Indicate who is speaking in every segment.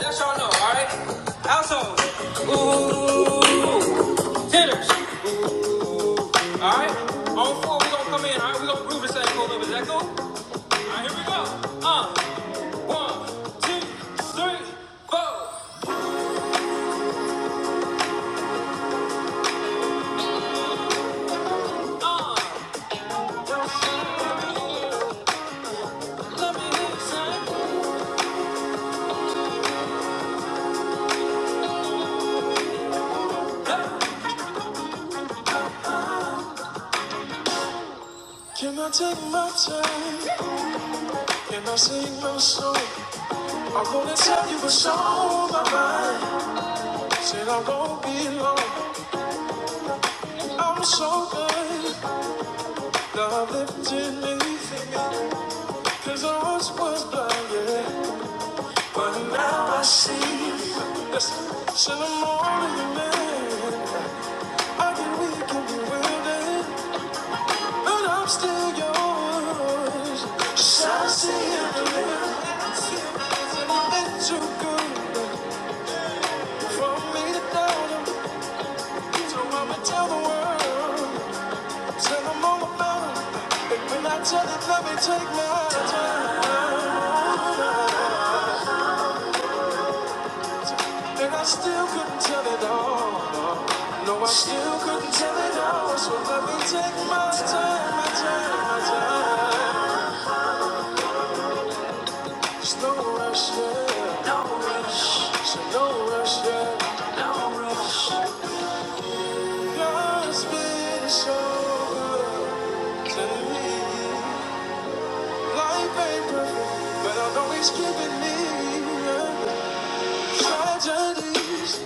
Speaker 1: That's y'all know, alright? Household. Ooh. Hitters. Alright? On four, we gonna come in, alright? We gonna groove this thing for a little bit. Is that cool? Alright, here we go. Uh. One, two, three, four. Uh. Let me hear Can I take my time? Can I sing my song? I wanna tell you what's on my mind. Said I won't be long. I'm so good. Love lifted me, cause I once was blind, yeah. But now I see. Listen, till I'm older than man. I get weak and bewildered, but I'm still yours. So I see it through. It's too good for me to doubt him. So I'ma tell the world, tell them all about him. And when I tell it, let me take my time. And I still couldn't tell it all. No, I still couldn't tell it all. So let me take my time, my time, my time. There's no rush, yeah. No rush. So no rush, yeah. No rush. God's been so good to me. Life ain't perfect, but I know He's giving me tragedies.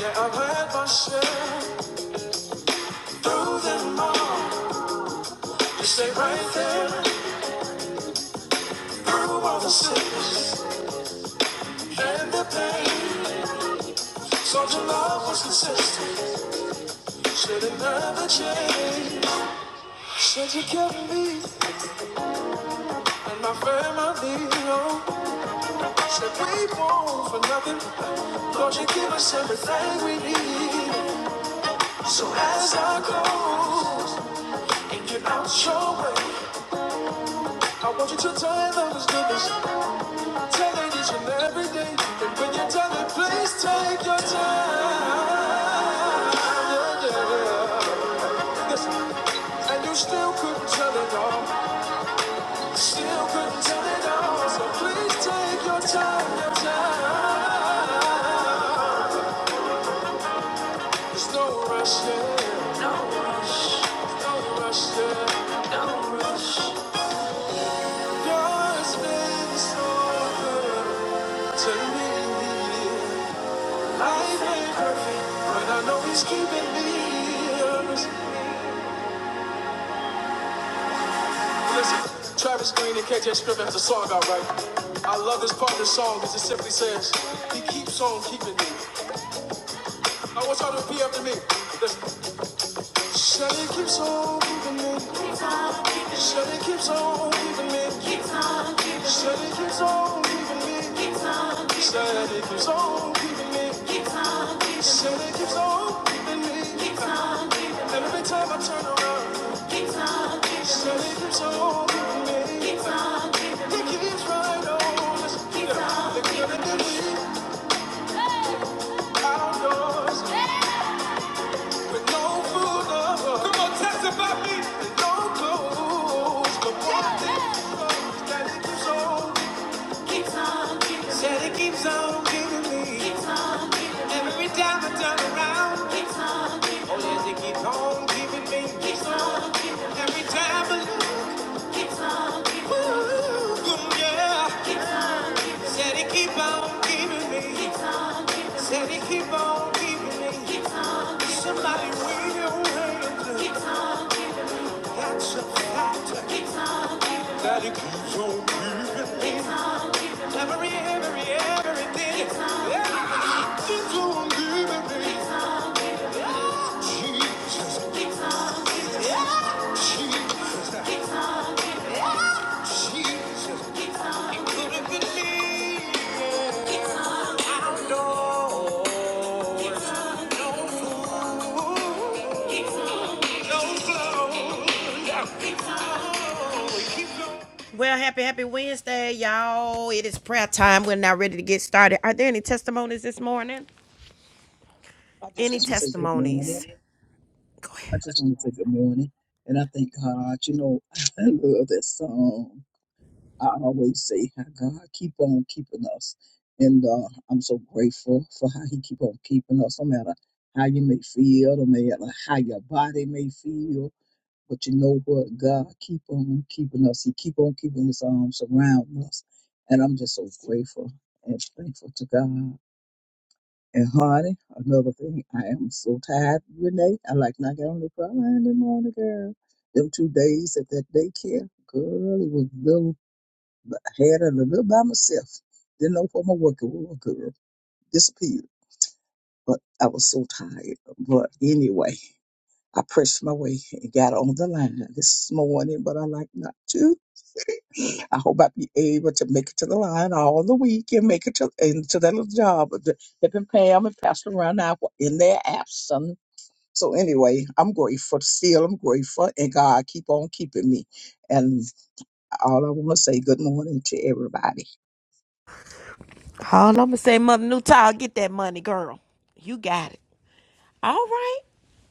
Speaker 1: Yeah, I've had my share through them all. Stay right there through all the sickness and the pain. So your love was consistent. You should not never change. Said you kept me and my family. Oh, said we won't for nothing. Lord, you give us everything we need. So as I close and get out your way, I want you to tell them it's goodness. Tell it each and every day. And when you tell it, please take your time. And you still couldn't tell it all. Still couldn't tell it all. So please take your time, your time. There's no rush yeah, No rush. No rush yeah, No rush. Yours been so good to me. Life ain't perfect, but I know he's keeping me. honest. Listen, Travis Green and KJ Scriven has a song out right. I love this part of the song because it simply says, He keeps on keeping me. I want y'all to be after me. Listen. Shawty keeps on keeping me. Keeps on keeping me. keeps on keeping me. Keeps on keeping me. keeps on keeping me. Keeps on keeping me. keeps on keeping me. Keeps on keeping me. keeps on keeping me. Every time I turn around. Keeps on keeping me. Shut it keeps on keeping me. on keeping me. It keeps right on. Keeps on keeping me. Out Said it keeps on giving me. Keeps on giving me. Every time I turn around. Keeps on giving me. Oh, yes, it keeps on giving me. Keeps on giving me. Every time I look. Keeps on Ah. Keeps on Said it keep on giving me. Keeps on giving me. Said it keep on giving me. Somebody wave your hands. It's all given. That's a fact. It's all given. That it is. It's all given. Every, every, everything. It's all given. Everything to him Jesus. Yeah. Jesus. It's Jesus. Put it in me. Door. No flow. Well, happy, happy Wednesday, y'all. It is prayer time. We're now ready to get started. Are there any testimonies this morning?
Speaker 2: I just
Speaker 1: Any
Speaker 2: want to say good morning.
Speaker 1: testimonies? Go
Speaker 2: I
Speaker 1: ahead.
Speaker 2: just want to say good morning. And I thank God, you know, I love that song. I always say how God keep on keeping us. And uh, I'm so grateful for how he keep on keeping us, no matter how you may feel, no matter how your body may feel. But you know what? God keep on keeping us. He keep on keeping his arms around us. And I'm just so grateful and thankful to God. And Hardy, another thing, I am so tired, Renee. I like not get on the front line in the morning, girl. Them two days at that daycare, girl, it was little had a little by myself. Didn't know what my work was, girl. Disappeared. But I was so tired. But anyway, I pressed my way and got on the line this morning, but I like not to. I hope I be able to make it to the line all the week and make it to into that little job. that- They've been Pam and Pastor around now in their absence. So anyway, I'm grateful. Still, I'm grateful, and God keep on keeping me. And all I want to say, good morning to everybody.
Speaker 1: All I'm gonna say, Mother Newtile, get that money, girl. You got it. All right.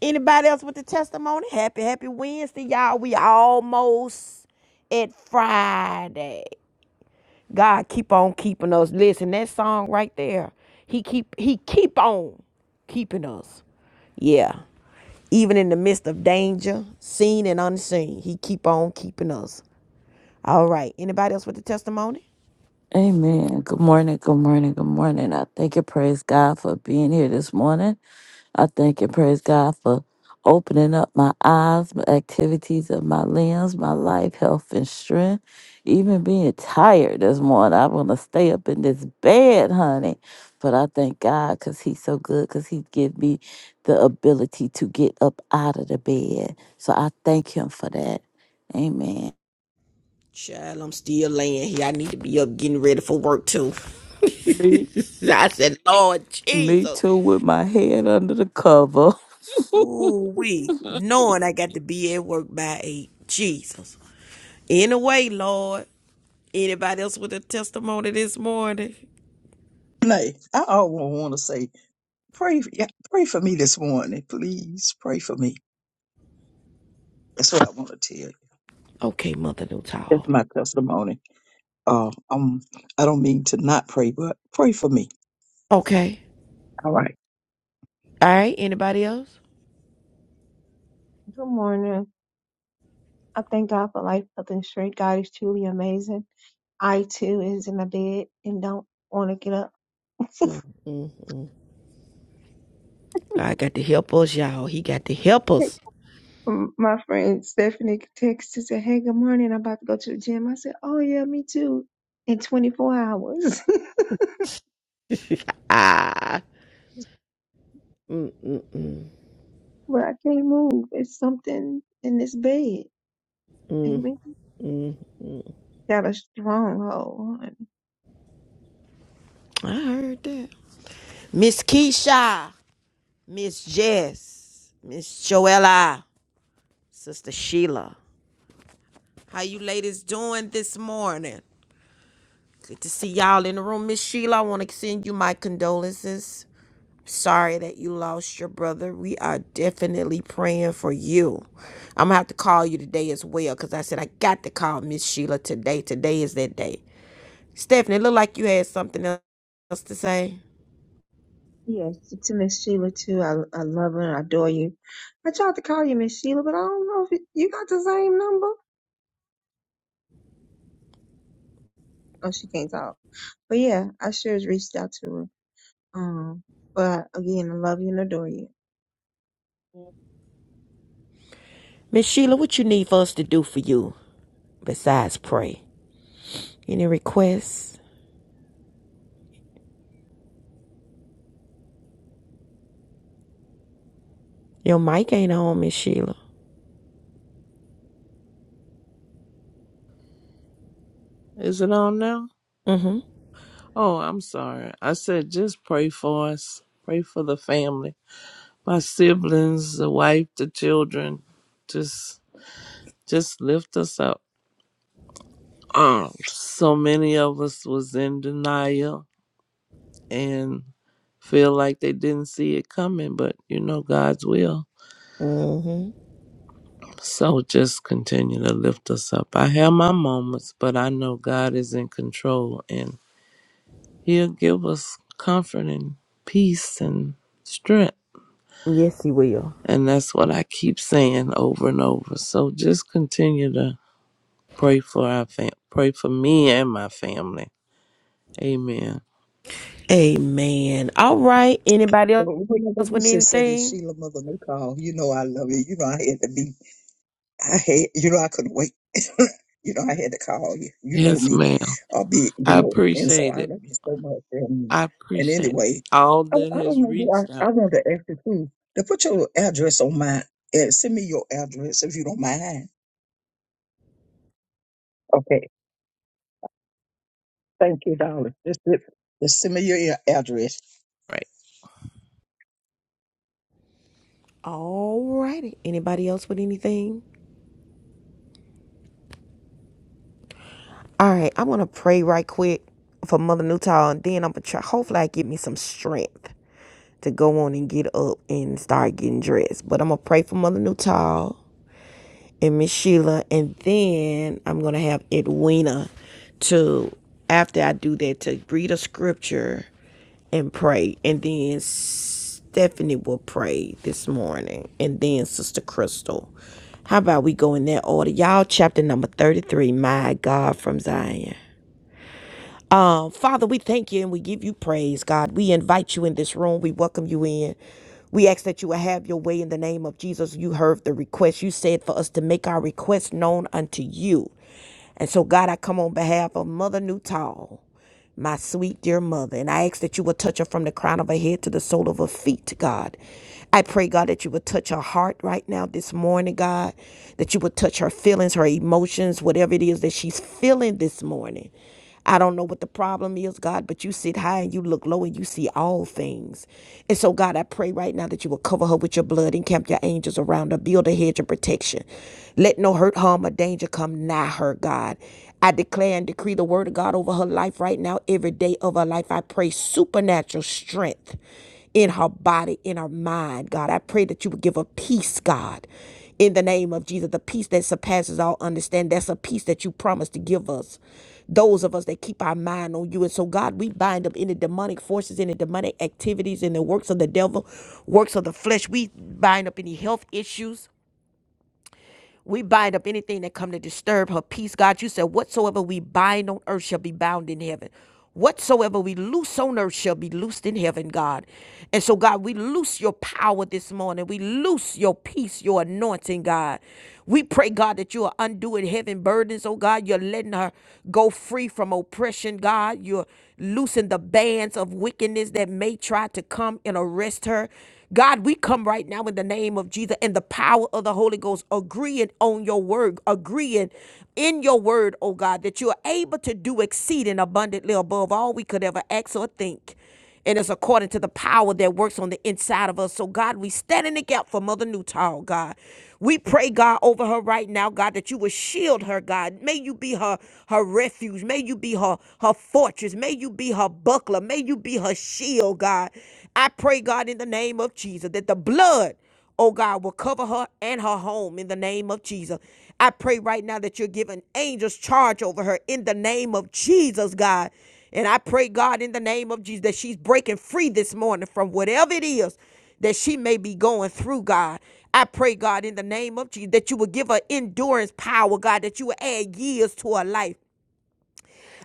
Speaker 1: Anybody else with a testimony? Happy, happy Wednesday, y'all. We almost at Friday. God keep on keeping us. Listen, that song right there. He keep he keep on keeping us. Yeah. Even in the midst of danger, seen and unseen, he keep on keeping us. All right. Anybody else with the testimony?
Speaker 3: Amen. Good morning. Good morning. Good morning. I thank and praise God for being here this morning. I thank and praise God for opening up my eyes, my activities of my limbs, my life, health, and strength. Even being tired this morning, I want to stay up in this bed, honey. But I thank God because He's so good because He give me the ability to get up out of the bed. So I thank Him for that. Amen.
Speaker 1: Child, I'm still laying here. I need to be up getting ready for work too.
Speaker 3: Me,
Speaker 1: I said, Lord
Speaker 3: me
Speaker 1: Jesus.
Speaker 3: too, with my head under the cover.
Speaker 1: Ooh, we knowing I got to be at work by eight. Jesus. Anyway, Lord. Anybody else with a testimony this morning?
Speaker 2: Nay, I all want to say, pray, yeah, pray for me this morning, please. Pray for me. That's what I want to tell you.
Speaker 1: Okay, Mother
Speaker 2: That's
Speaker 1: Newtall.
Speaker 2: my testimony. Uh, um, I don't mean to not pray, but pray for me.
Speaker 1: Okay.
Speaker 2: All right.
Speaker 1: All right. Anybody else?
Speaker 4: Good morning. I thank God for life, health, and strength. God is truly amazing. I too is in my bed and don't want to get up.
Speaker 1: Mm-hmm. God got to help us, y'all. He got to help us.
Speaker 4: M- My friend Stephanie texted and say, "Hey, good morning. I'm about to go to the gym." I said, "Oh yeah, me too." In 24 hours,
Speaker 1: Ah.
Speaker 4: but I can't move. It's something in this bed. Amen. Got a stronghold. honey.
Speaker 1: I heard that. Miss Keisha, Miss Jess, Miss Joella, Sister Sheila. How you ladies doing this morning? Good to see y'all in the room. Miss Sheila, I want to send you my condolences. Sorry that you lost your brother. We are definitely praying for you. I'm gonna have to call you today as well because I said I got to call Miss Sheila today. Today is that day. Stephanie, look like you had something else to say.
Speaker 4: Yes, to Miss Sheila too. I I love her. and I adore you. I tried to call you Miss Sheila, but I don't know if you you got the same number. Oh, she can't talk. But yeah, I should have reached out to her. Um, but again, I love you and adore you.
Speaker 1: Miss Sheila, what you need for us to do for you? besides pray. Any requests? Your mic ain't on, Miss Sheila.
Speaker 5: Is it on now?
Speaker 1: Mm-hmm.
Speaker 5: Oh, I'm sorry. I said just pray for us. Pray for the family. My siblings, the wife, the children. Just just lift us up. Um, so many of us was in denial and feel like they didn't see it coming, but you know God's will.
Speaker 1: Mm-hmm.
Speaker 5: So just continue to lift us up. I have my moments, but I know God is in control and He'll give us comfort and peace and strength
Speaker 1: Yes, he will.
Speaker 5: And that's what I keep saying over and over. So just continue to pray for our fam- pray for me and my family. Amen.
Speaker 1: Amen. All right. Anybody else
Speaker 2: We
Speaker 1: with
Speaker 2: should say that
Speaker 1: anything?
Speaker 2: Sheila Mother Nicole. You know I love you. You know I had to be. I had. You know I couldn't wait. you know I had to call you. You know
Speaker 5: Yes,
Speaker 2: me.
Speaker 5: ma'am.
Speaker 2: I'll be. You
Speaker 5: I
Speaker 2: know. And so
Speaker 5: appreciate
Speaker 2: I
Speaker 5: it.
Speaker 2: love you so much. And
Speaker 5: I
Speaker 2: and
Speaker 5: appreciate
Speaker 2: anyway,
Speaker 5: all
Speaker 2: I,
Speaker 5: that
Speaker 2: I don't
Speaker 5: has
Speaker 2: know. why
Speaker 5: reached
Speaker 2: I I
Speaker 5: out.
Speaker 2: want to ask you too to put your address on my. Uh, send me your address if you don't mind. Okay. Thank you, darling. Just, just send me your a- address.
Speaker 5: Right.
Speaker 1: All righty. Anybody else with anything? All right. I'm gonna pray right quick for Mother Newtall, and then I'm gonna try. Hopefully, I get me some strength to go on and get up and start getting dressed. But I'm gonna pray for Mother Newtall. and Miss Sheila, and then I'm gonna have Edwina to after I do that to read a scripture and pray, and then Stephanie will pray this morning, and then Sister Crystal. How about we go in that order, y'all? Chapter number thirty-three. My God from Zion. Father, we thank you and we give you praise, God. We invite you in this room. We welcome you in. We ask that you will have your way in the name of Jesus. You heard the request. You said for us to make our request known unto you. And so, God, I come on behalf of Mother Newtall my sweet dear mother. And I ask that you will touch her from the crown of her head to the sole of her feet, God. I pray, God, that you would touch her heart right now this morning, God, that you would touch her feelings, her emotions, whatever it is that she's feeling this morning. I don't know what the problem is, God, but you sit high and you look low and you see all things. And so, God, I pray right now that you will cover her with your blood, encamp your angels around her, build a hedge of protection. Let no hurt, harm, or danger come nigh her, God. I declare and decree the word of God over her life right now, every day of her life. I pray supernatural strength in her body, in her mind, God. I pray that you would give her peace, God. In the name of Jesus, the peace that surpasses all understanding, that's a peace that you promised to give us. Those of us that keep our mind on you. And so, God, we bind up any demonic forces, any demonic activities, and the works of the devil, works of the flesh. We bind up any health issues. We bind up anything that come to disturb her peace. God, you said, whatsoever we bind on earth shall be bound in heaven. Whatsoever we loose on earth shall be loosed in heaven, God. And so, God, we loose your power this morning. We loose your peace, your anointing, God. We pray, God, that you are undoing heaven burdens, oh God. You're letting her go free from oppression, God. You're loosen the bands of wickedness that may try to come and arrest her. God, we come right now in the name of Jesus and the power of the Holy Ghost, agreeing on your word, agreeing in your word, oh God, that you are able to do exceeding abundantly above all we could ever ask or think. And it's according to the power that works on the inside of us. So, God, we stand in the gap for Mother Newtall, God. We pray, God, over her right now, God, that you will shield her, God. May you be her her refuge. May you be her her fortress. May you be her buckler buckler. May you be her shield, oh God. I pray, God, in the name of Jesus, that the blood oh God, will cover her and her home in the name of Jesus. I pray right now that you're giving angels charge over her in the name of Jesus, God. And I pray, God, in the name of Jesus, that she's breaking free this morning from whatever it is that she may be going through, God. I pray, God, in the name of Jesus, that you will give her endurance power, God, that you will add years to her life.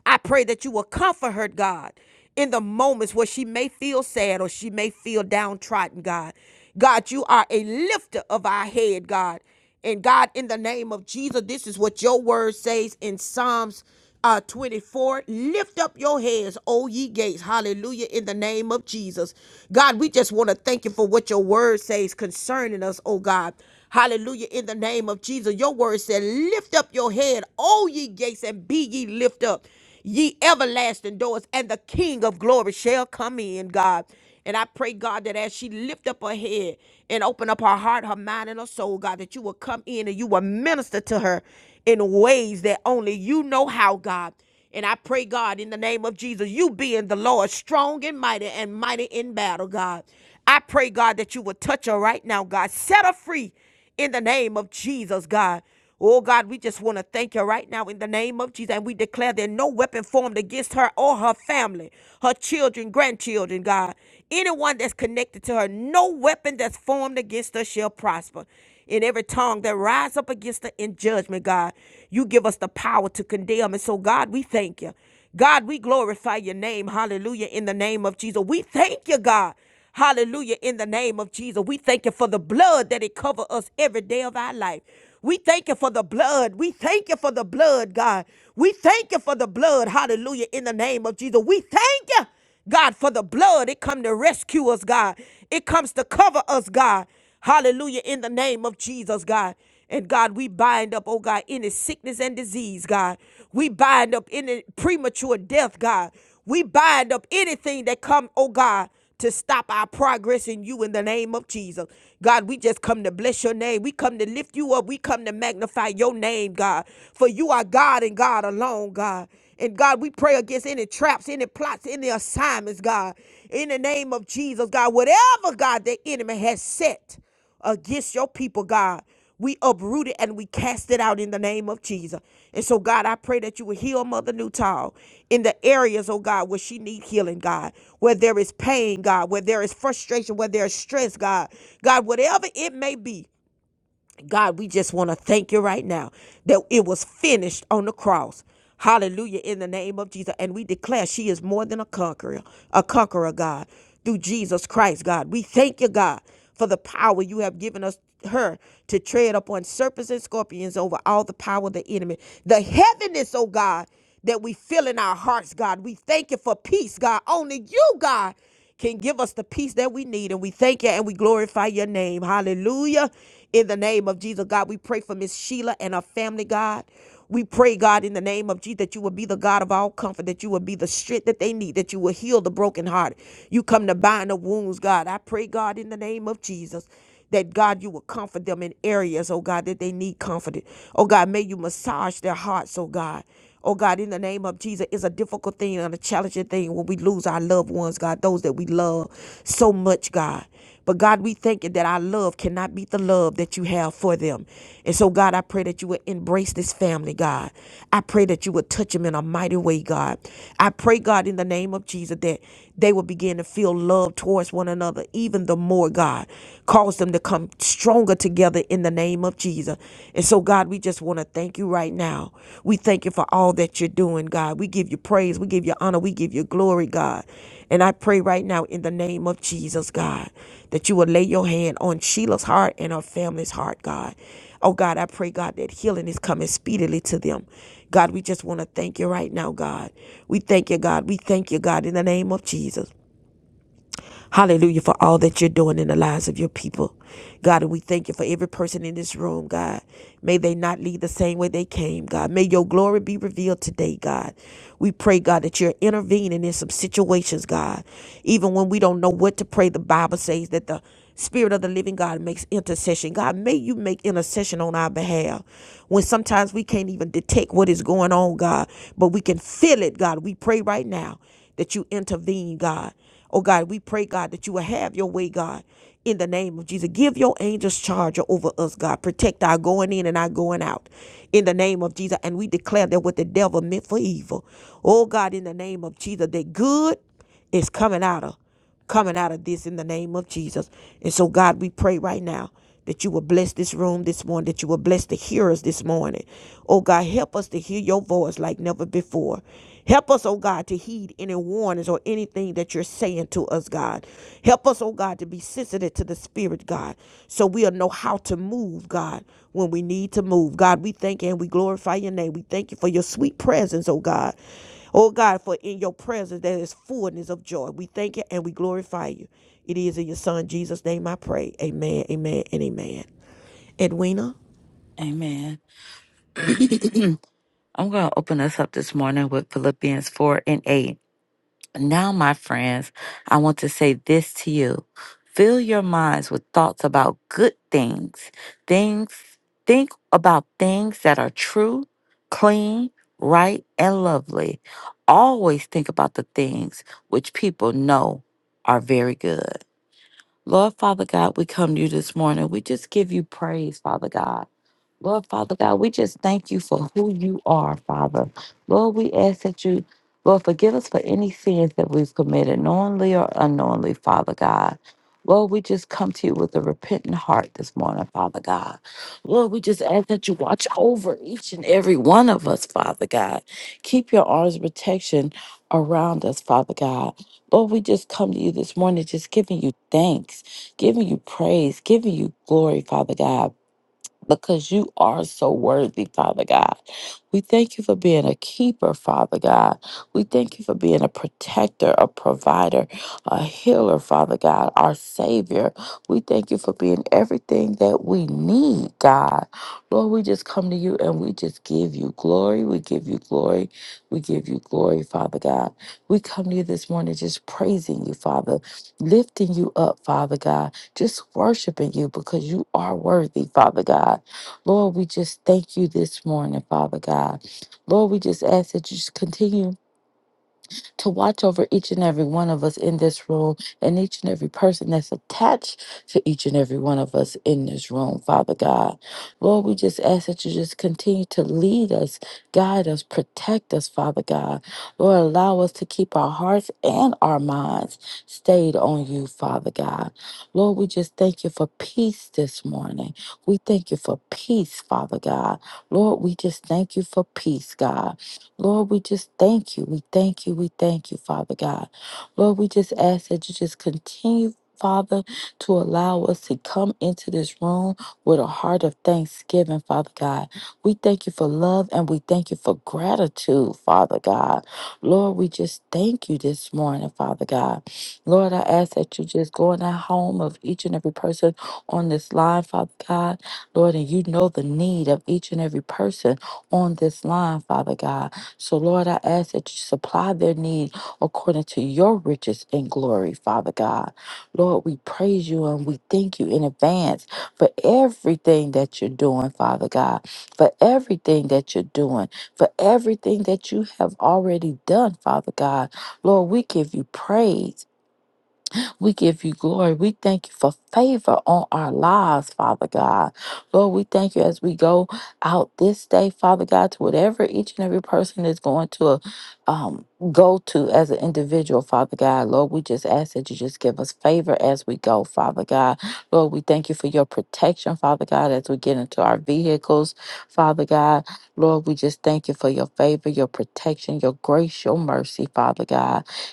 Speaker 1: I pray that you will comfort her, God, in the moments where she may feel sad or she may feel downtrodden, God. God, you are a lifter of our head, God. And God, in the name of Jesus, this is what your word says in Psalms uh, 24. Lift up your heads, O ye gates. Hallelujah. In the name of Jesus. God, we just want to thank you for what your word says concerning us, oh God. Hallelujah. In the name of Jesus. Your word said, Lift up your head, O ye gates, and be ye lift up ye everlasting doors, and the King of glory shall come in, God. And I pray, God, that as she lift up her head and open up her heart, her mind, and her soul, God, that you will come in and you will minister to her in ways that only you know how, God. And I pray, God, in the name of Jesus, you being the Lord, strong and mighty and mighty in battle, God. I pray, God, that you will touch her right now, God. Set her free in the name of Jesus, God. Oh God, we just want to thank you right now in the name of Jesus. And we declare that no weapon formed against her or her family, her children, grandchildren, God, anyone that's connected to her, no weapon that's formed against her shall prosper. In every tongue that rise up against her in judgment, God, you give us the power to condemn. And so, God, we thank you. God, we glorify your name. Hallelujah. In the name of Jesus. We thank you, God. Hallelujah. In the name of Jesus, we thank you for the blood that it covers us every day of our life. We thank you for the blood. We thank you for the blood, God. We thank you for the blood. Hallelujah. In the name of Jesus, we thank you, God, for the blood. It comes to rescue us, God. It comes to cover us, God. Hallelujah. In the name of Jesus, God. And God, we bind up, oh God, any sickness and disease, God. We bind up any premature death, God. We bind up anything that come, oh God to stop our progress in you in the name of Jesus. God, we just come to bless your name. We come to lift you up. We come to magnify your name, God. For you are God and God alone, God. And God, we pray against any traps, any plots, any assignments, God. In the name of Jesus, God, whatever, God, the enemy has set against your people, God. We uproot it and we cast it out in the name of Jesus. And so, God, I pray that you will heal Mother Newtall in the areas, oh God, where she need healing, God, where there is pain, God, where there is frustration, where there is stress, God. God, whatever it may be, God, we just want to thank you right now that it was finished on the cross. Hallelujah in the name of Jesus. And we declare she is more than a conqueror, a conqueror, God, through Jesus Christ, God. We thank you, God, for the power you have given us her to tread upon serpents and scorpions over all the power of the enemy. The heaviness, oh God, that we feel in our hearts, God. We thank you for peace, God. Only you, God can give us the peace that we need. And we thank you and we glorify your name. Hallelujah. In the name of Jesus, God, we pray for Miss Sheila and her family, God. We pray, God, in the name of Jesus, that you will be the God of all comfort, that you will be the strength that they need, that you will heal the broken heart. You come to bind the wounds, God. I pray, God, in the name of Jesus that God, you will comfort them in areas, oh God, that they need comforted. Oh God, may you massage their hearts, oh God. Oh God, in the name of Jesus, it's a difficult thing and a challenging thing when we lose our loved ones, God, those that we love so much, God. But God, we thank you that our love cannot beat the love that you have for them. And so, God, I pray that you would embrace this family, God. I pray that you would touch them in a mighty way, God. I pray, God, in the name of Jesus, that they will begin to feel love towards one another even the more, God. Cause them to come stronger together in the name of Jesus. And so, God, we just want to thank you right now. We thank you for all that you're doing, God. We give you praise, we give you honor, we give you glory, God. And I pray right now in the name of Jesus, God, that you will lay your hand on Sheila's heart and her family's heart, God. Oh God, I pray, God, that healing is coming speedily to them. God, we just want to thank you right now, God. We thank you, God. We thank you, God, in the name of Jesus. Hallelujah for all that you're doing in the lives of your people. God, and we thank you for every person in this room, God. May they not leave the same way they came, God. May your glory be revealed today, God. We pray, God, that you're intervening in some situations, God. Even when we don't know what to pray, the Bible says that the Spirit of the living God makes intercession. God, may you make intercession on our behalf. When sometimes we can't even detect what is going on, God, but we can feel it, God. We pray right now that you intervene, God. Oh God, we pray, God, that you will have your way, God, in the name of Jesus. Give your angels charge over us, God. Protect our going in and our going out in the name of Jesus. And we declare that what the devil meant for evil, oh God, in the name of Jesus, that good is coming out of coming out of this in the name of Jesus. And so, God, we pray right now that you will bless this room this morning, that you will bless the hearers this morning. Oh, God, help us to hear your voice like never before. Help us, oh God, to heed any warnings or anything that you're saying to us, God. Help us, oh God, to be sensitive to the Spirit, God, so we'll know how to move, God, when we need to move. God, we thank you and we glorify your name. We thank you for your sweet presence, oh God. Oh God, for in your presence there is fullness of joy. We thank you and we glorify you. It is in your son Jesus' name I pray. Amen, amen, and amen. Edwina?
Speaker 3: Amen. I'm going to open us up this morning with Philippians 4 and 8. Now, my friends, I want to say this to you. Fill your minds with thoughts about good things. Things think about things that are true, clean, right, and lovely. Always think about the things which people know are very good. Lord Father God, we come to you this morning. We just give you praise, Father God. Lord Father God, we just thank you for who you are, Father. Lord, we ask that you, Lord, forgive us for any sins that we've committed, knowingly or unknowingly, Father God. Lord, we just come to you with a repentant heart this morning, Father God. Lord, we just ask that you watch over each and every one of us, Father God. Keep your arms of protection around us, Father God. Lord, we just come to you this morning, just giving you thanks, giving you praise, giving you glory, Father God because you are so worthy, Father God. We thank you for being a keeper, Father God. We thank you for being a protector, a provider, a healer, Father God, our Savior. We thank you for being everything that we need, God. Lord, we just come to you and we just give you glory. We give you glory. We give you glory, Father God. We come to you this morning just praising you, Father, lifting you up, Father God just worshiping you because you are worthy, Father God. Lord, we just thank you this morning, Father God. Lord, we just ask that you just continue to watch over each and every one of us in this room and each and every person that's attached to each and every one of us in this room, Father God. Lord, we just ask that you just continue to lead us, guide us, protect us, Father God. Lord, allow us to keep our hearts and our minds stayed on you, Father God. Lord, we just thank you for peace this morning. We thank you for peace, Father God. Lord, we just thank you for peace, God. Lord, we just thank you. We thank you. We thank you, Father God. Lord, we just ask that you just continue. Father, to allow us to come into this room with a heart of thanksgiving, Father God. We thank you for love and we thank you for gratitude, Father God. Lord, we just thank you this morning, Father God. Lord, I ask that you just go in the home of each and every person on this line, Father God. Lord, and you know the need of each and every person on this line, Father God. So, Lord, I ask that you supply their need according to your riches and glory, Father God. Lord, we praise you and we thank you in advance for everything that you're doing, Father God, for everything that you're doing, for everything that you have already done, Father God. Lord, we give you praise. We give you glory. We thank you for favor on our lives, Father God. Lord, we thank you as we go out this day, Father God, to whatever each and every person is going to um, go to as an individual, Father God. Lord, we just ask that you just give us favor as we go, Father God. Lord, we thank you for your protection, Father God, as we get into our vehicles, Father God. Lord, we just thank you for your favor, your protection, your grace, your mercy, Father God.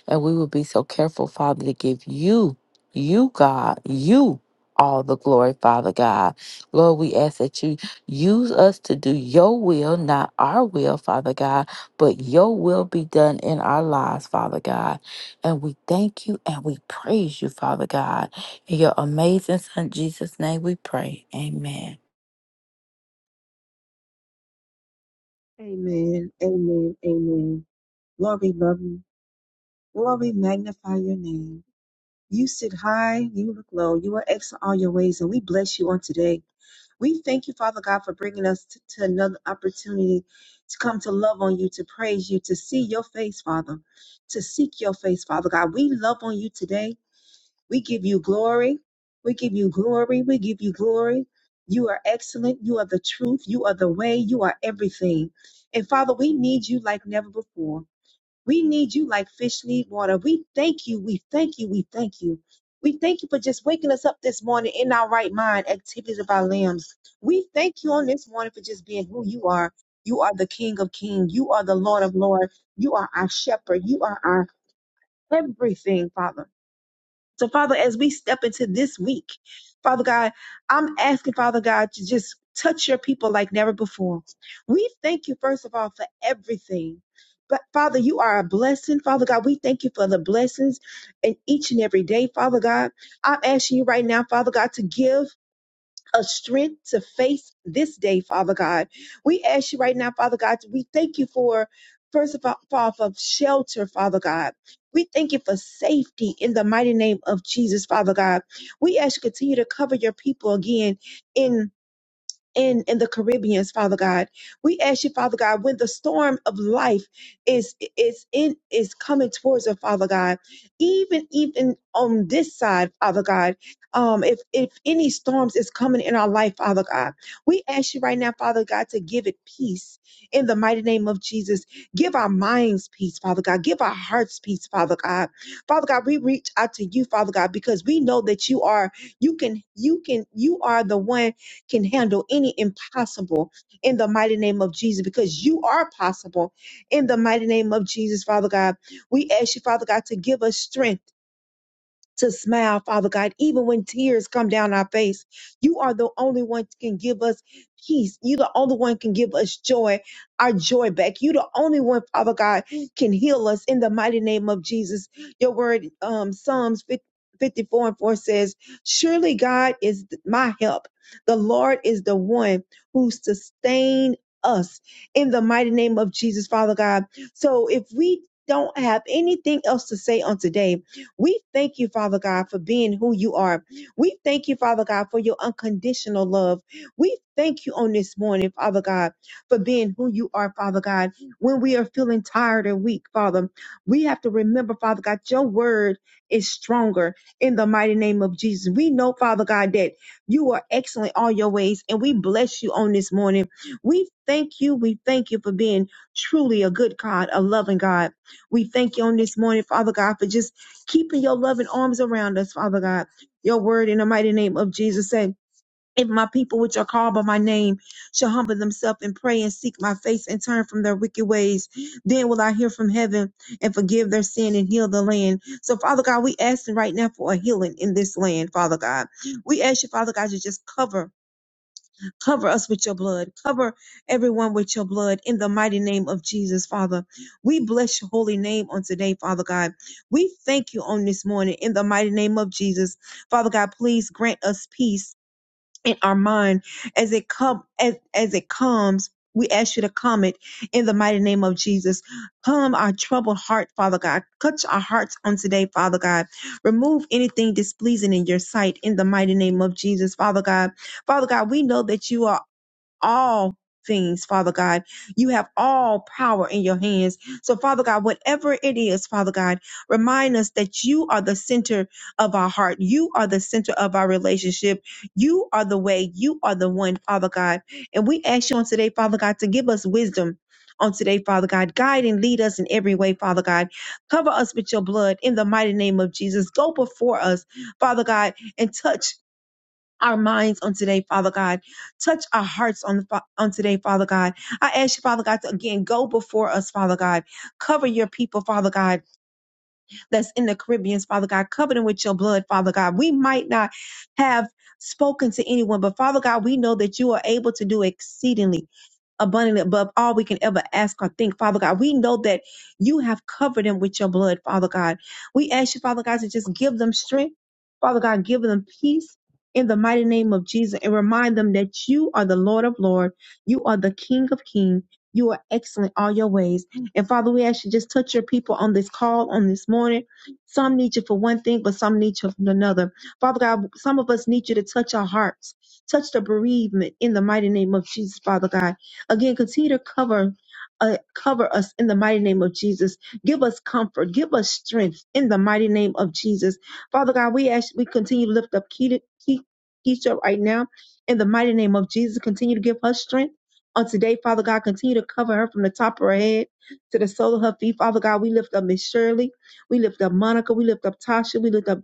Speaker 3: And we will be so careful, Father, to give you, you, God, you all the glory, Father God. Lord, we ask that you use us to do your will, not our will, Father God, but your will be done in our lives, Father God. And we thank you and we praise you, Father God. In your amazing Son, Jesus' name, we pray. Amen.
Speaker 4: Amen. Amen. Amen. Lord, we love you. Lord, we magnify your name. You sit high, you look low. You are excellent all your ways, and we bless you on today. We thank you, Father God, for bringing us t- to another opportunity to come to love on you, to praise you, to see your face, Father, to seek your face, Father God. We love on you today. We give you glory. We give you glory. We give you glory. You are excellent. You are the truth. You are the way. You are everything. And Father, we need you like never before. We need you like fish need water. We thank you. We thank you. We thank you. We thank you for just waking us up this morning in our right mind, activities of our limbs. We thank you on this morning for just being who you are. You are the King of Kings. You are the Lord of Lords. You are our shepherd. You are our everything, Father. So, Father, as we step into this week, Father God, I'm asking, Father God, to just touch your people like never before. We thank you, first of all, for everything. But Father, you are a blessing. Father God, we thank you for the blessings in each and every day, Father God. I'm asking you right now, Father God, to give a strength to face this day, Father God. We ask you right now, Father God, we thank you for, first of all, for shelter, Father God. We thank you for safety in the mighty name of Jesus, Father God. We ask you continue to cover your people again in in in the Caribbeans, Father God. We ask you, Father God, when the storm of life is is in is coming towards us, Father God, even even on this side, Father God, um, if if any storms is coming in our life, Father God, we ask you right now, Father God, to give it peace in the mighty name of Jesus. Give our minds peace, Father God. Give our hearts peace, Father God. Father God, we reach out to you, Father God, because we know that you are you can you can you are the one can handle any impossible in the mighty name of Jesus because you are possible in the mighty name of Jesus, Father God. We ask you, Father God, to give us strength to smile, Father God, even when tears come down our face. You are the only one that can give us peace. You the only one can give us joy, our joy back. You the only one, Father God, can heal us in the mighty name of Jesus. Your word, um, Psalms 54 and 4 says, Surely God is my help. The Lord is the one who sustain us in the mighty name of Jesus, Father God. So if we don't have anything else to say on today, we thank you, Father God, for being who you are. We thank you, Father God, for your unconditional love. We thank you on this morning, Father God, for being who you are, Father God. When we are feeling tired and weak, Father, we have to remember, Father God, your word is stronger in the mighty name of Jesus. We know, Father God, that you are excellent all your ways, and we bless you on this morning. We thank you. We thank you for being truly a good God, a loving God. We thank you on this morning, Father God, for just keeping your loving arms around us, Father God. Your word in the mighty name of Jesus say, if my people which are called by my name shall humble themselves and pray and seek my face and turn from their wicked ways, then will I hear from heaven and forgive their sin and heal the land. So, Father God, we asking right now for a healing in this land, Father God. We ask you, Father God, to just cover Cover us with your blood. Cover everyone with your blood in the mighty name of Jesus, Father. We bless your holy name on today, Father God. We thank you on this morning in the mighty name of Jesus. Father God, please grant us peace in our mind as it come as, as it comes. We ask you to come it in the mighty name of Jesus. Calm our troubled heart, Father God. Touch our hearts on today, Father God. Remove anything displeasing in your sight in the mighty name of Jesus, Father God. Father God, we know that you are all things, Father God. You have all power in your hands. So, Father God, whatever it is, Father God, remind us that you are the center of our heart. You are the center of our relationship. You are the way. You are the one, Father God. And we ask you on today, Father God, to give us wisdom. On today, Father God, guide and lead us in every way, Father God. Cover us with your blood in the mighty name of Jesus. Go before us, Father God, and touch our minds on today, Father God. Touch our hearts on, the, on today, Father God. I ask you, Father God, to again go before us, Father God. Cover your people, Father God, that's in the Caribbean, Father God. Cover them with your blood, Father God. We might not have spoken to anyone, but Father God, we know that you are able to do exceedingly abundantly above all we can ever ask or think, Father God. We know that you have covered them with your blood, Father God. We ask you, Father God, to just give them strength, Father God, give them peace in the mighty name of Jesus and remind them that you are the Lord of Lord, you are the King of King. You are excellent all your ways. And Father, we ask you just touch your people on this call on this morning. Some need you for one thing, but some need you for another. Father God, some of us need you to touch our hearts, touch the bereavement in the mighty name of Jesus, Father God. Again, continue to cover uh, cover us in the mighty name of Jesus. Give us comfort. Give us strength in the mighty name of Jesus. Father God, we ask we continue to lift up Keita- Ke- Keisha right now in the mighty name of Jesus. Continue to give her strength. On today, Father God, continue to cover her from the top of her head to the sole of her feet. Father God, we lift up Miss Shirley. We lift up Monica. We lift up Tasha. We lift up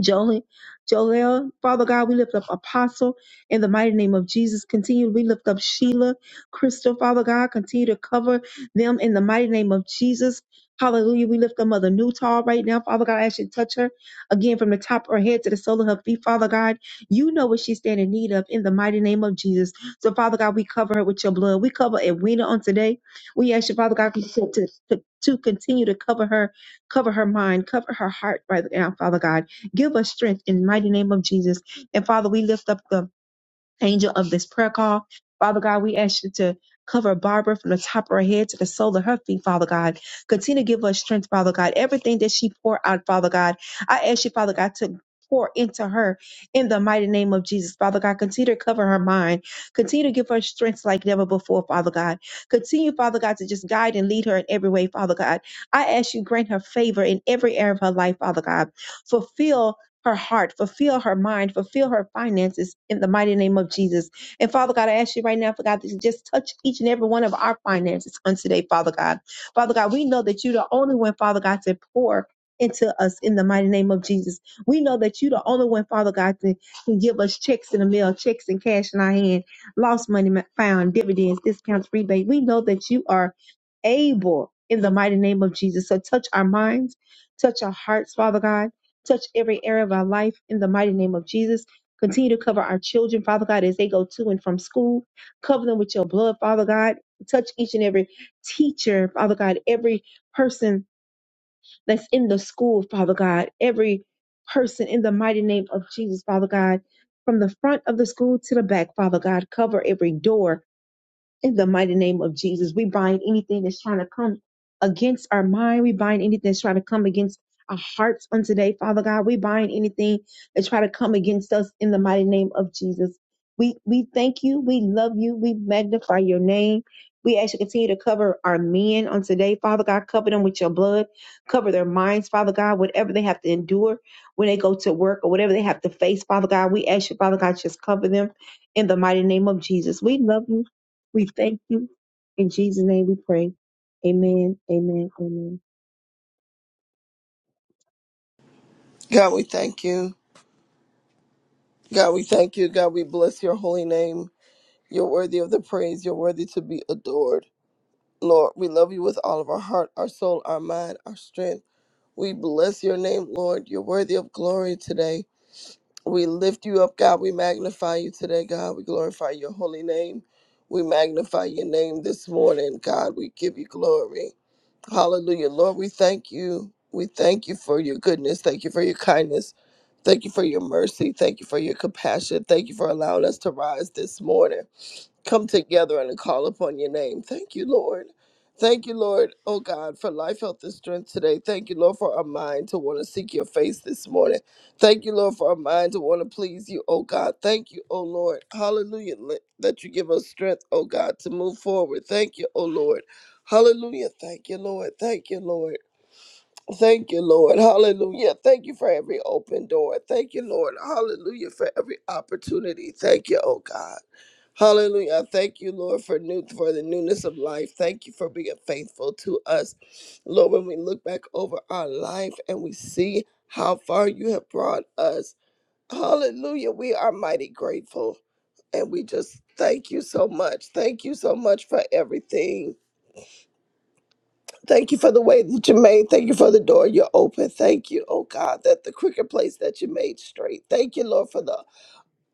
Speaker 4: Joel, Joel, Father God, we lift up Apostle in the mighty name of Jesus. Continue, we lift up Sheila, Crystal, Father God, continue to cover them in the mighty name of Jesus. Hallelujah. We lift up Mother Newtall right now. Father God, I ask you to touch her again from the top of her head to the sole of her feet. Father God, you know what she's standing in need of in the mighty name of Jesus. So, Father God, we cover her with your blood. We cover Edwina on today. We ask you, Father God, to, to, to continue to cover her, cover her mind, cover her heart right now, Father God. Give us strength in the mighty name of Jesus. And Father, we lift up the angel of this prayer call. Father God, we ask you to cover Barbara from the top of her head to the sole of her feet, Father God. Continue to give us strength, Father God. Everything that she poured out, Father God, I ask you, Father God, to pour into her in the mighty name of Jesus, Father God. Continue to cover her mind. Continue to give her strength like never before, Father God. Continue, Father God, to just guide and lead her in every way, Father God. I ask you, grant her favor in every area of her life, Father God. Fulfill her heart, fulfill her mind, fulfill her finances in the mighty name of Jesus. And Father God, I ask you right now, Father God, that you just touch each and every one of our finances on today, Father God. Father God, we know that you're the only one, Father God, to pour into us in the mighty name of Jesus. We know that you're the only one, Father God, that can give us checks in the mail, checks and cash in our hand, lost money found, dividends, discounts, rebate. We know that you are able in the mighty name of Jesus. So touch our minds, touch our hearts, Father God. Touch every area of our life in the mighty name of Jesus. Continue to cover our children, Father God, as they go to and from school. Cover them with your blood, Father God. Touch each and every teacher, Father God, every person that's in the school, Father God, every person in the mighty name of Jesus, Father God. From the front of the school to the back, Father God, cover every door, in the mighty name of Jesus, we bind anything that's trying to come against our mind. We bind anything that's trying to come against our hearts on today, Father God. We bind anything that try to come against us in the mighty name of Jesus. We we thank you. We love you. We magnify your name. We ask you to continue to cover our men on today, Father God. Cover them with your blood. Cover their minds, Father God. Whatever they have to endure when they go to work or whatever they have to face, Father God. We ask you, Father God, just cover them in the mighty name of Jesus. We love you. We thank you. In Jesus' name we pray. Amen. Amen. Amen.
Speaker 6: God, we thank you. God, we thank you. God, we bless your holy name. You're worthy of the praise. You're worthy to be adored. Lord, we love you with all of our heart, our soul, our mind, our strength. We bless your name, Lord. You're worthy of glory today. We lift you up, God. We magnify you today, God. We glorify your holy name. We magnify your name this morning, God. We give you glory. Hallelujah. Lord, we thank you. We thank you for your goodness. Thank you for your kindness. Thank you for your mercy. Thank you for your compassion. Thank you for allowing us to rise this morning, come together and call upon your name. Thank you, Lord. Thank you, Lord, oh God, for life, health, and strength today. Thank you, Lord, for our mind to want to seek your face this morning. Thank you, Lord, for our mind to want to please you, oh God. Thank you, oh Lord. Hallelujah, li- that you give us strength, oh God, to move forward. Thank you, oh Lord. Hallelujah. Thank you, Lord. Thank you, Lord. Thank you, Lord. Hallelujah. Thank you for every open door. Thank you, Lord. Hallelujah for every opportunity. Thank you, oh God. Hallelujah. Thank you, Lord, for new for the newness of life. Thank you for being faithful to us. Lord, when we look back over our life and we see how far you have brought us. Hallelujah. We are mighty grateful. And we just thank you so much. Thank you so much for everything. Thank you for the way that you made. Thank you for the door you opened. Thank you, oh God, that the crooked place that you made straight. Thank you, Lord, for the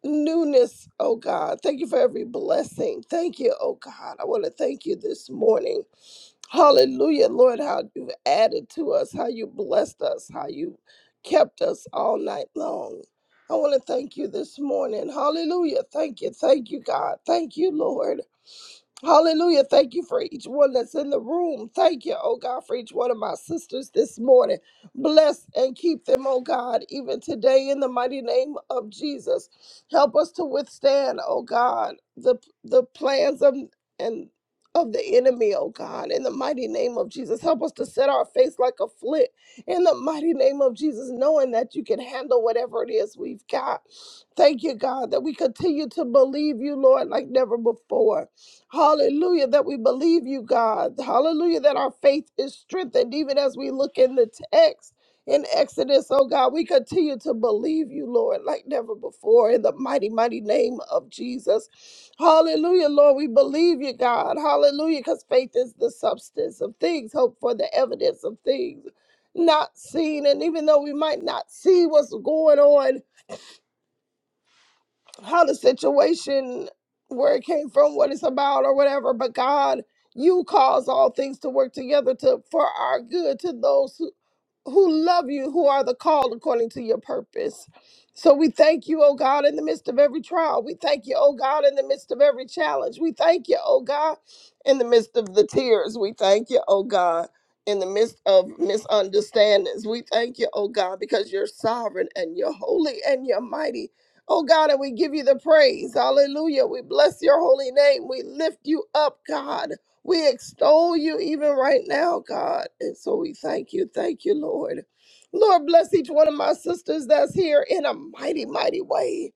Speaker 6: newness, oh God. Thank you for every blessing. Thank you, oh God. I want to thank you this morning. Hallelujah, Lord, how you've added to us, how you blessed us, how you kept us all night long. I want to thank you this morning. Hallelujah. Thank you. Thank you, God. Thank you, Lord. Hallelujah. Thank you for each one that's in the room. Thank you, oh God, for each one of my sisters this morning. Bless and keep them, oh God, even today in the mighty name of Jesus. Help us to withstand, oh God, the the plans of and of the enemy, oh God, in the mighty name of Jesus. Help us to set our face like a flint in the mighty name of Jesus, knowing that you can handle whatever it is we've got. Thank you, God, that we continue to believe you, Lord, like never before. Hallelujah, that we believe you, God. Hallelujah, that our faith is strengthened even as we look in the text in Exodus. Oh God, we continue to believe you, Lord, like never before in the mighty, mighty name of Jesus. Hallelujah, Lord, we believe you, God. Hallelujah, because faith is the substance of things, hope for the evidence of things not seen. And even though we might not see what's going on, how the situation where it came from what it's about or whatever but god you cause all things to work together to for our good to those who who love you, who are the called according to your purpose. So we thank you, oh God, in the midst of every trial. We thank you, oh God, in the midst of every challenge. We thank you, oh God, in the midst of the tears. We thank you, oh God, in the midst of misunderstandings. We thank you, oh God, because you're sovereign and you're holy and you're mighty. Oh God, and we give you the praise. Hallelujah. We bless your holy name. We lift you up, God. We extol you even right now, God. And so we thank you. Thank you, Lord. Lord, bless each one of my sisters that's here in a mighty, mighty way.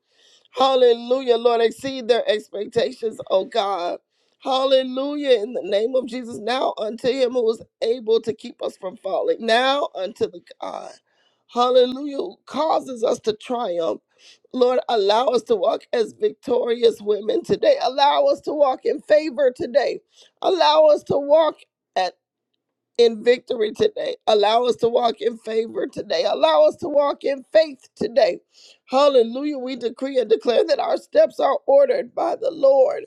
Speaker 6: Hallelujah, Lord. Exceed their expectations, oh God. Hallelujah. In the name of Jesus, now unto him who is able to keep us from falling. Now unto the God. Hallelujah. Who causes us to triumph. Lord, allow us to walk as victorious women today. Allow us to walk in favor today. Allow us to walk. at in victory today. Allow us to walk in favor today. Allow us to walk in faith today. Hallelujah. We decree and declare that our steps are ordered by the Lord.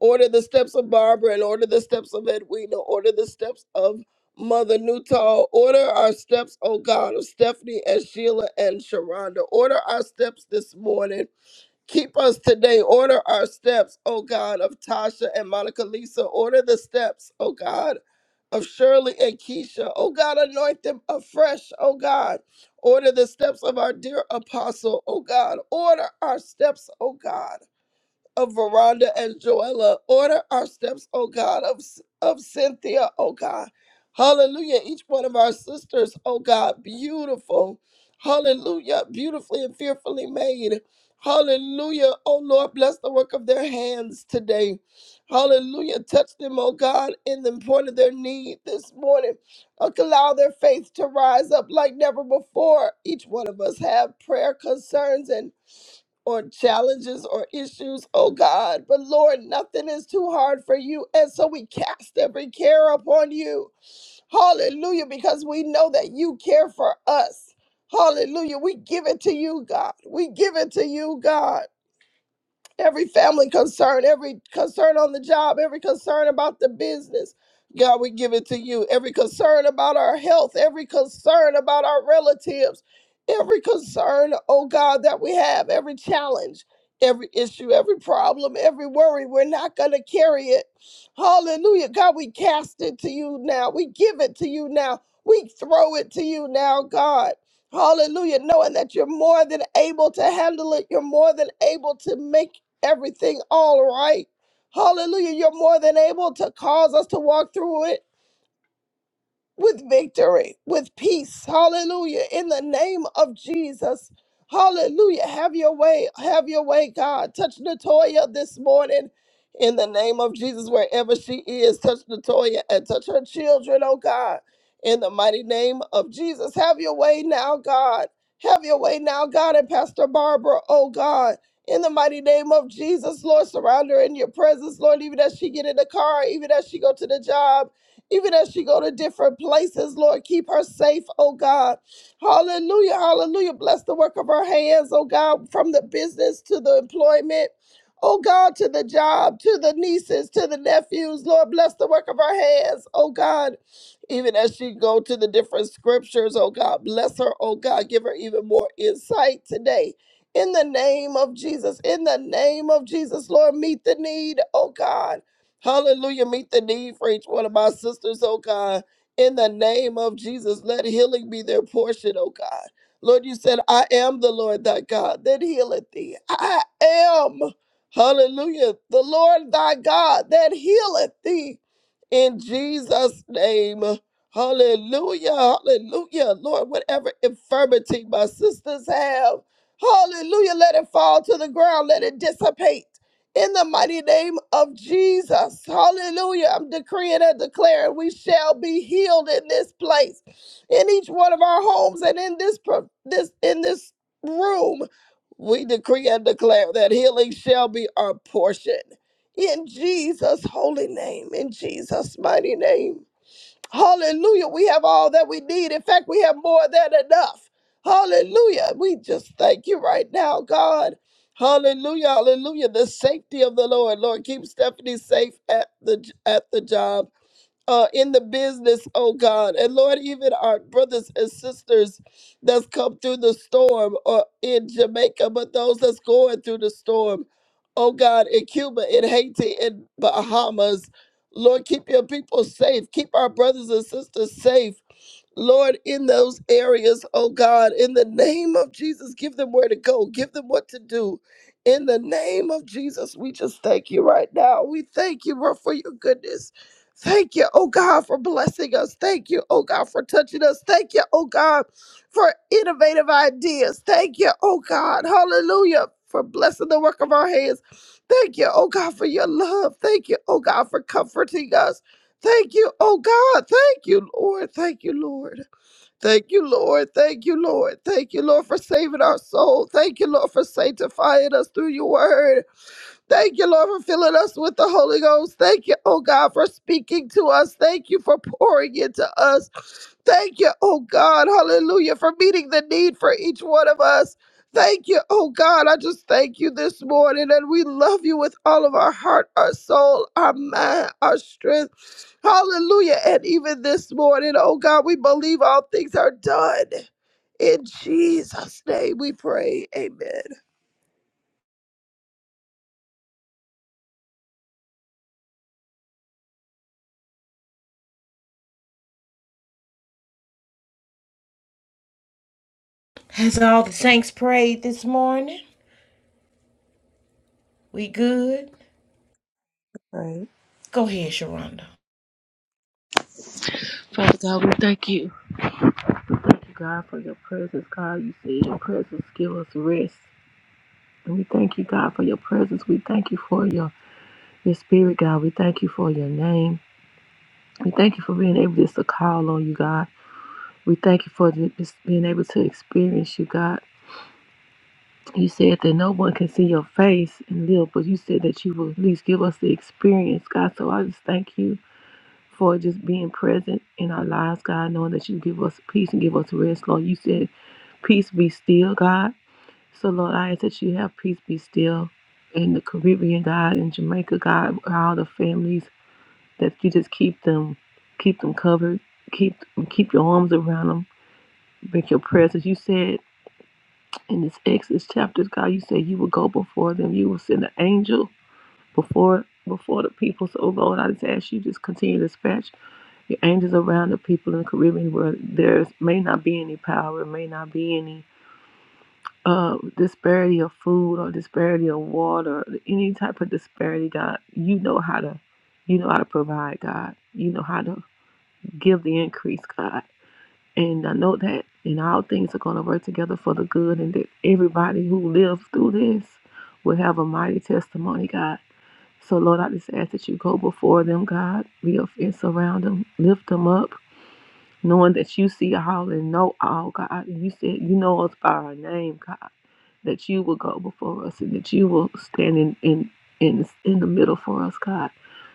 Speaker 6: Order the steps of Barbara and order the steps of Edwina. Order the steps of Mother Newtall. Order our steps, oh God, of Stephanie and Sheila and Sharonda. Order our steps this morning Keep us today. Order our steps, O God, of Tasha and Monica Lisa. Order the steps, O God, of Shirley and Keisha. O God, anoint them afresh, O God. Order the steps of our dear apostle, O God. Order our steps, O God of Veranda and Joella. Order our steps, oh God, of, of Cynthia, oh God. Hallelujah. Each one of our sisters, oh God, beautiful. Hallelujah. Beautifully and fearfully made. Hallelujah. Oh Lord, bless the work of their hands today. Hallelujah. Touch them, oh God, in the point of their need this morning. Allow their faith to rise up like never before. Each one of us have prayer concerns and or challenges or issues, oh God. But Lord, nothing is too hard for you. And so we cast every care upon you. Hallelujah, because we know that you care for us. Hallelujah. We give it to you, God. We give it to you, God every family concern, every concern on the job, every concern about the business. God, we give it to you. Every concern about our health, every concern about our relatives, every concern, oh God, that we have, every challenge, every issue, every problem, every worry, we're not going to carry it. Hallelujah. God, we cast it to you now. We give it to you now. We throw it to you now, God. Hallelujah. Knowing that you're more than able to handle it, you're more than able to make everything all right. Hallelujah. You're more than able to cause us to walk through it with victory, with peace. Hallelujah. In the name of Jesus. Hallelujah. Have your way. Have your way, God. Touch Natoya this morning. In the name of Jesus, wherever she is, touch Natoya and touch her children, oh God. In the mighty name of Jesus, have your way now, God. Have your way now, God, and Pastor Barbara, oh God. In the mighty name of Jesus, Lord, surround her in your presence, Lord, even as she get in the car, even as she go to the job even as she go to different places, Lord, keep her safe, oh God. Hallelujah, hallelujah. Bless the work of her hands, oh God, from the business to the employment. Oh God, to the job, to the nieces, to the nephews, Lord, bless the work of her hands, oh God. Even as she go to the different scriptures, oh God, bless her, oh God, give her even more insight today. In the name of Jesus, in the name of Jesus, Lord, meet the need, oh God. Hallelujah. Meet the need for each one of my sisters, oh God. In the name of Jesus, let healing be their portion, oh God. Lord, you said, I am the Lord thy God that healeth thee. I am, hallelujah, the Lord thy God that healeth thee. In Jesus' name, hallelujah, hallelujah. Lord, whatever infirmity my sisters have, hallelujah, let it fall to the ground, let it dissipate in the mighty name of Jesus. Hallelujah. I'm decreeing and declaring we shall be healed in this place, in each one of our homes and in this pro- this in this room. We decree and declare that healing shall be our portion. In Jesus' holy name, in Jesus' mighty name. Hallelujah. We have all that we need. In fact, we have more than enough. Hallelujah. We just thank you right now, God. Hallelujah. Hallelujah. The safety of the Lord. Lord, keep Stephanie safe at the at the job uh, in the business, oh God. And Lord, even our brothers and sisters that's come through the storm or in Jamaica, but those that's going through the storm, oh God, in Cuba, in Haiti, in Bahamas. Lord, keep your people safe. Keep our brothers and sisters safe. Lord, in those areas, oh God, in the name of Jesus, give them where to go, give them what to do. In the name of Jesus, we just thank you right now. We thank you, Lord, for your goodness. Thank you, oh God, for blessing us. Thank you, oh God, for touching us. Thank you, oh God, for innovative ideas. Thank you, oh God, hallelujah, for blessing the work of our hands. Thank you, oh God, for your love. Thank you, oh God, for comforting us. Thank you, oh God. Thank you, Lord. Thank you, Lord. Thank you, Lord. Thank you, Lord. Thank you, Lord, for saving our soul. Thank you, Lord, for sanctifying us through your word. Thank you, Lord, for filling us with the Holy Ghost. Thank you, oh God, for speaking to us. Thank you for pouring into us. Thank you, oh God, hallelujah, for meeting the need for each one of us. Thank you, oh God. I just thank you this morning, and we love you with all of our heart, our soul, our mind, our strength. Hallelujah. And even this morning, oh God, we believe all things are done. In Jesus' name we pray. Amen.
Speaker 1: Has all the saints prayed this morning? We good?
Speaker 7: Right.
Speaker 1: Go ahead, Sharonda.
Speaker 7: Father God, we thank you. Thank you, God, for your presence, God. You say your presence give us rest. And we thank you, God, for your presence. We thank you for your, your spirit, God. We thank you for your name. We thank you for being able just to call on you, God. We thank you for ju- just being able to experience you, God. You said that no one can see your face and live, but you said that you will at least give us the experience, God. So I just thank you for just being present in our lives, God, knowing that you give us peace and give us rest, Lord. You said, Peace be still, God. So, Lord, I ask that you have peace be still in the Caribbean, God, in Jamaica, God, all the families, that you just keep them, keep them covered, keep keep your arms around them, make your presence. You said in this Exodus chapter, God, you said you will go before them, you will send an angel before before the people. So, Lord, I just ask you just continue to dispatch the angels around the people in the Caribbean where there may not be any power, may not be any uh, disparity of food or disparity of water, any type of disparity, God, you know how to, you know how to provide, God. You know how to give the increase, God. And I know that in all things are going to work together for the good, and that everybody who lives through this will have a mighty testimony, God. So, Lord, I just ask that you go before them, God, be of and surround them, lift them up, knowing that you see all and know all, God. And you said you know us by our name, God, that you will go before us and that you will stand in in in, in the middle for us, God.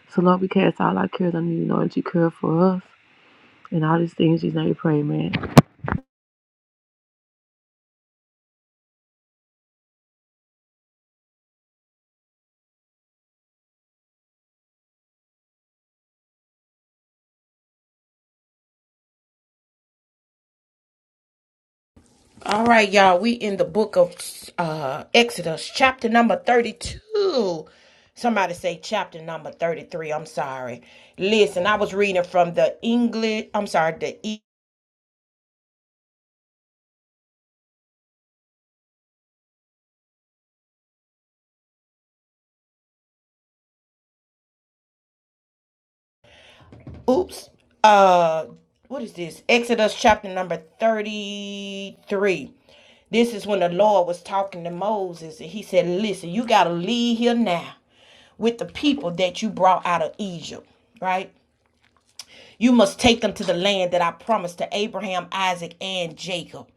Speaker 7: So Lord, we cast all our cares on you, knowing that you care for us. And all these things, you know, you pray, man.
Speaker 1: All right, y'all. We in the book of uh Exodus, chapter number 32. Somebody say chapter number 33. I'm sorry. Listen, I was reading from the English, I'm sorry, the Oops. Uh, what is this? Exodus chapter number 33. This is when the Lord was talking to Moses, and he said, Listen, you got to leave here now with the people that you brought out of Egypt, right? You must take them to the land that I promised to Abraham, Isaac, and Jacob.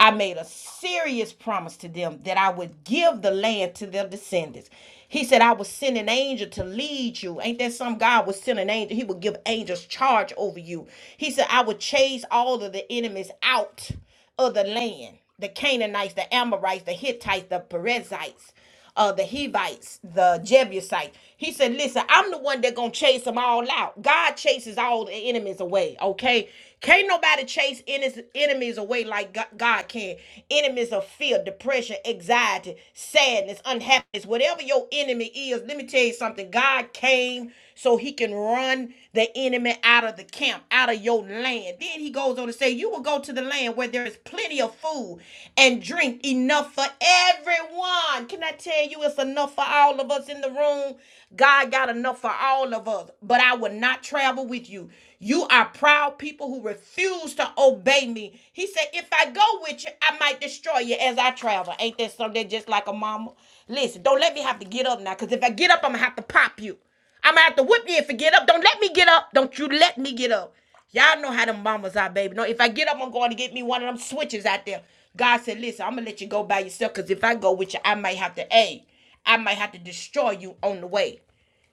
Speaker 1: I made a serious promise to them that I would give the land to their descendants. He said, I will send an angel to lead you. Ain't that some God would send an angel? He would give angels charge over you. He said, I would chase all of the enemies out of the land the Canaanites, the Amorites, the Hittites, the Perizzites uh, the Hivites, the Jebusites. He said, Listen, I'm the one that gonna chase them all out. God chases all the enemies away, okay? Can't nobody chase enes- enemies away like Go- God can. Enemies of fear, depression, anxiety, sadness, unhappiness, whatever your enemy is. Let me tell you something. God came so he can run the enemy enemy out of the camp, out of your land. Then he goes on to say, You will go to the land where there is plenty of food and drink enough for everyone. Can I tell you it's enough for all of us in the room? God got enough for all of us, but I will not travel with you. You are proud people who refuse to obey me. He said, If I go with you, I might destroy you as I travel. Ain't that something just like a mama? Listen, don't let me have to get up now, because if I get up, I'm going to have to pop you. I'm gonna have to whip you if you get up. Don't let me get up. Don't you let me get up. Y'all know how them mamas are, baby. No, if I get up, I'm going to get me one of them switches out there. God said, listen, I'm gonna let you go by yourself because if I go with you, I might have to a, I might have to destroy you on the way.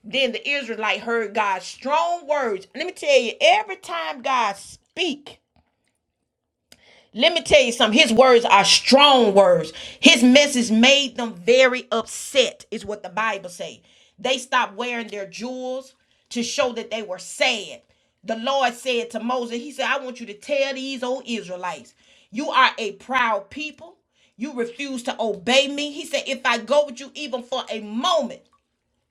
Speaker 1: Then the Israelite heard God's strong words. Let me tell you, every time God speak, let me tell you something. His words are strong words. His message made them very upset, is what the Bible say. They stopped wearing their jewels to show that they were sad. The Lord said to Moses, He said, I want you to tell these old Israelites, you are a proud people. You refuse to obey me. He said, If I go with you even for a moment,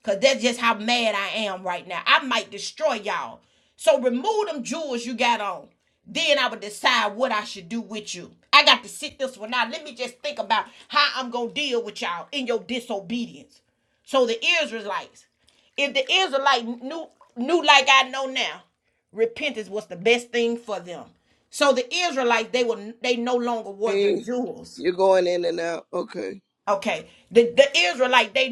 Speaker 1: because that's just how mad I am right now. I might destroy y'all. So remove them jewels you got on. Then I would decide what I should do with you. I got to sit this one out. Let me just think about how I'm going to deal with y'all in your disobedience. So the Israelites, if the Israelite knew, knew like I know now, repentance was the best thing for them. So the Israelites, they were they no longer wore their
Speaker 6: Hey,
Speaker 1: jewels.
Speaker 6: you're going in and out. Okay.
Speaker 1: Okay. They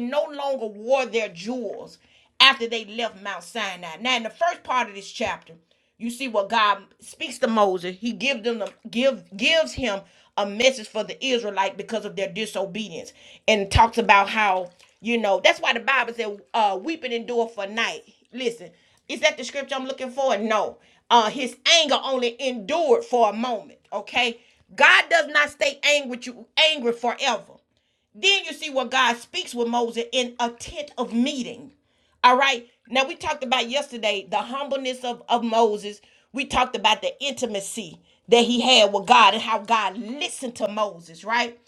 Speaker 1: wore their jewels after they left Mount Sinai. Now, in the first part of this chapter, you see what God speaks to Moses. He give them the, give gives him a message for the Israelite because of their disobedience, and talks about how you know that's why the Bible said, uh, "Weeping endure for night." Listen, is that the scripture I'm looking for? No. Uh, his anger only endured for a moment. Okay, God does not stay angry with you angry forever. Then you see what God speaks with Moses in a tent of meeting. All right. Now we talked about yesterday the humbleness of, of Moses. We talked about the intimacy that he had with God and how God listened to Moses, right?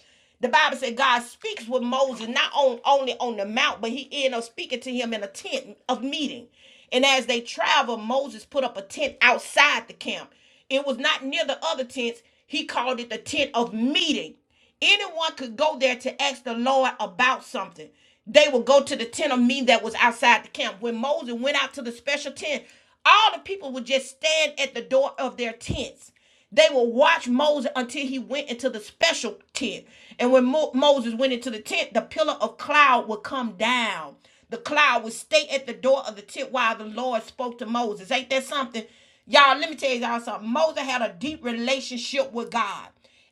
Speaker 1: The Bible said God speaks with Moses not on, only on the mount, but he ended up speaking to him in a tent of meeting. And as they traveled, Moses put up a tent outside the camp. It was not near the other tents. He called it the tent of meeting. Anyone could go there to ask the Lord about something. They would go to the tent of me that was outside the camp. When Moses went out to the special tent, all the people would just stand at the door of their tents. They would watch Moses until he went into the special tent. And when Mo- Moses went into the tent, the pillar of cloud would come down. The cloud would stay at the door of the tent while the Lord spoke to Moses. Ain't that something? Y'all, let me tell y'all something. Moses had a deep relationship with God.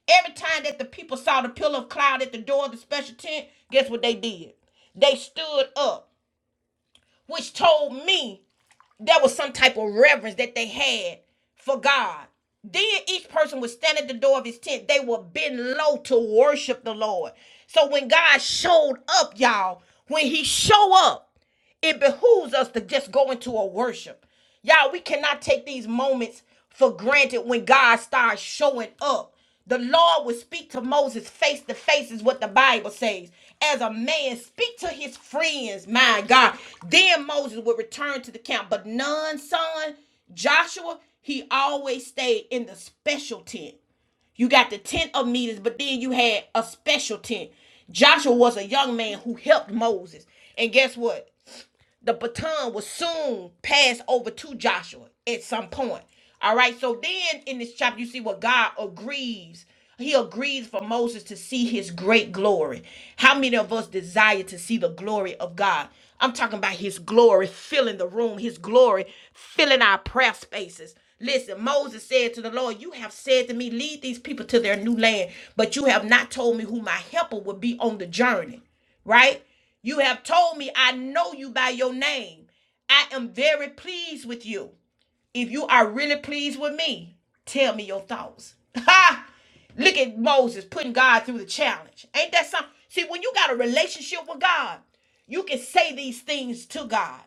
Speaker 1: Every time that the people saw the pillar of cloud at the door of the special tent, guess what they did? They stood up, which told me there was some type of reverence that they had for God. Then each person would stand at the door of his tent. They would bend low to worship the Lord. So when God showed up, y'all, when he show up, it behooves us to just go into a worship. Y'all, we cannot take these moments for granted when God starts showing up. The Lord will speak to Moses face to face, is what the Bible says. As a man, speak to his friends, my God. Then Moses would return to the camp. But none, son, Joshua, he always stayed in the special tent. You got the tent of meetings, but then you had a special tent. Joshua was a young man who helped Moses. And guess what? the baton was soon passed over to Joshua at some point. All right. So then in this chapter, you see what God agrees. He agrees for Moses to see his great glory. How many of us desire to see the glory of God? I'm talking about his glory filling the room, his glory filling our prayer spaces. Listen, Moses said to the Lord, You have said to me, lead these people to their new land, but you have not told me who my helper would be on the journey right? You have told me I know you by your name. I am very pleased with you. If you are really pleased with me, tell me your thoughts. Ha! Look at Moses putting God through the challenge. Ain't that something? See, when you got a relationship with God, you can say these things to God.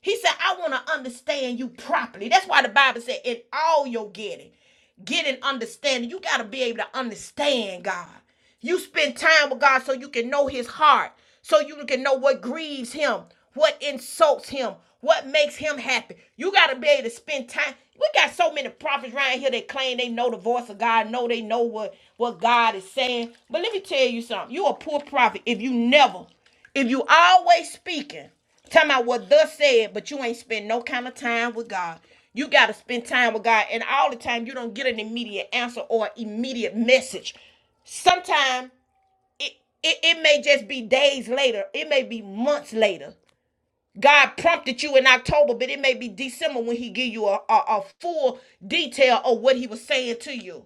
Speaker 1: He said, I want to understand you properly. That's why the Bible said, in all your getting get understanding. You got to be able to understand God. You spend time with God so you can know his heart, so you can know what grieves him, what insults him, what makes him happy. You got to be able to spend time. We got so many prophets right here that claim they know the voice of God, know they know what, what God is saying. But let me tell you something. you a poor prophet if you never, if you always speaking, Tell me what thus said, but you ain't spend no kind of time with God. You gotta spend time with God, and all the time you don't get any immediate answer or immediate message. Sometimes it, it may just be days later. It may be months later. God prompted you in October, but it may be December when He give you a, a, a full detail of what He was saying to you.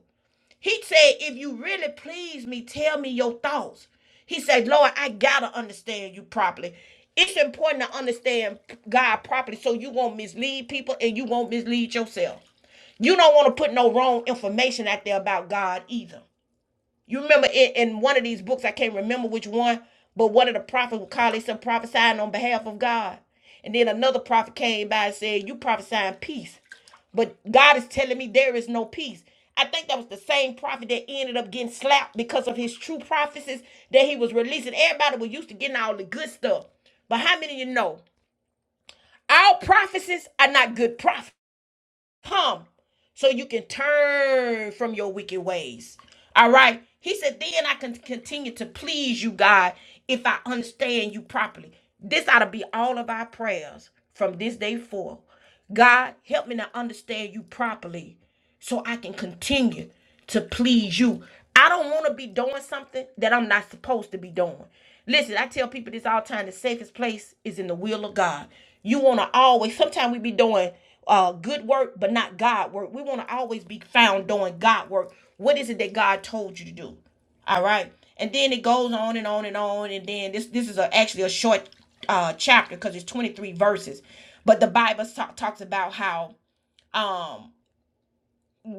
Speaker 1: He said, "If you really please me, tell me your thoughts." He said, "Lord, I gotta understand you properly." It's important to understand God properly so you won't mislead people and you won't mislead yourself. You don't want to put no wrong information out there about God either. You remember in, in one of these books, I can't remember which one, but one of the prophets would call himself prophesying on behalf of God. And then another prophet came by and said, You prophesying peace. But God is telling me there is no peace. I think that was the same prophet that ended up getting slapped because of his true prophecies that he was releasing. Everybody was used to getting all the good stuff. But how many of you know? All prophecies are not good prophecies come so you can turn from your wicked ways. All right. He said, then I can continue to please you, God, if I understand you properly. This ought to be all of our prayers from this day forth. God, help me to understand you properly so I can continue to please you. I don't want to be doing something that I'm not supposed to be doing. Listen, I tell people this all the time the safest place is in the will of God. You want to always, sometimes we be doing uh, good work, but not God work. We want to always be found doing God work. What is it that God told you to do? All right. And then it goes on and on and on. And then this this is a, actually a short uh, chapter because it's 23 verses. But the Bible so- talks about how um.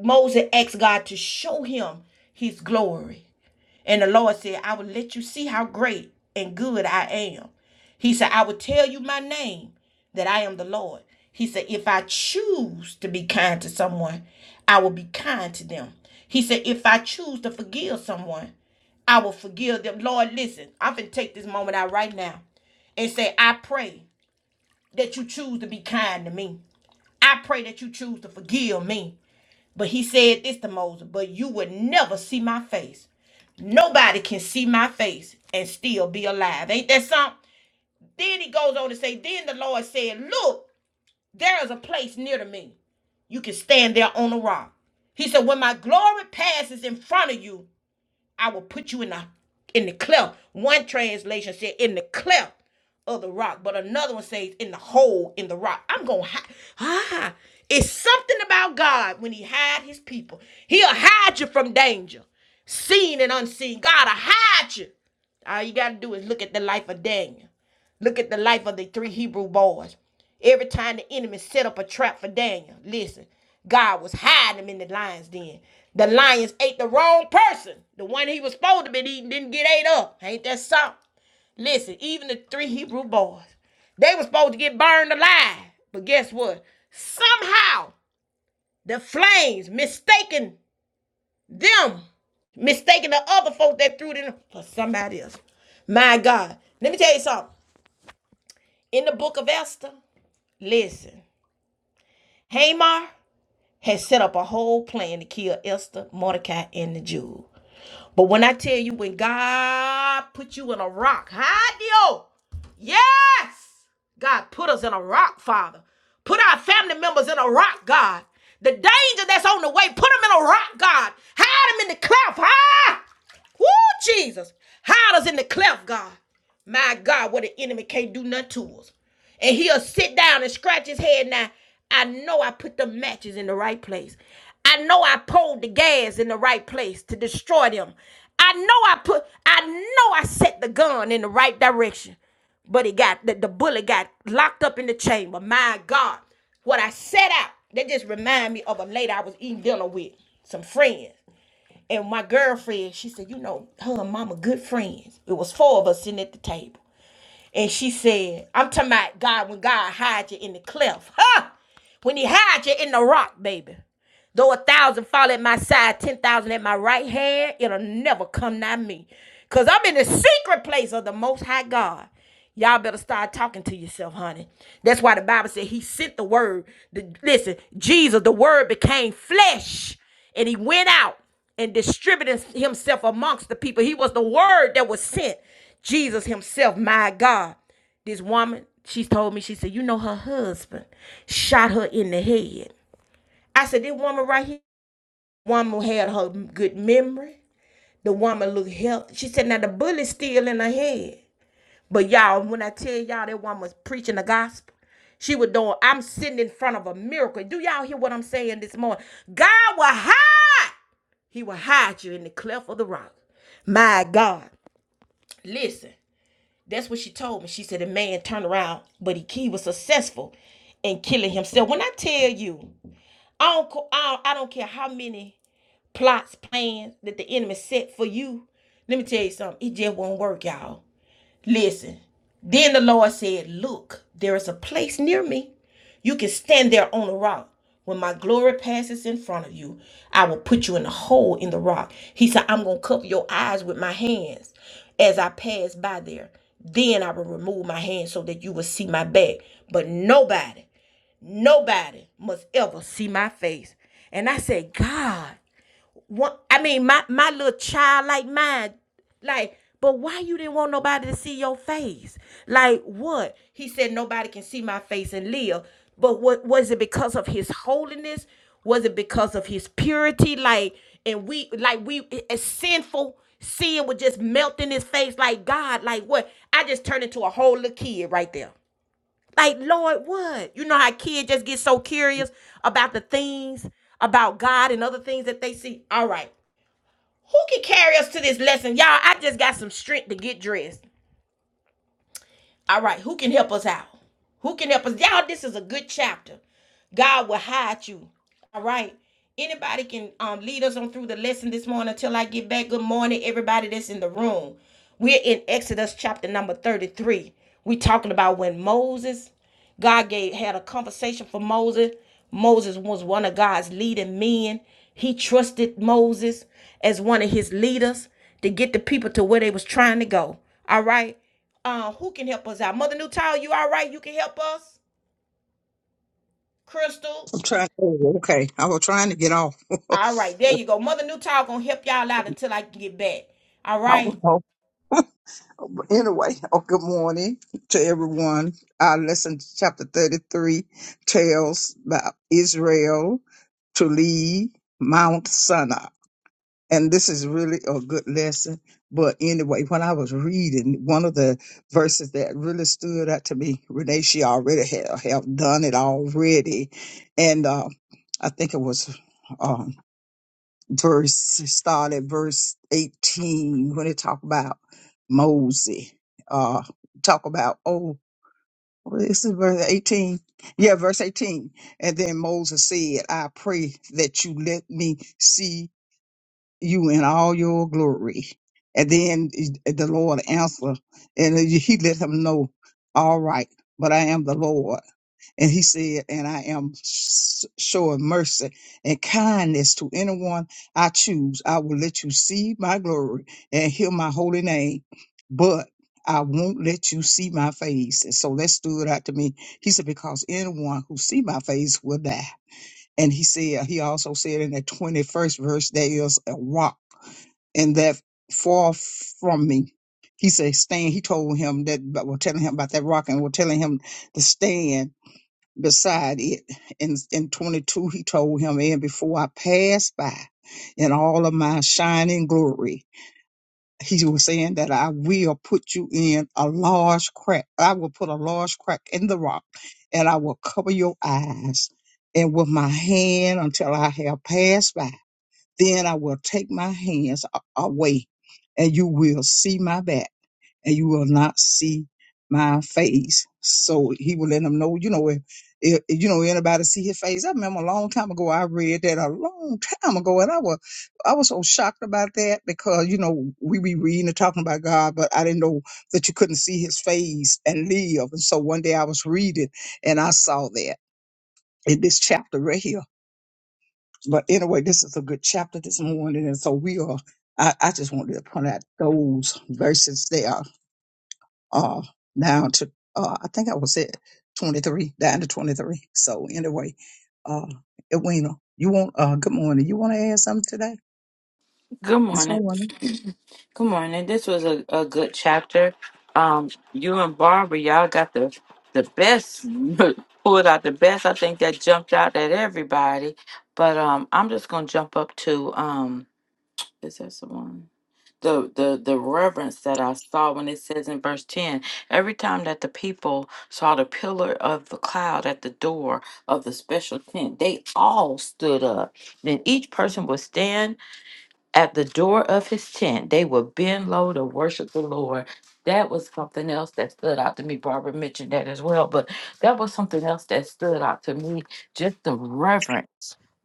Speaker 1: Moses asked God to show him his glory. And the Lord said, I will let you see how great and good I am. He said, I will tell you my name, that I am the Lord. He said, if I choose to be kind to someone, I will be kind to them. He said, if I choose to forgive someone, I will forgive them. Lord, listen, I'm going to take this moment out right now and say, I pray that you choose to be kind to me. I pray that you choose to forgive me. But he said this to Moses, but you would never see my face. Nobody can see my face and still be alive. Ain't that something? Then he goes on to say, Then the Lord said, Look, there is a place near to me. You can stand there on a rock. He said, When my glory passes in front of you, I will put you in the in the cleft. One translation said in the cleft of the rock, but another one says in the hole in the rock. I'm gonna hide. Ah, it's something about God when He hide His people. He'll hide you from danger, seen and unseen. God will hide you. All you gotta do is look at the life of Daniel. Look at the life of the three Hebrew boys. Every time the enemy set up a trap for Daniel, listen, God was hiding him in the lions den. The lions ate the wrong person. The one he was supposed to be eating didn't get ate up. Ain't that something? Listen, even the three Hebrew boys, they were supposed to get burned alive. But guess what? Somehow the flames mistaken them, mistaken the other folk that threw them for somebody else. My God. Let me tell you something. In the book of Esther, Listen, Hamar had set up a whole plan to kill Esther, Mordecai, and the Jew. But when I tell you, when God put you in a rock, hide you. Yes, God put us in a rock, Father. Put our family members in a rock, God. The danger that's on the way, put them in a rock, God. Hide them in the cleft, huh? Woo, Jesus. Hide us in the cleft, God. My God, what the enemy can't do nothing to us. And he'll sit down and scratch his head. Now, I know I put the matches in the right place. I know I pulled the gas in the right place to destroy them. I know I put, I know I set the gun in the right direction. But it got, the, the bullet got locked up in the chamber. My God, what I set out, that just remind me of a lady I was eating dinner with, some friends. And my girlfriend, she said, you know, her and mama good friends. It was four of us sitting at the table. And she said, I'm talking about God when God hides you in the cleft. Huh? When he hides you in the rock, baby. Though a thousand fall at my side, ten thousand at my right hand, it'll never come nigh me. Cause I'm in the secret place of the most high God. Y'all better start talking to yourself, honey. That's why the Bible said he sent the word. The- listen, Jesus, the word became flesh and he went out and distributed himself amongst the people. He was the word that was sent. Jesus himself, my God. This woman, she told me, she said, you know, her husband shot her in the head. I said, this woman right here, woman had her good memory. The woman looked healthy. She said, now the bullet's still in her head. But y'all, when I tell y'all that woman was preaching the gospel, she was doing, I'm sitting in front of a miracle. Do y'all hear what I'm saying this morning? God will hide. He will hide you in the cleft of the rock. My God. Listen, that's what she told me. She said, a man turned around, but he, he was successful in killing himself. When I tell you, I don't, I don't, I don't care how many plots, plans that the enemy set for you. Let me tell you something. It just won't work, y'all. Listen. Then the Lord said, Look, there is a place near me. You can stand there on a rock. When my glory passes in front of you, I will put you in a hole in the rock. He said, I'm going to cover your eyes with my hands as I pass by there. Then I will remove my hands so that you will see my back. But nobody, nobody must ever see my face. And I said, God one I mean my my little child like mine like but why you didn't want nobody to see your face like what he said nobody can see my face and live but what was it because of his holiness was it because of his purity like and we like we as sinful sin would just melt in his face like God like what I just turned into a whole little kid right there like Lord what you know how kids just get so curious about the things about God and other things that they see all right who can carry us to this lesson? Y'all, I just got some strength to get dressed. All right, who can help us out? Who can help us? Y'all, this is a good chapter. God will hide you. All right. Anybody can um, lead us on through the lesson this morning until I get back. Good morning, everybody that's in the room. We're in Exodus chapter number 33. We're talking about when Moses, God gave had a conversation for Moses. Moses was one of God's leading men. He trusted Moses as one of his leaders to get the people to where they was trying to go. All right. Uh, who can help us out? Mother Newtile, you all right? You can help us? Crystal?
Speaker 2: I'm trying. oh, Okay. I was trying to get off.
Speaker 1: All right, there you go. Mother Newtile gonna help y'all out until I can get back. All right?
Speaker 2: I But anyway, oh, good morning to everyone. Our lesson, chapter 33, tells about Israel to leave Mount Sinai. And this is really a good lesson. But anyway, when I was reading, one of the verses that really stood out to me, Renee, she already had have done it already. And uh, I think it was um, verse start at verse 18 when they talk about Moses. Uh talk about oh well, this is verse 18. Yeah, verse 18. And then Moses said, I pray that you let me see you in all your glory. And then the Lord answered, and he let him know, All right, but I am the Lord. And he said, And I am s- sure of mercy and kindness to anyone I choose. I will let you see my glory and hear my holy name, but I won't let you see my face. And so that stood out to me. He said, Because anyone who see my face will die. And he said, He also said in the 21st verse, there is a rock, and that far from me. He said, Stand. He told him that, but we're telling him about that rock and we're telling him to stand beside it. In, in 22, he told him, and before I pass by in all of my shining glory, he was saying that I will put you in a large crack. I will put a large crack in the rock and I will cover your eyes and with my hand until I have passed by. Then I will take my hands a- away and you will see my back and you will not see my face. So he will let them know, you know, if, if you know anybody see his face. I remember a long time ago I read that a long time ago and I was I was so shocked about that because, you know, we be reading and talking about God, but I didn't know that you couldn't see his face and live. And so one day I was reading and I saw that in this chapter right here. But anyway, this is a good chapter this morning. And so we are I, I just wanted to point out those verses there uh, down to uh, I think I was at 23, down to 23. So anyway, uh, Edwina, you want uh, good morning. You want to add something today
Speaker 3: Good
Speaker 2: this
Speaker 3: morning.
Speaker 2: morning?
Speaker 3: Good morning. This was a, a good chapter. Um, you and Barbara, y'all got the the best pulled out the best. I think that jumped out at everybody. But um, I'm just gonna jump up to um, is that someone? The the the reverence that I saw when it says in verse ten, every time that the people saw the pillar of the cloud at the door of the special tent, they all stood up. Then each person would stand at the door of his tent, they will bend low to worship the Lord. That was something else that stood out to me. Barbara mentioned that as well, but that was something else that stood out to me. Just the reverence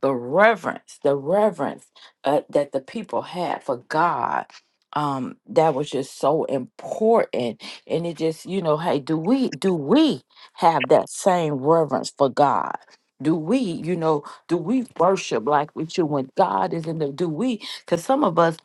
Speaker 3: the reverence, the reverence uh, that the people had for God. Um, that was just so important. And it just, you know, hey, do we do we have that same reverence for God? Do we, you know, do we worship like we should when God is in the do we? Because some of us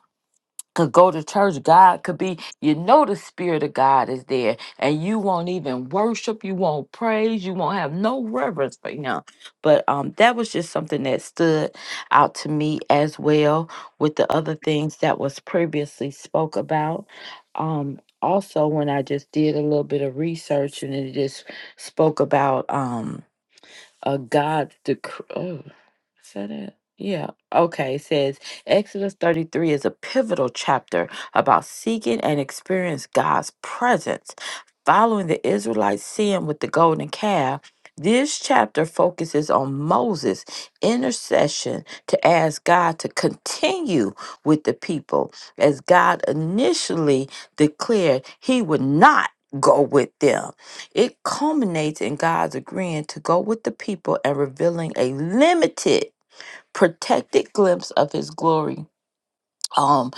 Speaker 3: could go to church. God could be, you know, the Spirit of God is there, and you won't even worship, you won't praise, you won't have no reverence for Him. But um, that was just something that stood out to me as well with the other things that was previously spoke about. Um, also, when I just did a little bit of research and it just spoke about. Um, a God decree. Oh, is that it? Yeah. Okay. It says Exodus 33 is a pivotal chapter about seeking and experience God's presence. Following the Israelites' sin with the golden calf, this chapter focuses on Moses' intercession to ask God to continue with the people, as God initially declared he would not go with them. It culminates in God's agreeing to go with the people and revealing a limited, protected glimpse of his glory um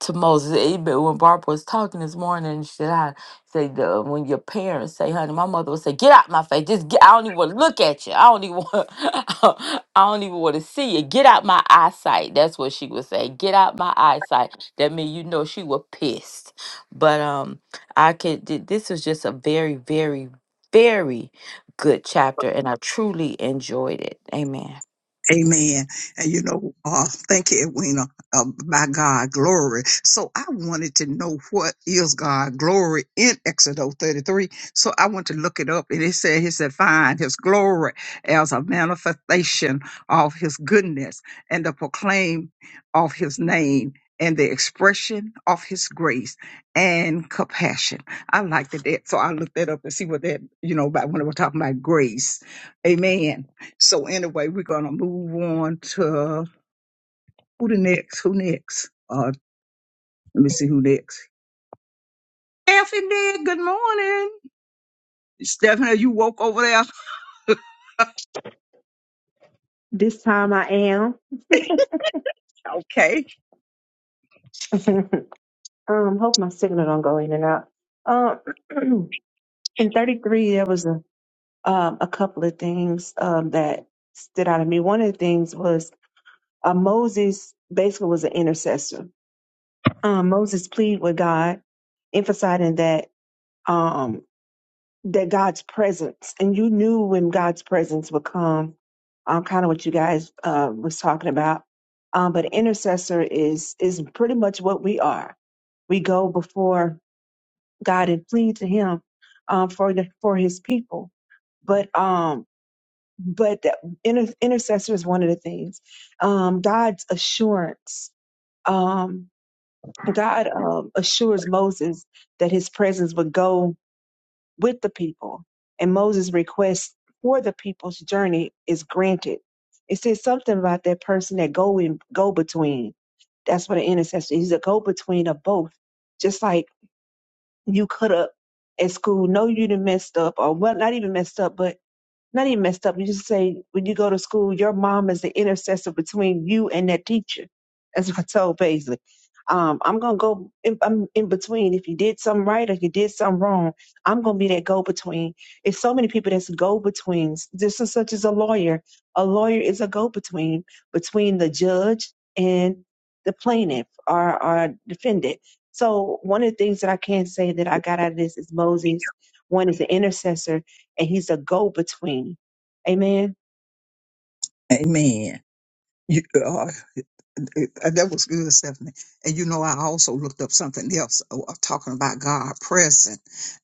Speaker 3: to Moses. It When Barbara was talking this morning, she said, "I say the, when your parents say, honey, my mother would say, get out my face. Just get. I don't even want to look at you. I don't even want. I don't even want to see you. Get out my eyesight. That's what she would say. Get out my eyesight. That means you know she was pissed. But um, I could. th- This was just a very, very, very." good chapter and I truly enjoyed it. Amen.
Speaker 2: Amen. And you know, uh, thank you, Edwina. Uh, by God, glory. So I wanted to know what is God glory in Exodus 33. So I went to look it up and it said, he said, find his glory as a manifestation of his goodness and the proclaim of his name and the expression of his grace and compassion. I liked it. that. So I looked that up and see what that, you know, about when we're talking about grace. Amen. So anyway, we're gonna move on to who the next? Who next? Uh, let me see who next. Stephanie, good morning. Stephanie, you woke over there.
Speaker 4: This time I am.
Speaker 2: Okay.
Speaker 4: um, hope my signal don't go in and out. Um, in 33, there was a, um, a couple of things um, that stood out to me. One of the things was uh, Moses basically was an intercessor. Um, Moses pleaded with God, emphasizing that um. that God's presence, and you knew when God's presence would come, um, kind of what you guys uh, was talking about. Um, but intercessor is is pretty much what we are. We go before God and plead to Him um, for the, for His people. But um, but that inter- intercessor is one of the things. Um, God's assurance. Um, God um, assures Moses that His presence would go with the people. And Moses' request for the people's journey is granted. It says something about that person that go in go between. That's what an intercessor. is. He's a go between of both. Just like you could have at school, know you done messed up or well not even messed up, but not even messed up. You just say when you go to school, your mom is the intercessor between you and that teacher. That's what I told Paisley. Um, I'm gonna go. In, I'm in between. If you did something right or you did something wrong, I'm gonna be that go between. It's so many people that's go betweens. This is such as a lawyer. A lawyer is a go between between the judge and the plaintiff or, or defendant. So one of the things that I can say that I got out of this is Moses. One is the intercessor and he's a go between. Amen.
Speaker 2: Amen. You, uh, Uh, That was good, Stephanie. And you know, I also looked up something else uh, uh, talking about God present.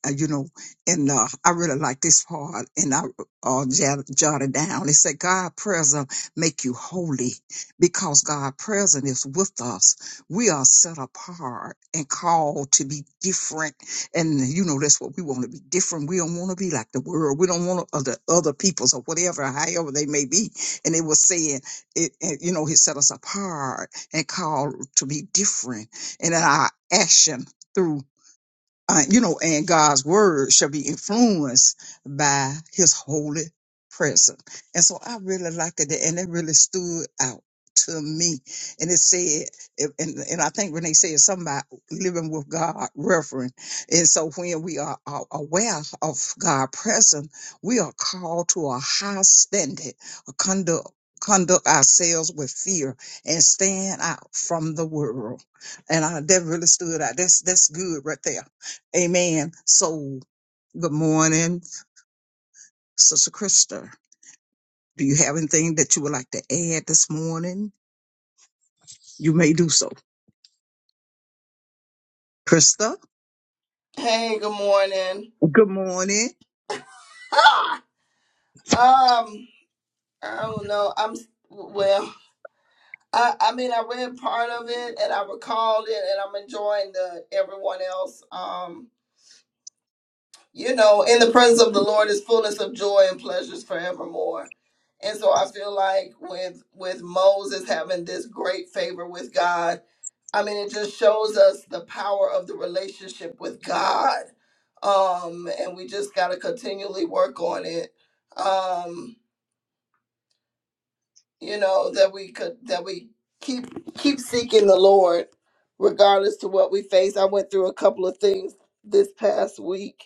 Speaker 2: Uh, you know, and uh, I really like this part, and I uh, jot- jotted down. It said, "God present make you holy, because God present is with us. We are set apart and called to be different. And you know, that's what we want to be different. We don't want to be like the world. We don't want other other peoples or whatever, however they may be." And it was saying it, it you know he set us apart and called to be different and in our action through uh, you know, and God's word shall be influenced by his holy presence. And so I really liked it. And it really stood out to me. And it said, it- and, and I think Renee said something about living with God, reverent. And so when we are, are aware of God's presence, we are called to a high standard, a conduct. Conduct ourselves with fear and stand out from the world, and I, that really stood out. That's that's good right there Amen. So, good morning, Sister Krista. Do you have anything that you would like to add this morning? You may do so. Krista,
Speaker 6: Hey, good morning.
Speaker 2: good morning.
Speaker 6: Ah! Um, I don't know. I'm s- well. I I mean, I read part of it and I recalled it, and I'm enjoying the everyone else. Um, you know, in the presence of the Lord is fullness of joy and pleasures forevermore. And so I feel like with with Moses having this great favor with God, I mean it just shows us the power of the relationship with God. Um and we just got to continually work on it. Um you know that we could that we keep keep seeking the Lord regardless to what we face. I went through a couple of things this past week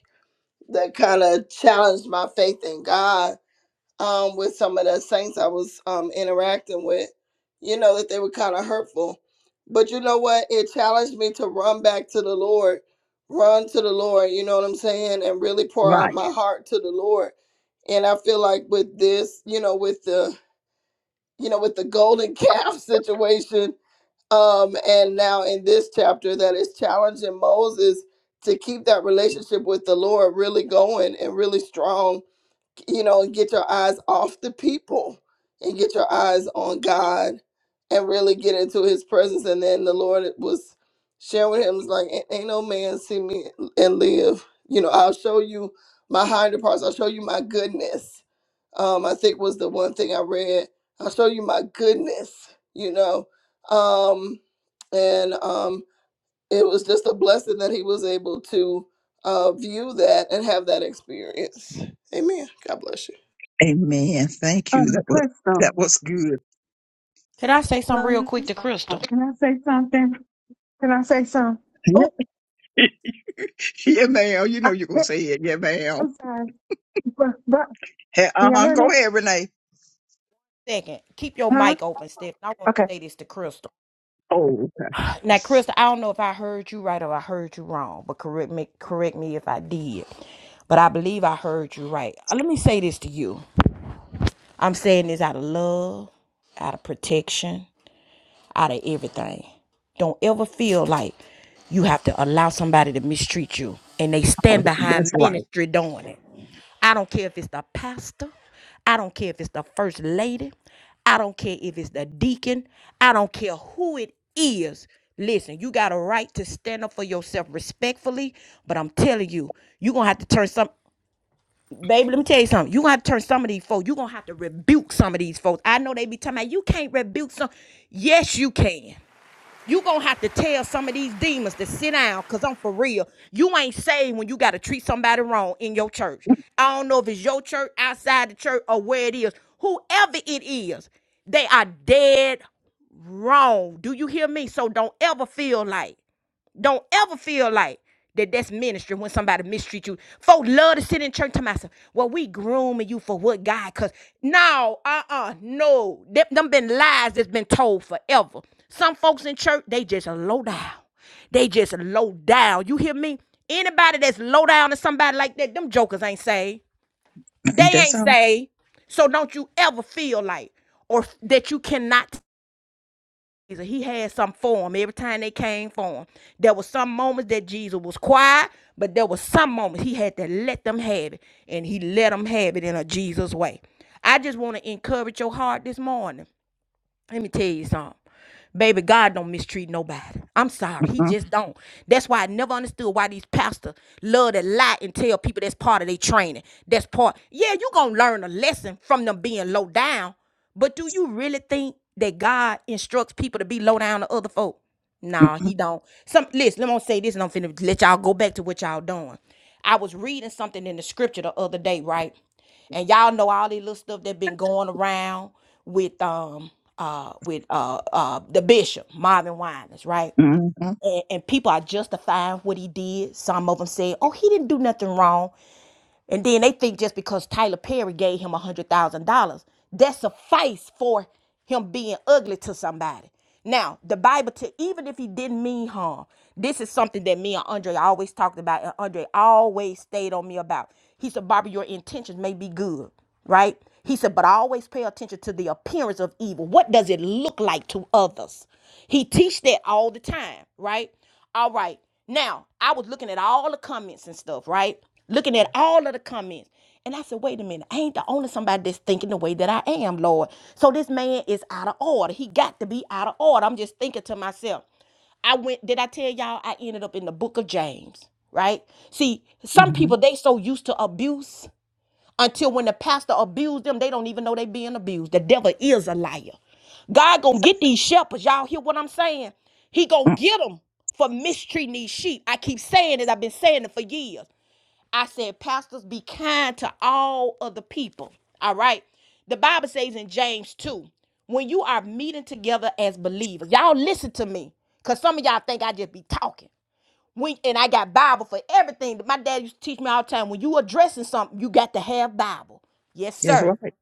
Speaker 6: that kind of challenged my faith in God um, with some of the saints I was um, interacting with. You know, that they were kind of hurtful. But you know what? It challenged me to run back to the Lord, run to the Lord, you know what I'm saying? And really pour out
Speaker 2: Right.
Speaker 6: my heart to the Lord. And I feel like with this, you know, with the, you know, with the golden calf situation, um, and now in this chapter, that is challenging Moses to keep that relationship with the Lord really going and really strong you know, and get your eyes off the people and get your eyes on God and really get into his presence. And then the Lord was sharing with him, was like, ain't, ain't no man see me and live. You know, I'll show you my hinder parts. I'll show you my goodness. Um, I think was the one thing I read. I'll show you my goodness, you know. Um, and um, it was just a blessing that he was able to uh, view that and have that experience. Amen. God bless you.
Speaker 2: Amen. Thank
Speaker 4: Uh,
Speaker 2: you. That was, that
Speaker 4: Crystal,
Speaker 2: was good.
Speaker 1: Can I say something
Speaker 4: let
Speaker 1: real
Speaker 4: me
Speaker 1: quick to
Speaker 4: stop.
Speaker 1: Crystal?
Speaker 4: can I say something? Can I say something? Oh,
Speaker 2: yeah, ma'am. You know you're going to say it. Yeah, ma'am.
Speaker 4: I'm-
Speaker 2: Uh
Speaker 4: yeah,
Speaker 2: huh. Go ahead, Renee.
Speaker 1: Second, keep your
Speaker 4: huh?
Speaker 1: mic open, Steph. I want
Speaker 4: Okay.
Speaker 1: to say this to Crystal.
Speaker 2: Oh.
Speaker 1: Now, Crystal, I don't know if I heard you right or I heard you wrong, but correct me, correct me if I did. But I believe I heard you right. Uh, Let me say this to you. I'm saying this out of love, out of protection. out of everything. Don't ever feel like you have to allow somebody to mistreat you and they
Speaker 2: Oh,
Speaker 1: stand
Speaker 2: that's
Speaker 1: behind
Speaker 2: why.
Speaker 1: ministry doing it. I don't care if it's the pastor, I don't care if it's the first lady, I don't care if it's the deacon, I don't care who it is. Listen, you got a right to stand up for yourself respectfully, but I'm telling you, you're gonna have to turn some baby. Let me tell you something. You're gonna have to turn some of these folks, you're gonna have to rebuke some of these folks. I know they be talking about you can't rebuke some. Yes, you can. You gonna have to tell some of these demons to sit down, cause I'm for real. You ain't saved when you gotta treat somebody wrong in your church. I don't know if it's your church, outside the church, or where it is. Whoever it is, they are dead wrong. Do you hear me? So don't ever feel like. Don't ever feel like that that's ministry when somebody mistreat you. Folks love to sit in church to myself. Well, we grooming you for what God cause no, uh-uh, no. Them, them been lies that's been told forever. Some folks in church, they just low down. They just low down. You hear me? Anybody that's low down to somebody like that, them jokers ain't saved. They
Speaker 2: That's
Speaker 1: ain't
Speaker 2: all.
Speaker 1: saved. So don't you ever feel like or that you cannot he had some form every time they came for him. There were some moments that Jesus was quiet, but there were some moments he had to let them have it, and he let them have it in a Jesus way. I just want to encourage your heart this morning. Let me tell you something. Baby, God don't mistreat nobody. I'm sorry. He
Speaker 2: Mm-mm,
Speaker 1: just don't. That's why I never understood why these pastors love to lie and tell people that's part of their training. That's part. Yeah, you going to learn a lesson from them being low down. But do you really think that God instructs people to be low down to other folk? Nah,
Speaker 2: mm-mm,
Speaker 1: he don't. Some listen, let me say this and I'm finna let y'all go back to what y'all doing. I was reading something in the scripture the other day, right? And y'all know all these little stuff that been going around with um uh with uh uh the bishop, Marvin Winans, right?
Speaker 2: mm-mm,
Speaker 1: And, and people are justifying what he did. Some of them say, "Oh, he didn't do nothing wrong." And then they think just because Tyler Perry gave him a hundred thousand dollars, that suffice for him being ugly to somebody. Now, the Bible, to, even if he didn't mean harm, this is something that me and Andre always talked about, and Andre always stayed on me about. He said, Barbara, your intentions may be good, right? He said, but I always pay attention to the appearance of evil. What does it look like to others? He teach that all the time, right? All right. Now, I was looking at all the comments and stuff, right? Looking at all of the comments. And I said, wait a minute, I ain't the only somebody that's thinking the way that I am, Lord. So this man is out of order. He got to be out of order. I'm just thinking to myself. I went, did I tell y'all I ended up in the book of James, right? See, some
Speaker 2: mm-mm.
Speaker 1: people, they so used to abuse until when the pastor abused them, they don't even know they being abused. The devil is a liar. God gonna get these shepherds. Y'all hear what I'm saying? He gonna
Speaker 2: mm-mm.
Speaker 1: get them for mistreating these sheep. I keep saying it. I've been saying it for years. I said, pastors, be kind to all other people. All right. The Bible says in James 2, when you are meeting together as believers, y'all listen to me. Cause some of y'all think I just be talking week and I got Bible for everything. My dad used to teach me all the time when you addressing something, you got to have Bible. Yes,
Speaker 2: That's
Speaker 1: sir.
Speaker 2: right.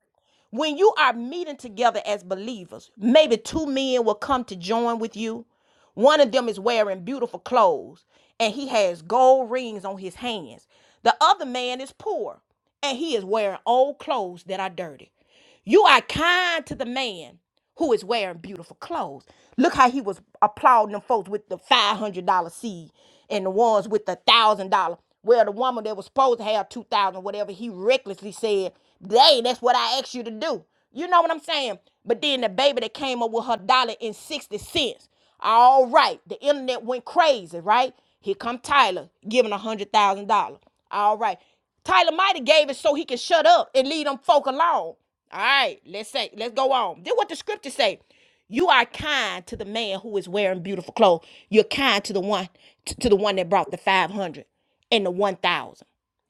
Speaker 1: When you are meeting together as believers, maybe two men will come to join with you. One of them is wearing beautiful clothes and he has gold rings on his hands. The other man is poor and he is wearing old clothes that are dirty. You are kind to the man who is wearing beautiful clothes. Look how he was applauding them folks with the five hundred dollar seed and the ones with the one thousand dollar. Well, the woman that was supposed to have two thousand, dollars, whatever, he recklessly said, "Hey, that's what I asked you to do." You know what I'm saying? But then the baby that came up with her dollar and sixty cents. All right, the internet went crazy, right? Here come Tyler giving a hundred thousand dollars. All right. Tyler Mighty gave it so he can shut up and leave them folk alone. All right, let's say, let's go on. Then what the scripture say? You are kind to the man who is wearing beautiful clothes. You're kind to the one t- to the one that brought the five hundred and the one thousand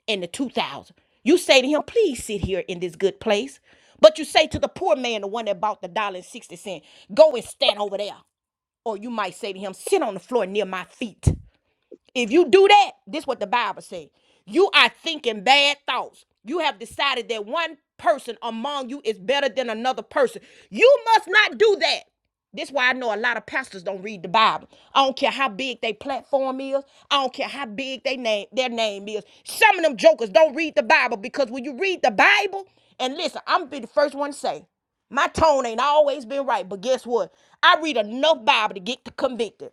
Speaker 1: and the two thousand. You say to him, please sit here in this good place. But you say to the poor man, the one that bought the dollar and sixty cent, go and stand over there. Or you might say to him, sit on the floor near my feet. If you do that, this what the Bible say. You are thinking bad thoughts. You have decided that one person among you is better than another person. You must not do that. This why I know a lot of pastors don't read the Bible. I don't care how big their platform is. I don't care how big they name their name is. Some of them jokers don't read the Bible because when you read the Bible, and listen, I'm gonna be the first one to say, my tone ain't always been right, but guess what? I read enough Bible to get convicted.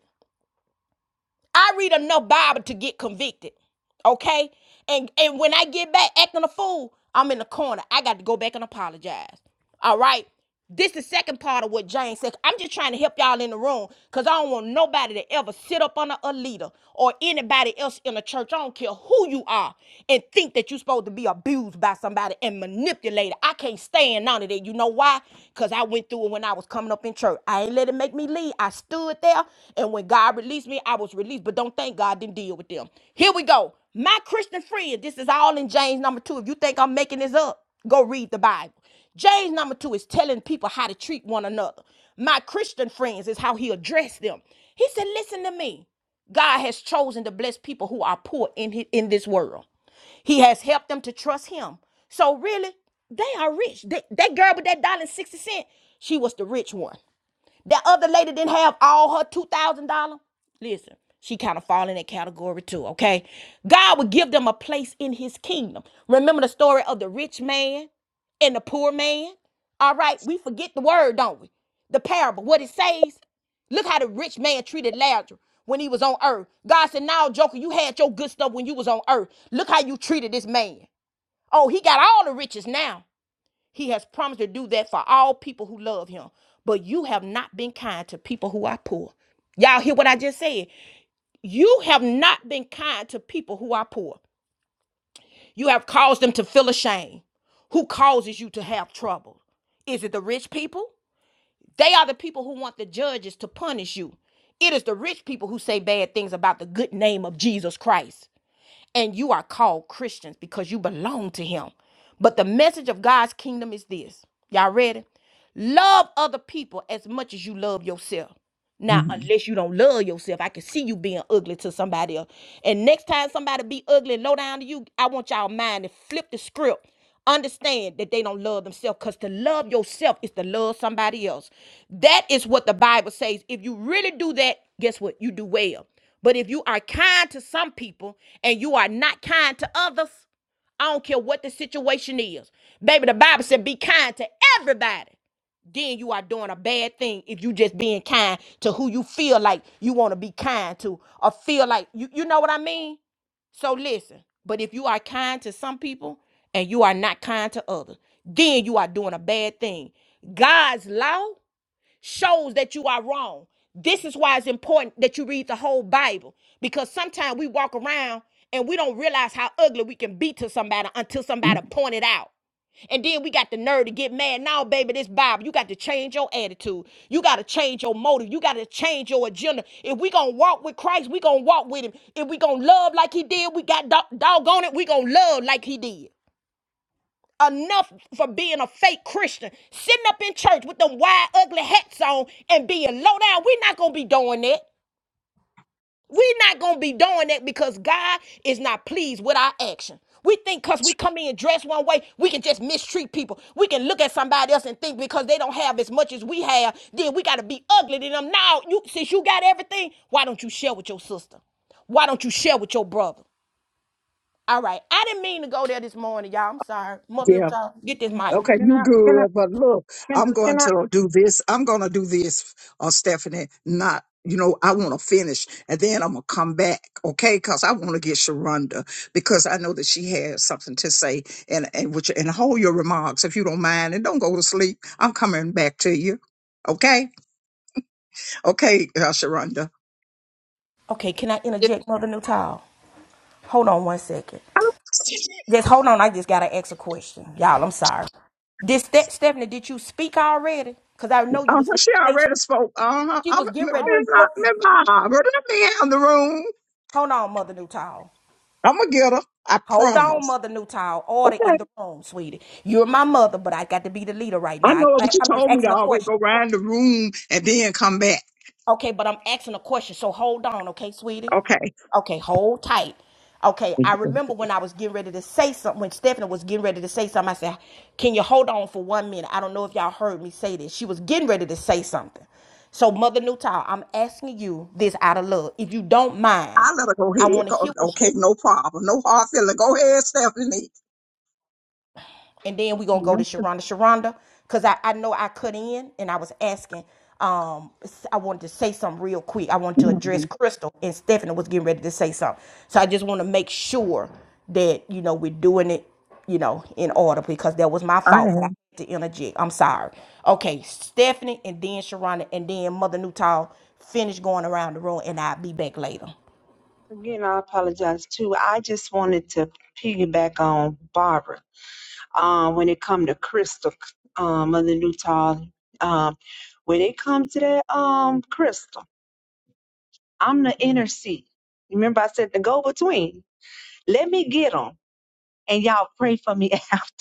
Speaker 1: I read enough Bible to get convicted. Okay? And and when I get back acting a fool, I'm in the corner. I got to go back and apologize. All right. This is the second part of what James said. I'm just trying to help y'all in the room because I don't want nobody to ever sit up under a leader or anybody else in the church. I don't care who you are and think that you're supposed to be abused by somebody and manipulated. I can't stand none of that. You know why? because I went through it when I was coming up in church. I ain't let it make me leave. I stood there, and when God released me, I was released. But don't think God didn't deal with them. Here we go. My Christian friends, this is all in James number two. If you think I'm making this up, go read the Bible. James number two is telling people how to treat one another. My Christian friends is how he addressed them. He said, Listen to me. God has chosen to bless people who are poor in, his, in this world. He has helped them to trust him. So really, they are rich. They, that girl with that dollar and sixty cent, she was the rich one. That other lady didn't have all her two thousand dollar. Listen, she kind of fall in that category too. Okay, God would give them a place in His kingdom. Remember the story of the rich man and the poor man. All right, we forget the word, don't we? The parable, what it says. Look how the rich man treated Lazarus when he was on earth. God said, Now, Joker, you had your good stuff when you was on earth. Look how you treated this man. Oh, he got all the riches now. He has promised to do that for all people who love him. But you have not been kind to people who are poor. Y'all hear what I just said? You have not been kind to people who are poor. You have caused them to feel ashamed. Who causes you to have trouble? Is it the rich people? They are the people who want the judges to punish you. It is the rich people who say bad things about the good name of Jesus Christ. and you are called Christians because you belong to Him. But the message of God's kingdom is this. Y'all ready? Love other people as much as you love yourself. Now,
Speaker 2: Mm-mm.
Speaker 1: unless you don't love yourself, I can see you being ugly to somebody else. And next time somebody be ugly and low down to you, I want y'all mind to flip the script. Understand that they don't love themselves because to love yourself is to love somebody else. That is what the Bible says. If you really do that, guess what? You do well. But if you are kind to some people and you are not kind to others, I don't care what the situation is. Baby, the Bible said be kind to everybody. Then you are doing a bad thing if you just being kind to who you feel like you want to be kind to or feel like you you know what I mean? So listen, but if you are kind to some people and you are not kind to others, then you are doing a bad thing. God's law shows that you are wrong. This is why it's important that you read the whole Bible because sometimes we walk around and we don't realize how ugly we can be to somebody until
Speaker 2: mm-mm.
Speaker 1: somebody point it out. And then we got the nerve to get mad. Now, baby, this Bible, you got to change your attitude. You got to change your motive. You got to change your agenda. If we going to walk with Christ, we going to walk with him. If we going to love like he did, we got dog- doggone it, we going to love like he did enough for being a fake Christian, sitting up in church with them wide, ugly hats on and being low down. We're not going to be doing that. We're not going to be doing that because God is not pleased with our action. We think because we come in dressed one way, we can just mistreat people. We can look at somebody else and think because they don't have as much as we have, then we got to be ugly to them. Now, you, since you got everything, why don't you share with your sister? Why don't you share with your brother? All right. I didn't mean to go there this morning, y'all. I'm sorry. Mother,
Speaker 2: Yeah.
Speaker 1: get this mic.
Speaker 2: Okay, you good, but look, I'm going to do this. I'm going to do this, uh, Stephanie. Not, you know, I want to finish, and then I'm gonna come back, okay? Because I want to get Sharonda because I know that she has something to say, and and which and hold your remarks if you don't mind, and don't go to sleep. I'm coming back to you, okay? Okay, uh, Sharonda.
Speaker 1: Okay, can I interject, Mother Nutall? Hold on one second. Just hold on. I just gotta ask a question, y'all. I'm sorry. Did Ste- Stephanie? Did you speak already? Cause I know you
Speaker 2: Uh,
Speaker 1: was.
Speaker 2: she
Speaker 1: They,
Speaker 2: already spoke. Uh-huh.
Speaker 1: she
Speaker 2: I'm,
Speaker 1: was getting
Speaker 2: Miss
Speaker 1: ready. Hold,
Speaker 2: Barbara, let me out the room.
Speaker 1: hold on, Mother Nutall.
Speaker 2: I'm gonna get her. I
Speaker 1: Hold on,
Speaker 2: promise.
Speaker 1: Mother Nutall. Order in the room, sweetie. You're my mother, but I got to be the leader right
Speaker 2: I
Speaker 1: now. I,
Speaker 2: know it, but
Speaker 1: I,
Speaker 2: you
Speaker 1: I'm just
Speaker 2: told me
Speaker 1: asking
Speaker 2: to
Speaker 1: a
Speaker 2: always
Speaker 1: question.
Speaker 2: go round the room and then come back.
Speaker 1: Okay, but I'm asking a question, so hold on, okay, sweetie?
Speaker 2: Okay.
Speaker 1: Okay, hold tight. Okay, I
Speaker 2: I
Speaker 1: remember when I was getting ready to say something, when Stephanie was getting ready to say something, I said, Can you hold on for one minute? I don't know if y'all heard me say this. She was getting ready to say something. So, Mother Newtile, I'm asking you this out of love. If you don't mind,
Speaker 2: let her go
Speaker 1: I
Speaker 2: ahead.
Speaker 1: want to
Speaker 2: Go,
Speaker 1: hear what she
Speaker 2: okay, no problem. No hard feeling. Go ahead, Stephanie.
Speaker 1: and then we're gonna
Speaker 4: Okay.
Speaker 1: go to
Speaker 4: I'm so-
Speaker 1: Sharonda. Sharonda, because I, I know I cut in and I was asking. Um, I wanted to say something real quick. I wanted to address
Speaker 2: Mhm.
Speaker 1: Crystal and Stephanie was getting ready to say something. So I just want to make sure that you know we're doing it, you know, in order because that was my
Speaker 2: All
Speaker 1: fault. But I
Speaker 2: right.
Speaker 1: had to interject. I'm sorry. Okay, Stephanie and then Sharonda and then Mother Newtall finish going around the room and I'll be back later.
Speaker 4: Again, I apologize too. I just wanted to piggyback on Barbara. Um, when it come to Crystal, um, Mother Newtall, um, when it come to that um Crystal, I'm the inner seat. Remember, I said the go between. Let me get them, and y'all pray for me after.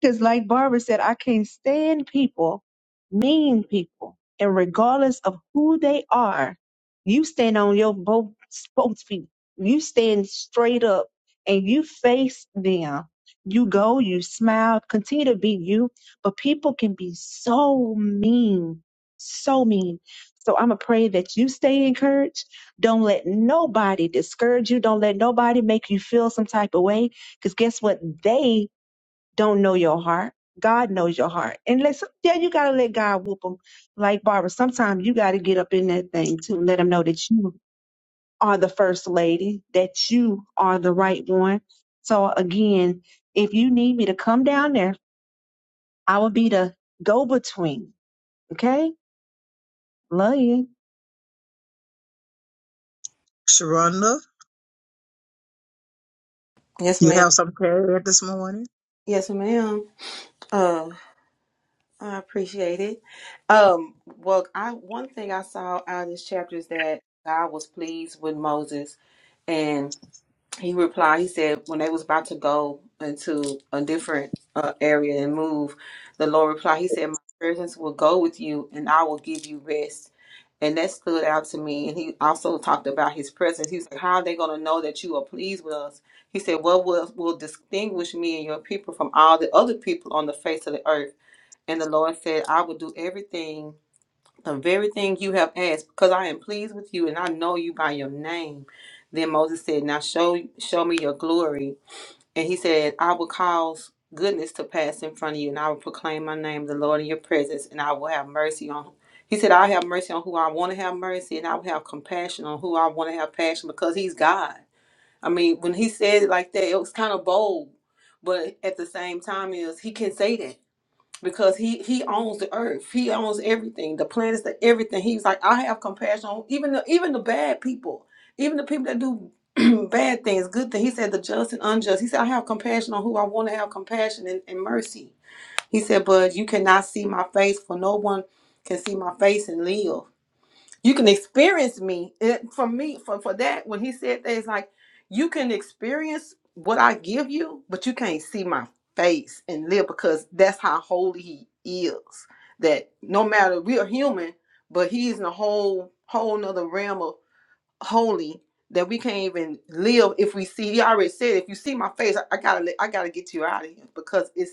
Speaker 4: Because, like Barbara said, I can't stand people, mean people, and regardless of who they are, you stand on your both both feet. You stand straight up and you face them. You go, you smile, continue to be you. But people can be so mean, so mean. So I'm going to pray that you stay encouraged. Don't let nobody discourage you. Don't let nobody make you feel some type of way. Because guess what? They don't know your heart. God knows your heart. And let some, yeah, you gotta let God whoop them. Like Barbara, sometimes you gotta get up in that thing to let them know that you are the first lady, that you are the right one. So again, if you need me to come down there, I will be the go between. Okay? Love you.
Speaker 2: Sharonda,
Speaker 7: Yes,
Speaker 2: you
Speaker 7: ma'am.
Speaker 2: have some prayer this morning?
Speaker 7: Yes, ma'am. Uh, I appreciate it. Um, well, I one thing I saw out of this chapter is that God was pleased with Moses, and. He replied, he said, when they was about to go into a different uh, area and move, the Lord replied, he said, my presence will go with you and I will give you rest. And that stood out to me. And he also talked about his presence. He was like, how are they going to know that you are pleased with us? He said, what will, will distinguish me and your people from all the other people on the face of the earth? And the Lord said, I will do everything the very thing you have asked, because I am pleased with you and I know you by your name. Then Moses said, Now show show me your glory. And he said, I will cause goodness to pass in front of you, and I will proclaim my name, the Lord, in your presence, and I will have mercy on. He said, I'll have mercy on who I want to have mercy, and I will have compassion on who I want to have passion because he's God. I mean, when he said it like that, it was kind of bold, but at the same time, is he can say that because he he owns the earth he owns everything the planets the everything he's like i have compassion on even the even the bad people even the people that do bad things good things he said the just and unjust he said i have compassion on who i want to have compassion and, and mercy he said but you cannot see my face for no one can see my face and live you can experience me it, for me for, for that when he said that it's like you can experience what i give you but you can't see my face and live because that's how holy he is that no matter we are human but he's in a whole whole nother realm of holy that we can't even live if we see he already said if you see my face i, I gotta let- i gotta get you out of here because it's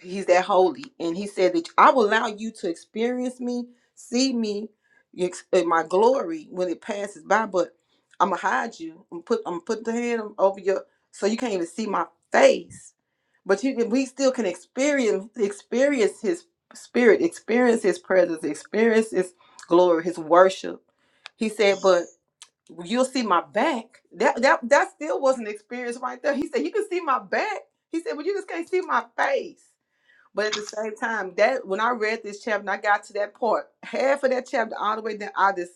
Speaker 7: he's that holy and he said that i will allow you to experience me see me ex- in my glory when it passes by but i'm gonna hide you i'm put i'm put the hand over your so you can't even see my face but you can we still can experience experience his spirit experience his presence experience his glory his worship he said but you'll see my back that that that still was an experience right there he said you can see my back he said but you just can't see my face but at the same time, that when I read this chapter and I got to that part, half of that chapter all the way down, I just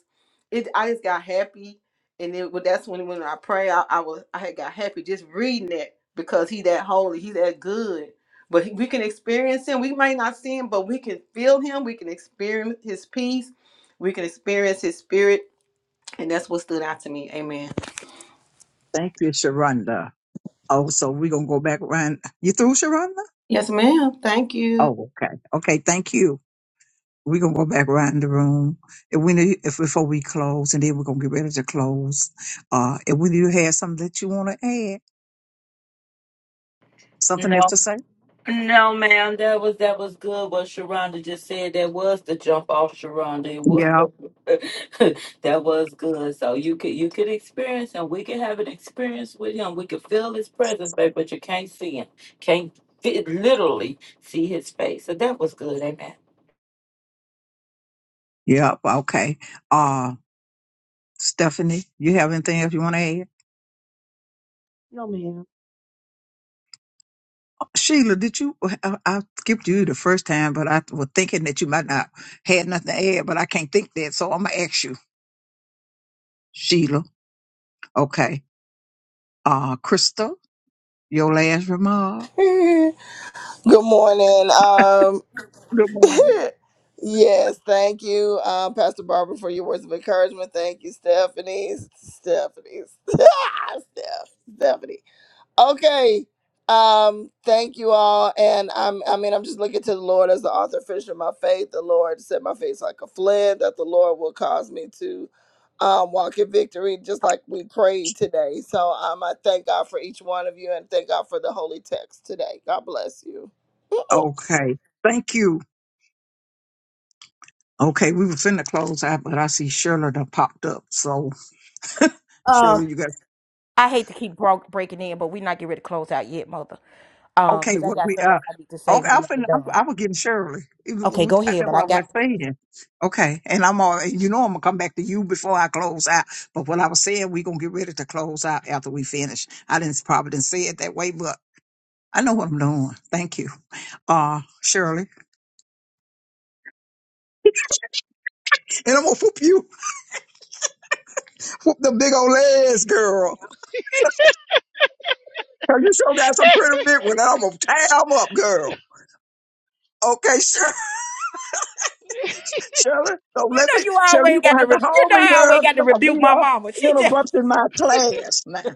Speaker 7: it I just got happy. And then well, that's when when I pray, I, I was I had got happy just reading that because he that holy, he that good. But he, we can experience him. We may not see him, but we can feel him. We can experience his peace. We can experience his spirit. And that's what stood out to me. Amen.
Speaker 2: Thank you, Sharonda. Oh, so we're going to go back around. You through, Sharonda?
Speaker 7: Yes, ma'am. Thank you.
Speaker 2: Oh, okay. Okay, thank you. We're going to go back around the room. If we need, if before we close, and then we're going to get ready to close. Uh, if we do have something that you want to add,
Speaker 3: You
Speaker 2: something else
Speaker 3: know,
Speaker 2: to say?
Speaker 3: No, ma'am, that was that was good. What Sharonda just said, that was the jump off Sharonda. It was
Speaker 2: Yeah,
Speaker 3: that was good. So you could you could experience him. We could have an experience with him. We could feel his presence, babe, but you can't see him. Can't fit, literally see his face. So that was good, amen.
Speaker 2: Yep. Okay. Uh, Stephanie, you have anything else you want to add?
Speaker 4: No ma'am.
Speaker 2: Sheila, did you? I, I skipped you the first time, but I was thinking that you might not had nothing to add, but I can't think that, so I'm gonna ask you, Sheila. Okay. Uh, Crystal, your last remark.
Speaker 6: Good morning. Um,
Speaker 2: Good morning.
Speaker 6: yes, thank you, um, Pastor Barbara, for your words of encouragement. Thank you, Stephanie. Stephanie. Steph, Stephanie. Okay. Um, thank you all. And I'm I mean, I'm just looking to the Lord as the author and finisher of my faith. The Lord set my face like a flint, that the Lord will cause me to um, walk in victory, just like we prayed today. So um I thank God for each one of you and thank God for the holy text today. God bless you.
Speaker 2: Okay. Thank you. Okay, we were finna close out, but I see Shirley done popped up. So
Speaker 1: Um.
Speaker 2: Shirley, you got
Speaker 1: I hate to keep broke, breaking in, but we're not getting ready to close out yet, mother. Uh,
Speaker 2: Okay,
Speaker 1: cause I
Speaker 2: what
Speaker 1: got
Speaker 2: we
Speaker 1: something
Speaker 2: uh
Speaker 1: else I need to say
Speaker 2: okay, I'm
Speaker 1: when
Speaker 2: finna,
Speaker 1: y'all
Speaker 2: I'm,
Speaker 1: done.
Speaker 2: I was getting Shirley. It was-
Speaker 1: Okay, go
Speaker 2: I
Speaker 1: ahead.
Speaker 2: know
Speaker 1: But
Speaker 2: what
Speaker 1: I
Speaker 2: I was
Speaker 1: got
Speaker 2: saying. Okay, and I'm all and you know I'm gonna come back to you before I close out. But what I was saying, we gonna get ready to close out after we finish. I didn't probably didn't say it that way, but I know what I'm doing. Thank you, uh, Shirley. And I'm gonna whoop you, whoop the big old ass girl. Cause you sure got some pretty big one. and I'm gonna tie 'em up, girl. Okay, Shirley, don't let
Speaker 1: you know
Speaker 2: me,
Speaker 1: you
Speaker 2: Shirley, you're
Speaker 1: always
Speaker 2: going to
Speaker 1: got to
Speaker 2: have
Speaker 1: re-
Speaker 2: to
Speaker 1: you
Speaker 2: hold
Speaker 1: know
Speaker 2: me,
Speaker 1: I
Speaker 2: girl.
Speaker 1: always
Speaker 2: 'cause
Speaker 1: got to
Speaker 2: I'm going to be
Speaker 1: rebuke my mama.
Speaker 2: the
Speaker 1: She just
Speaker 2: interrupting my class now.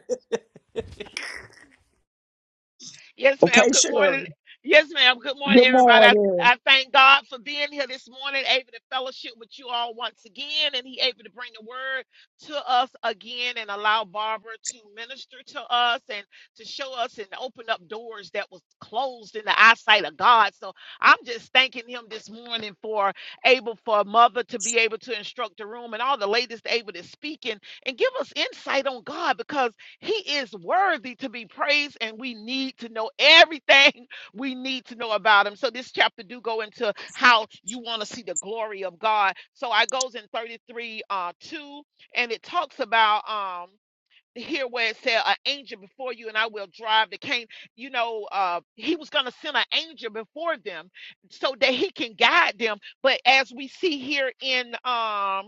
Speaker 8: Yes, ma'am.
Speaker 2: Okay,
Speaker 8: Good morning.
Speaker 2: Shirley.
Speaker 8: Yes, ma'am. Good morning,
Speaker 2: Good
Speaker 8: everybody. I,
Speaker 2: morning.
Speaker 8: I thank God for being here this morning, able to fellowship with you all once again, and He able to bring the word to us again and allow Barbara to minister to us and to show us and open up doors that was closed in the eyesight of God. So I'm just thanking Him this morning for able for a mother to be able to instruct the room and all the ladies able to speak and, and give us insight on God because. He is worthy to be praised, and we need to know everything we need to know about him. So this chapter do go into how you want to see the glory of God. So I goes in 33 uh 2, and it talks about um here where it said an angel before you and I will drive the cane. You know, uh he was gonna send an angel before them so that he can guide them. But as we see here in um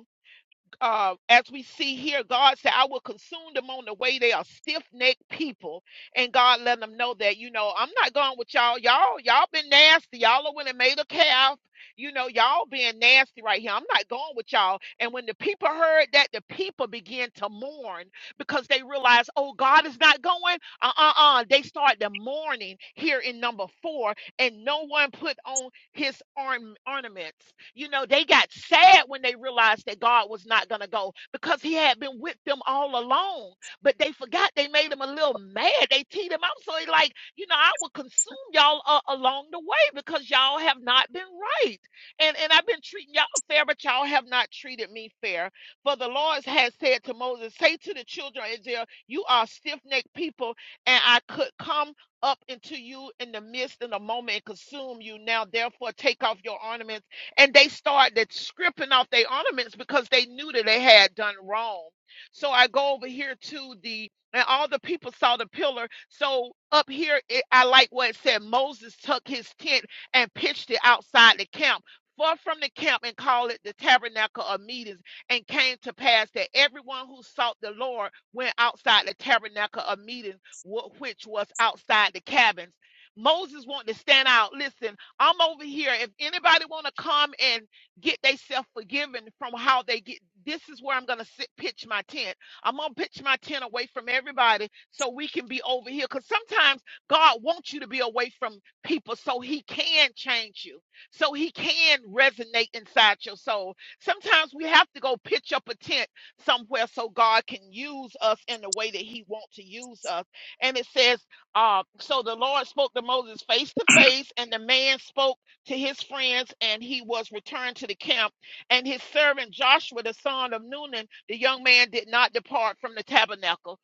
Speaker 8: uh, as we see here, God said, I will consume them on the way. They are stiff necked people. And God let them know that, you know, I'm not going with y'all. Y'all, y'all been nasty. Y'all are when it made a calf. You know, y'all being nasty right here. I'm not going with y'all. And when the people heard that, the people began to mourn because they realized, oh, God is not going. Uh uh uh. They started mourning here in number four, and no one put on his arm, ornaments. You know, they got sad when they realized that God was not going to go because he had been with them all along. But they forgot they made him a little mad. They teed him up. So he like, you know, I will consume y'all uh, along the way because y'all have not been right. And and I've been treating y'all fair, but y'all have not treated me fair. For the Lord has said to Moses, say to the children of Israel, you are stiff-necked people, and I could come up into you in the midst in the moment and consume you. Now, therefore, take off your ornaments. And they started stripping off their ornaments because they knew that they had done wrong. So I go over here to the, and all the people saw the pillar. So up here, it, I like what it said Moses took his tent and pitched it outside the camp. Far from the camp and called it the tabernacle of meetings, and came to pass that everyone who sought the Lord went outside the tabernacle of meetings wh- which was outside the cabins. Moses wanted to stand out. Listen, I'm over here. If anybody want to come and get themselves forgiven from how they get, this is where I'm gonna sit, pitch my tent. I'm gonna pitch my tent away from everybody so we can be over here. Cause sometimes God wants you to be away from people so He can change you, so He can resonate inside your soul. Sometimes we have to go pitch up a tent somewhere so God can use us in the way that He wants to use us and it says, uh, so the Lord spoke to Moses face to face, and the man spoke to his friends, and he was returned to the camp. And his servant Joshua, the son of Nun, the young man did not depart from the tabernacle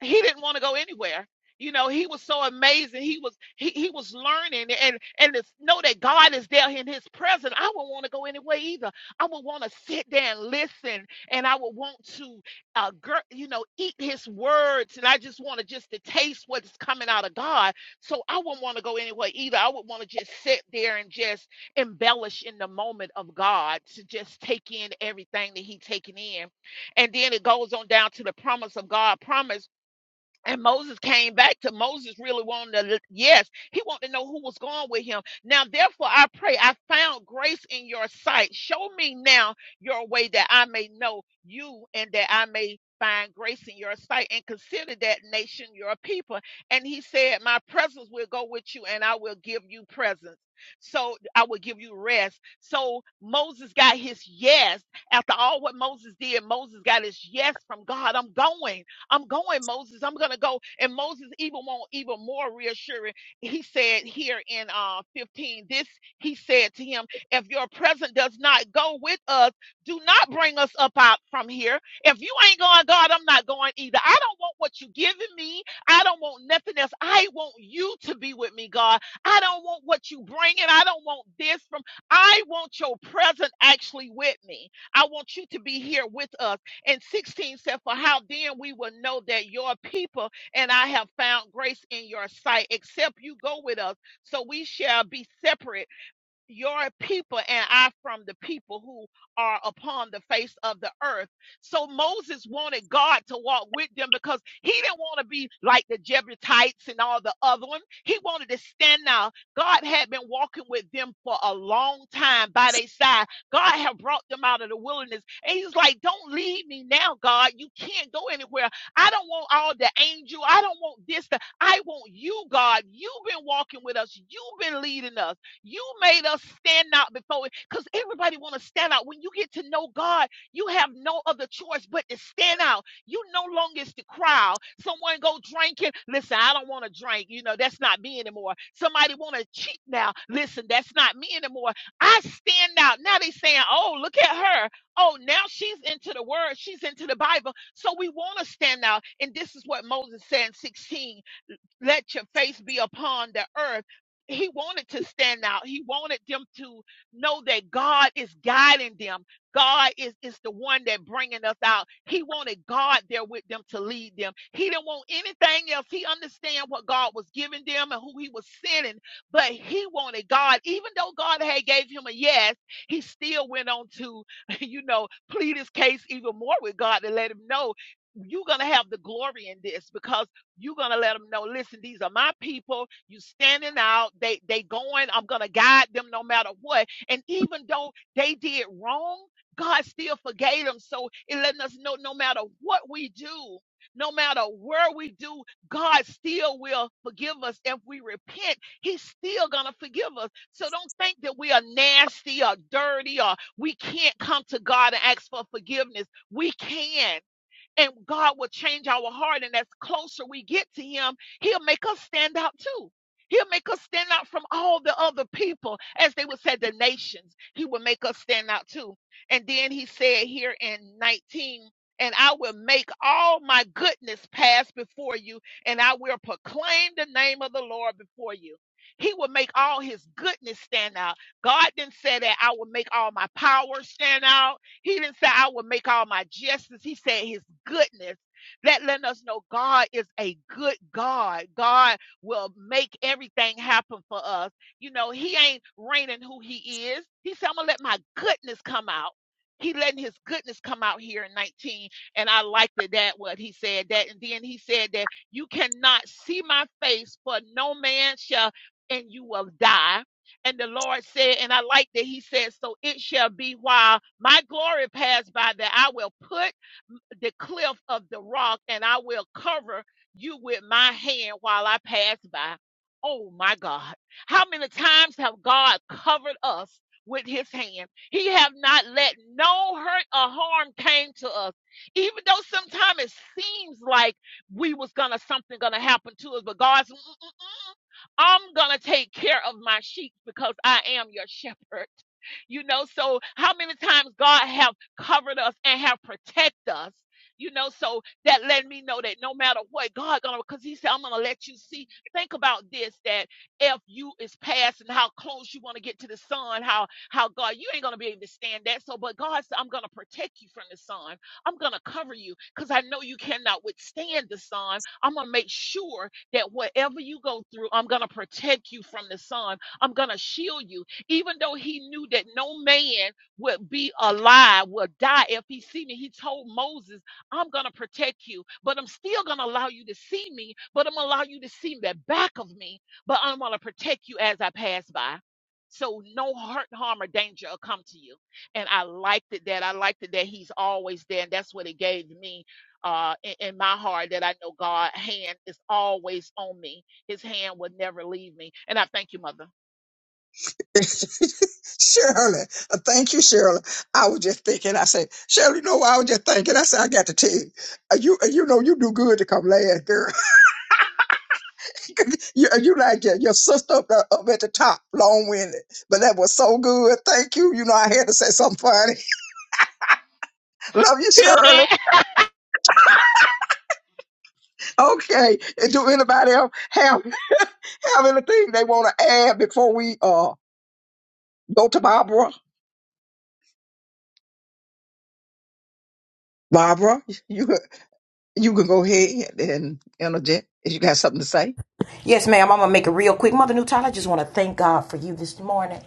Speaker 8: he didn't want to go anywhere you know he was so amazing he was he, he was learning and and to know that god is there in his presence i wouldn't want to go anywhere either i would want to sit there and listen and i would want to uh gir- you know eat his words and i just want to just to taste what's coming out of god so i wouldn't want to go anywhere either i would want to just sit there and just embellish in the moment of god to just take in everything that he taking in and then it goes on down to the promise of God promise and Moses came back to Moses really wanted to, l- yes, he wanted to know who was going with him. Now, therefore, I pray, I found grace in your sight. Show me now your way that I may know you and that I may find grace in your sight and consider that nation your people. And he said, My presence will go with you and I will give you presence. So I will give you rest. So Moses got his yes. After all what Moses did, Moses got his yes from God. I'm going. I'm going, Moses. I'm gonna go. And Moses even won't even more reassuring. He said here in uh 15, this he said to him, if your present does not go with us, do not bring us up out from here. If you ain't going, God, I'm not going either. I don't want what you giving me. I don't want nothing else. I want you to be with me, God. I don't want what you bringing. I don't want this from. I want your present actually with me. I want you to be here with us. And 16 said, For how then we will know that your people and I have found grace in your sight, except you go with us, so we shall be separate your people and I from the people who are upon the face of the earth. So Moses wanted God to walk with them because he didn't want to be like the Jebusites and all the other ones. He wanted to stand out. God had been walking with them for a long time by their side. God had brought them out of the wilderness. And he's like, Don't leave me now, God. You can't go anywhere. I don't want all the angel. I don't want this. The, I want you, God. You've been walking with us. You've been leading us. You made us stand out before because everybody want to stand out. When you get to know God, you have no other choice but to stand out. You no longer is the crowd. Someone go drinking. Listen, I don't want to drink. You know, that's not me anymore. Somebody want to cheat now. Listen, that's not me anymore. I stand out. Now they saying, oh, look at her. Oh, now she's into the word. She's into the Bible. So we want to stand out. And this is what Moses said in 16 let your face be upon the earth. He wanted to stand out. He wanted them to know that God is guiding them. God is, is the one that bringing us out. He wanted God there with them to lead them. He didn't want anything else. He understand what God was giving them and who he was sending, but he wanted God. Even though God had gave him a yes, he still went on to, you know, plead his case even more with God to let him know you're going to have the glory in this because you're gonna let them know listen these are my people you standing out they they going i'm gonna guide them no matter what and even though they did wrong god still forgave them so it letting us know no matter what we do no matter where we do god still will forgive us if we repent he's still gonna forgive us so don't think that we are nasty or dirty or we can't come to god and ask for forgiveness we can and God will change our heart. And as closer we get to Him, He'll make us stand out too. He'll make us stand out from all the other people, as they would say, the nations. He will make us stand out too. And then He said here in 19, and I will make all my goodness pass before you, and I will proclaim the name of the Lord before you. He will make all his goodness stand out. God then said that I will make all my power stand out. He didn't say, I will make all my justice. He said, His goodness. That letting us know God is a good God. God will make everything happen for us. You know, He ain't reigning who He is. He said, I'm going to let my goodness come out. He letting his goodness come out here in 19. And I liked it that what he said that. And then he said that you cannot see my face, for no man shall, and you will die and the Lord said, and I like that he said, So it shall be while my glory pass by that I will put the cliff of the rock and I will cover you with my hand while I pass by. Oh my God. How many times have God covered us with his hand? He have not let no hurt or harm came to us. Even though sometimes it seems like we was gonna something gonna happen to us, but God's I'm going to take care of my sheep because I am your shepherd. You know, so how many times God have covered us and have protected us, you know, so that let me know that no matter what, God gonna because He said, I'm gonna let you see. Think about this that if you is passing, how close you want to get to the sun, how how God, you ain't gonna be able to stand that. So, but God said, I'm gonna protect you from the sun. I'm gonna cover you because I know you cannot withstand the sun. I'm gonna make sure that whatever you go through, I'm going to protect you from the sun. I'm going to shield you. Even though he knew that no man would be alive, would die if he see me, he told Moses, I'm going to protect you, but I'm still going to allow you to see me, but I'm going to allow you to see the back of me, but I'm going to protect you as I pass by. So no hurt, harm, or danger will come to you. And I liked it that I liked it that he's always there. And that's what it gave me uh, in, in my heart that I know God's hand is always on me. His hand will never leave me. And I thank you, Mother.
Speaker 2: Shirley, uh, thank you, Shirley. I was just thinking, I said, Shirley, no, I was just thinking, I said, I got to tell you, uh, you, uh, you know, you do good to come last, girl. you, uh, you like your, your sister up, there, up at the top, long winded. But that was so good. Thank you. You know, I had to say something funny. Love you,
Speaker 8: Tell me
Speaker 2: Shirley.
Speaker 8: that,
Speaker 2: Okay. And do anybody else have have anything they want to add before we uh go to Barbara? Barbara, you can- you can go ahead and interject if you got something to say.
Speaker 1: Yes, ma'am. I'm gonna make it real quick. Mother Nutella, I just want to thank God for you this morning.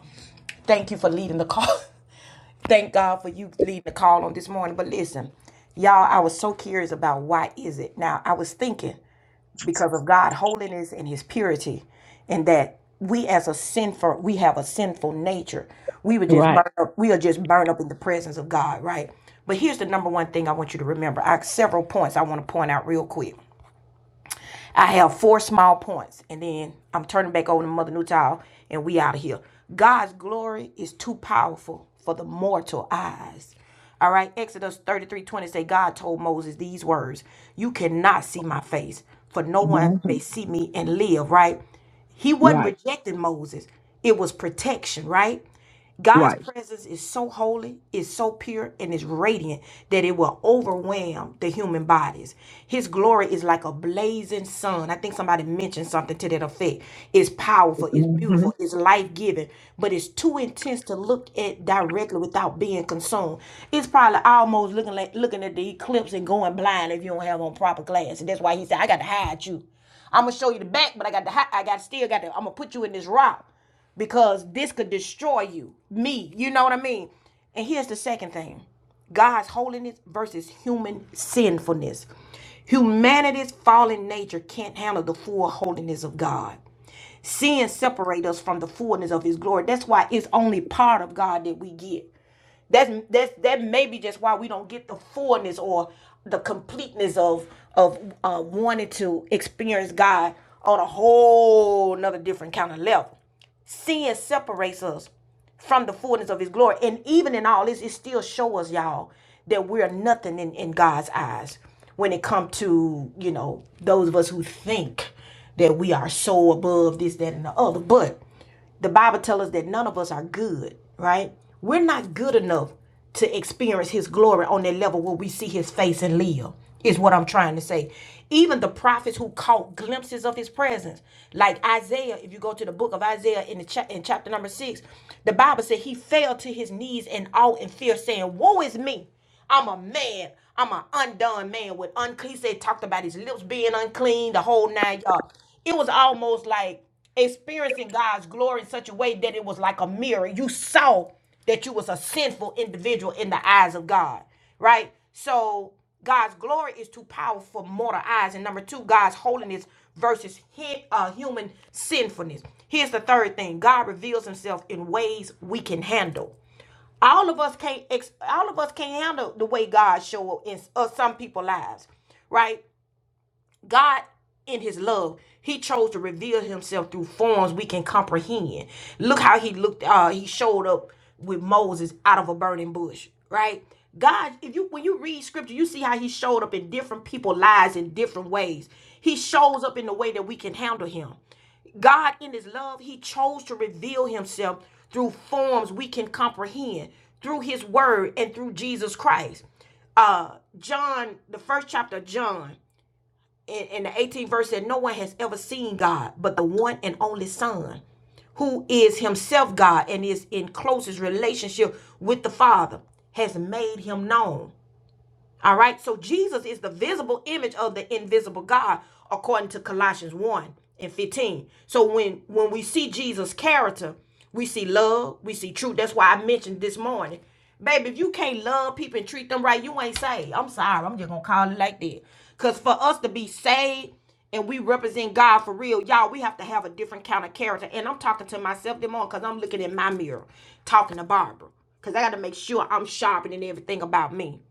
Speaker 1: Thank you for leading the call. thank God for you leading the call on this morning. But listen, y'all, I was so curious about why is it. Now, I was thinking because of God' holiness and His purity, and that we as a sinful, we have a sinful nature. We would just
Speaker 2: Right.
Speaker 1: burn up. We are just burn up in the presence of God, right? But here's the number one thing I want you to remember. I have several points I want to point out real quick. I have four small points, and then I'm turning back over to Mother Newtile, and we out of here. God's glory is too powerful for the mortal eyes. All right, Exodus 33:20 20 say, God told Moses these words You cannot see my face, for no one may
Speaker 2: Mhm.
Speaker 1: see me and live, right? He wasn't
Speaker 2: Right.
Speaker 1: rejecting Moses, it was protection, right? God's
Speaker 2: Right.
Speaker 1: presence is so holy, is so pure, and is radiant that it will overwhelm the human bodies. His glory is like a blazing sun. I think somebody mentioned something to that effect. It's powerful, it's
Speaker 2: hmm
Speaker 1: beautiful, it's life giving, but it's too intense to look at directly without being consumed. It's probably almost looking like looking at the eclipse and going blind if you don't have on proper glasses. That's why he said, "I got to hide you. I'm gonna show you the back, but I got to hide. I got still got to. I'm gonna put you in this rock." because this could destroy you, me. You know what I mean? And here's the second thing God's holiness versus human sinfulness. Humanity's fallen nature can't handle the full holiness of God. Sin separates us from the fullness of His glory. That's why it's only part of God that we get. That's that's that may be just why we don't get the fullness or the completeness of of uh, wanting to experience God on a whole another different kind of level. Sin separates us from the fullness of his glory. And even in all this, it still shows us, y'all, that we're nothing in, in God's eyes when it comes to, you know, those of us who think that we are so above this, that, and the other. But the Bible tells us that none of us are good, right? We're not good enough to experience his glory on that level where we see his face and live is what i'm trying to say even the prophets who caught glimpses of his presence like isaiah if you go to the book of isaiah in the cha- in chapter number six the bible said he fell to his knees in awe and fear saying woe is me i'm a man i'm an undone man with unclean he said talked about his lips being unclean the whole nine yards it was almost like experiencing God's glory in such a way that it was like a mirror. You saw that you was a sinful individual in the eyes of God, right? So God's glory is too powerful for mortal eyes. And number two, God's holiness versus hi- uh, human sinfulness. Here's the third thing: God reveals Himself in ways we can handle. All of us can't. Ex- all of us can't handle the way God show up in s- uh, some people's lives, right? God, in his love, he chose to reveal himself through forms we can comprehend. Look how he looked, uh, he showed up with Moses out of a burning bush, right? God, if you when you read scripture, you see how he showed up in different people's lives in different ways. He shows up in the way that we can handle him. God, in his love, he chose to reveal himself through forms we can comprehend, through his word and through Jesus Christ. Uh, John, the first chapter of John, in, in the 18th verse said, No one has ever seen God but the one and only Son, who is himself God and is in closest relationship with the Father, has made him known. All right. So Jesus is the visible image of the invisible God, according to Colossians 1 and 15. So when when we see Jesus' character, we see love, we see truth. That's why I mentioned this morning. Baby, if you can't love people and treat them right, you ain't saved. I'm sorry. I'm just gonna call it like that. Cause for us to be saved and we represent God for real, y'all, we have to have a different kind of character. And I'm talking to myself this morning because I'm looking in my mirror, talking to Barbara. Cause I gotta make sure I'm sharpening everything about me.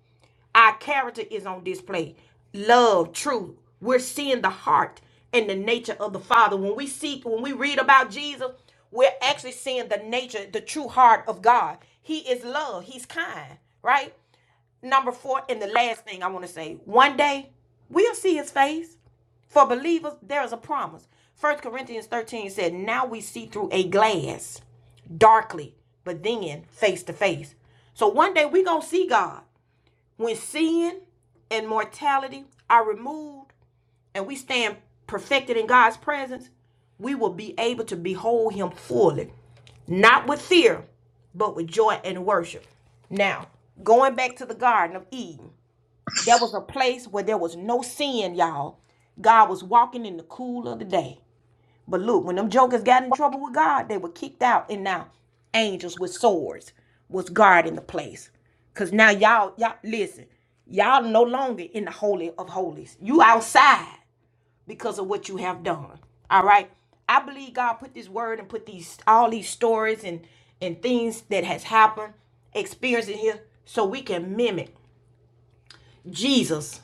Speaker 1: Our character is on display. Love, truth. We're seeing the heart and the nature of the Father. When we seek, when we read about Jesus, we're actually seeing the nature, the true heart of God. He is love. He's kind, right? Number four, and the last thing I want to say one day we'll see his face. For believers, there is a promise. First Corinthians 13 said, Now we see through a glass, darkly, but then face to face. So one day we are going to see God when sin and mortality are removed and we stand perfected in God's presence, we will be able to behold him fully, not with fear, but with joy and worship. Now, going back to the Garden of Eden, there was a place where there was no sin, y'all. God was walking in the cool of the day. But look, when them jokers got in trouble with God, they were kicked out, and now angels with swords was guarding the place. Cause now y'all, y'all listen, y'all no longer in the holy of holies. You outside because of what you have done. All right. I believe God put this word and put these all these stories and and things that has happened, experiences here, so we can mimic Jesus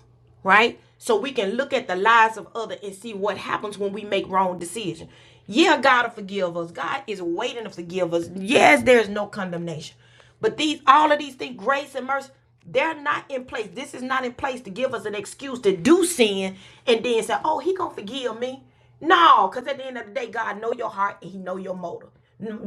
Speaker 1: right? So we can look at the lives of others and see what happens when we make wrong decisions. Yeah, God will forgive us. God is waiting to forgive us. Yes, there is no condemnation. But these all of these things, grace and mercy, they're not in place. This is not in place to give us an excuse to do sin and then say, oh, he gonna forgive me. No, because at the end of the day, God know your heart and He know your motive,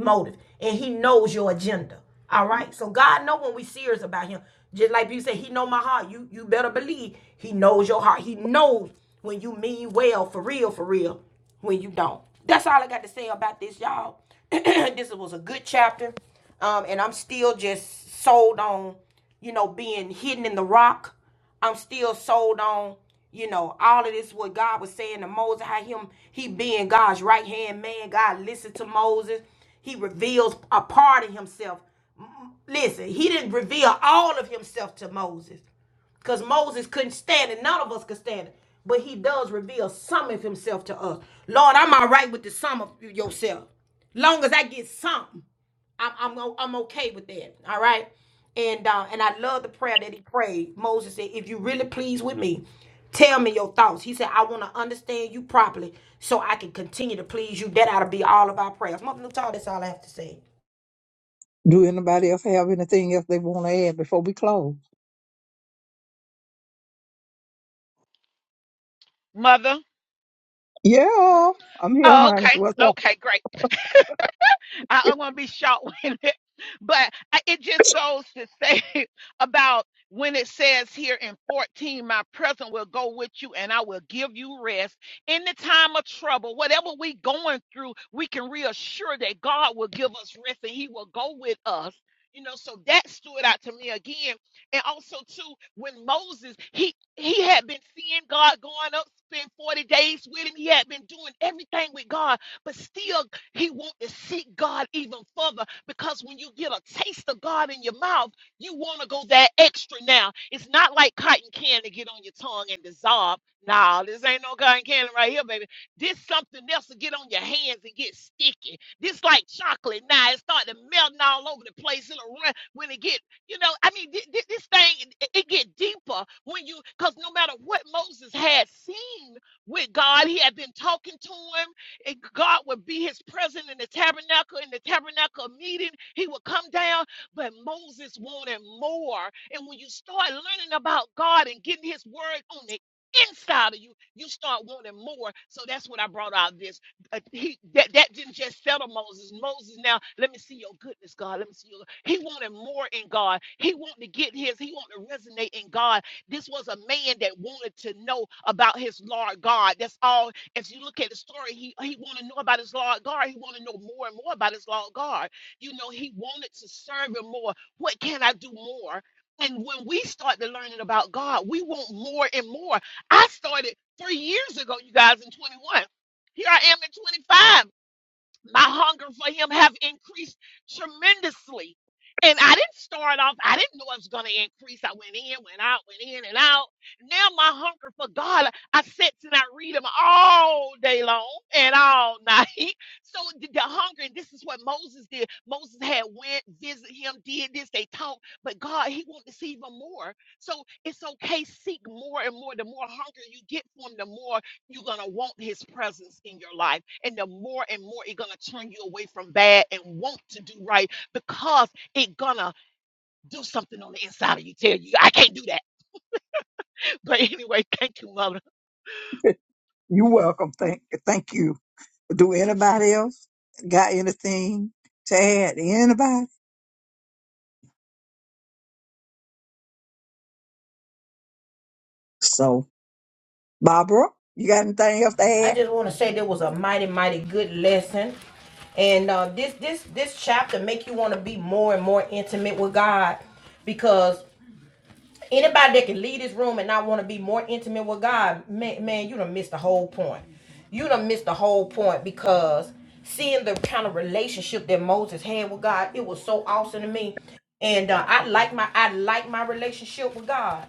Speaker 1: motive, and He knows your agenda. All right. So God know when we serious about Him. Just like you say, He know my heart. You you better believe He knows your heart. He knows when you mean well for real, for real. When you don't. That's all I got to say about this, y'all. this was a good chapter, um, and I'm still just sold on you know being hidden in the rock I'm still sold on, you know, all of this what God was saying to Moses, how him he being God's right hand man. God listened to Moses. He reveals a part of himself. Listen, he didn't reveal all of himself to Moses. Because Moses couldn't stand it. None of us could stand it. But he does reveal some of himself to us. Lord, I'm all right with the sum of yourself. Long as I get some. I'm I'm am i I'm okay with that. All right. And uh, and I love the prayer that he prayed. Moses said, "If you really pleased with me, tell me your thoughts." He said, "I want to understand you properly, so I can continue to please you." That ought to be all of our prayers. Mother Nuttall, that's all I have to say.
Speaker 2: Do anybody else have anything else they want to add before we close?
Speaker 8: Mother?
Speaker 2: Yeah, I'm here,
Speaker 8: Oh,
Speaker 2: honey.
Speaker 8: okay.
Speaker 2: What's up?
Speaker 8: Okay, great. I, I'm going to be short with it, but I, it just goes to say about when it says here in 14, my presence will go with you and I will give you rest in the time of trouble. Whatever we going through, we can reassure that God will give us rest and He will go with us. You know, so that stood out to me again. And also too, when Moses, he he had been seeing God going up, spend 40 days with him. He had been doing everything with God, but still he wants to seek God even further because when you get a taste of God in your mouth, you want to go that extra now. It's not like cotton candy get on your tongue and dissolve. Nah, this ain't no cotton candy right here, baby. This something else to get on your hands and get sticky. This like chocolate. Now it start to melting all over the place. It'll run when it get, you know, I mean, thi- thi- this thing, it, it get deeper when you, because no matter what Moses had seen with God, he had been talking to him and God would be his presence in the tabernacle, in the tabernacle meeting. He would come down, but Moses wanted more. And when you start learning about God and getting his word on the inside of you, you start wanting more. So that's what I brought out of this. Uh, he, that, that didn't just settle Moses. Moses, now let me see your goodness, God. Let me see your. He wanted more in God. He wanted to get his, he wanted to resonate in God. This was a man that wanted to know about his Lord God. That's all as you look at the story, he he wanted to know about his Lord God. He wanted to know more and more about his Lord God. You know, he wanted to serve him more. What can I do more? And when we start to learning about God, we want more and more. I started three years ago, you guys, in 21. Here I am at 25 my hunger for him have increased tremendously. And I didn't start off, I didn't know it was going to increase. I went in, went out, went in and out. Now my hunger for God, I sit and I read him all day long and all night. So the, the hunger, and this is what Moses did. Moses had went, visit him, did this, they talked, but God, he wanted to see even more. So it's okay, seek more and more. The more hunger you get for him, the more you're going to want his presence in your life. And the more and more it's going to turn you away from bad and want to do right because it going to do something on the inside of you. Tell you, I can't do that. But anyway, thank you, mother.
Speaker 2: You're welcome. Thank, thank you. Do anybody else got anything to add? Anybody? So, Barbara, you got anything else to
Speaker 1: I
Speaker 2: add?
Speaker 1: just want to say there was a mighty, mighty good lesson, and uh, this this this chapter make you want to be more and more intimate with God, because Anybody that can leave this room and not want to be more intimate with God, man, man, you done missed the whole point. You done missed the whole point because seeing the kind of relationship that Moses had with God, it was so awesome to me. And uh, I like my I like my relationship with God.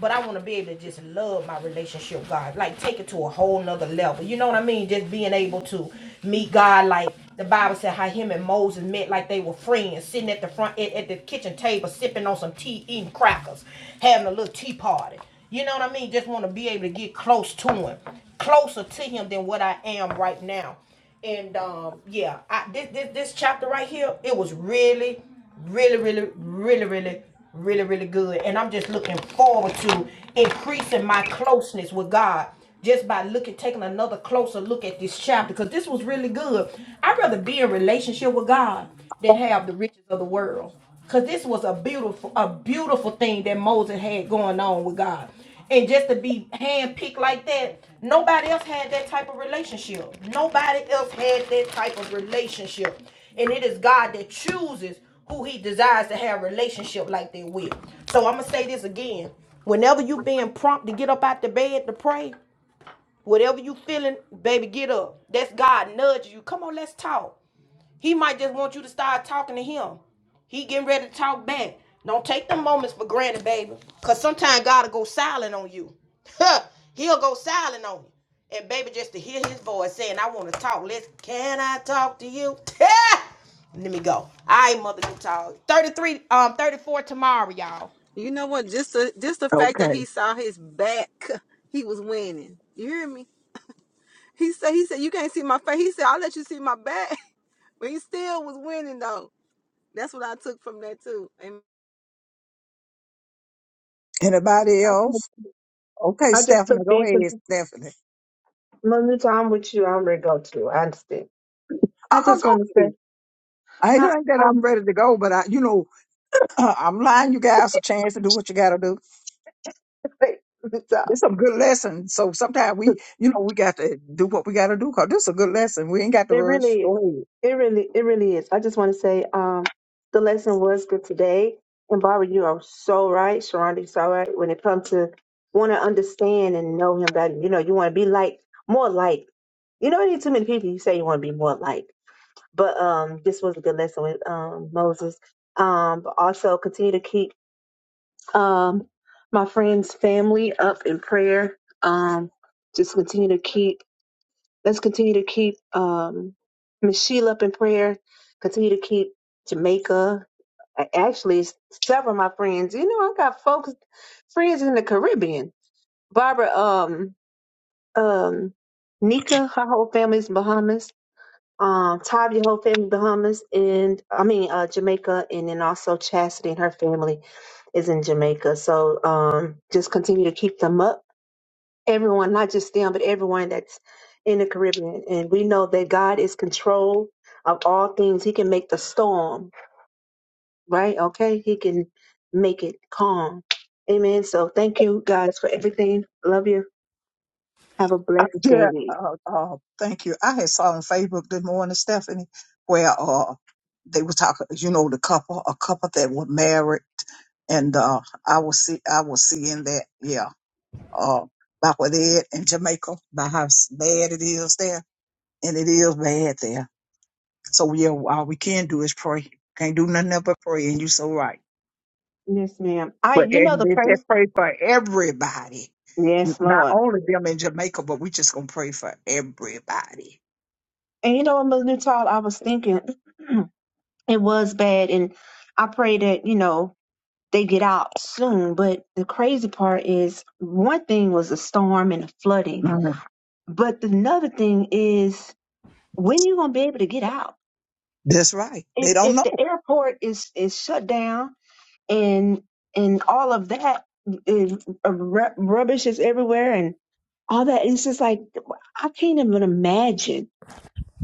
Speaker 1: But I want to be able to just love my relationship, with God, like take it to a whole nother level. You know what I mean? Just being able to meet God, like the Bible said, how him and Moses met, like they were friends, sitting at the front at, at the kitchen table, sipping on some tea, eating crackers, having a little tea party. You know what I mean? Just want to be able to get close to him, closer to him than what I am right now. And um, yeah, I, this, this this chapter right here, it was really really, really, really, really, really, really good. And I'm just looking forward to increasing my closeness with God just by looking, taking another closer look at this chapter because this was really good. I'd rather be in relationship with God than have the riches of the world because this was a beautiful, a beautiful thing that Moses had going on with God. And just to be handpicked like that, nobody else had that type of relationship. Nobody else had that type of relationship and it is God that chooses who He desires to have a relationship like that with. So I'm gonna say this again: whenever you being prompt to get up out the bed to pray, whatever you feeling, baby, get up. That's God nudging you. Come on, let's talk. He might just want you to start talking to Him. He getting ready to talk back. Don't take the moments for granted, baby. Cause sometimes God'll go silent on you. He'll go silent on you. And baby, just to hear his voice saying, I want to talk. Let's can I talk to you? Let me go. I ain't mother to talk. 33, um, 34 tomorrow, y'all.
Speaker 7: You know what? Just the just the fact that he
Speaker 2: Okay.
Speaker 7: saw his back, he was winning. You hear me? He said, he said, you can't see my face. He said, I'll let you see my back. But he still was winning though. That's what I took from that too. And,
Speaker 2: Anybody
Speaker 4: I,
Speaker 2: else? Okay,
Speaker 4: I just
Speaker 2: Stephanie,
Speaker 4: took
Speaker 2: go
Speaker 4: being
Speaker 2: ahead, Stephanie.
Speaker 4: Manuta, I'm with you. I'm ready to go too. I understand. I
Speaker 2: Uh-uh,
Speaker 4: just
Speaker 2: go
Speaker 4: want to say,
Speaker 2: ahead. I ain't
Speaker 4: I,
Speaker 2: think that I'm
Speaker 4: I'm
Speaker 2: ready to go, but I, you know, I'm lying. You guys a chance to do what you got to do.
Speaker 4: Manuta.
Speaker 2: This is a good lesson. So sometimes we, you know, we got to do what we got to do because this is a good lesson. We ain't got to
Speaker 4: It
Speaker 2: rush.
Speaker 4: really is.
Speaker 2: Go ahead.
Speaker 4: It really, it really is. I just want to say, um, the lesson was good today. And Barbara, you are so right. Sharonda, you're so right. When it comes to want to understand and know him that you know, you want to be like more like. You know, need too many people. You say you want to be more like. But um, this was a good lesson with um Moses. Um, but also continue to keep um my friend's family up in prayer. Um, just continue to keep let's continue to keep um, Miss Sheila up in prayer. Continue to keep Jamaica. I- Actually, s- several of my friends. You know, I got folks, friends in the Caribbean. Barbara, um, um, Nika, her whole family's in Bahamas. Um, Tav, your whole family Bahamas, and I mean uh, Jamaica, and then also Chastity and her family is in Jamaica. So um, just continue to keep them up everyone, not just them, but everyone that's in the Caribbean. And we know that God is control of all things. He can make the storm, right? Okay. He can make it calm. Amen. So thank you guys for everything. Love you. Have a
Speaker 2: Uh,
Speaker 4: blessed
Speaker 2: yeah.
Speaker 4: day.
Speaker 2: Uh, uh, thank you. I had saw on Facebook this morning, Stephanie, where uh they were talking. You know, the couple, a couple that were married, and uh I was see, I was seeing that. Yeah uh, about what Ed in Jamaica, about how s- bad it is there, and it is bad there. So yeah, all we can do is pray. Can't do nothing else but pray, and you so right.
Speaker 4: Yes, ma'am. I
Speaker 2: But
Speaker 4: you know
Speaker 2: and
Speaker 4: the
Speaker 2: they just
Speaker 4: first
Speaker 2: pray for everybody, N-
Speaker 4: Yes,
Speaker 2: not
Speaker 4: Lord.
Speaker 2: only them in Jamaica, but we just gonna pray for everybody.
Speaker 4: And you know what, Mother Nuttall, I was thinking it was bad and I pray that, you know, they get out soon. But the crazy part is one thing was the storm and the flooding
Speaker 2: Mhm.
Speaker 4: But another thing is when you gonna be able to get out.
Speaker 2: That's right.
Speaker 4: If
Speaker 2: They don't
Speaker 4: if
Speaker 2: know.
Speaker 4: the airport is is shut down and and all of that is, uh, ru- rubbish is everywhere and all that, it's just like I can't even imagine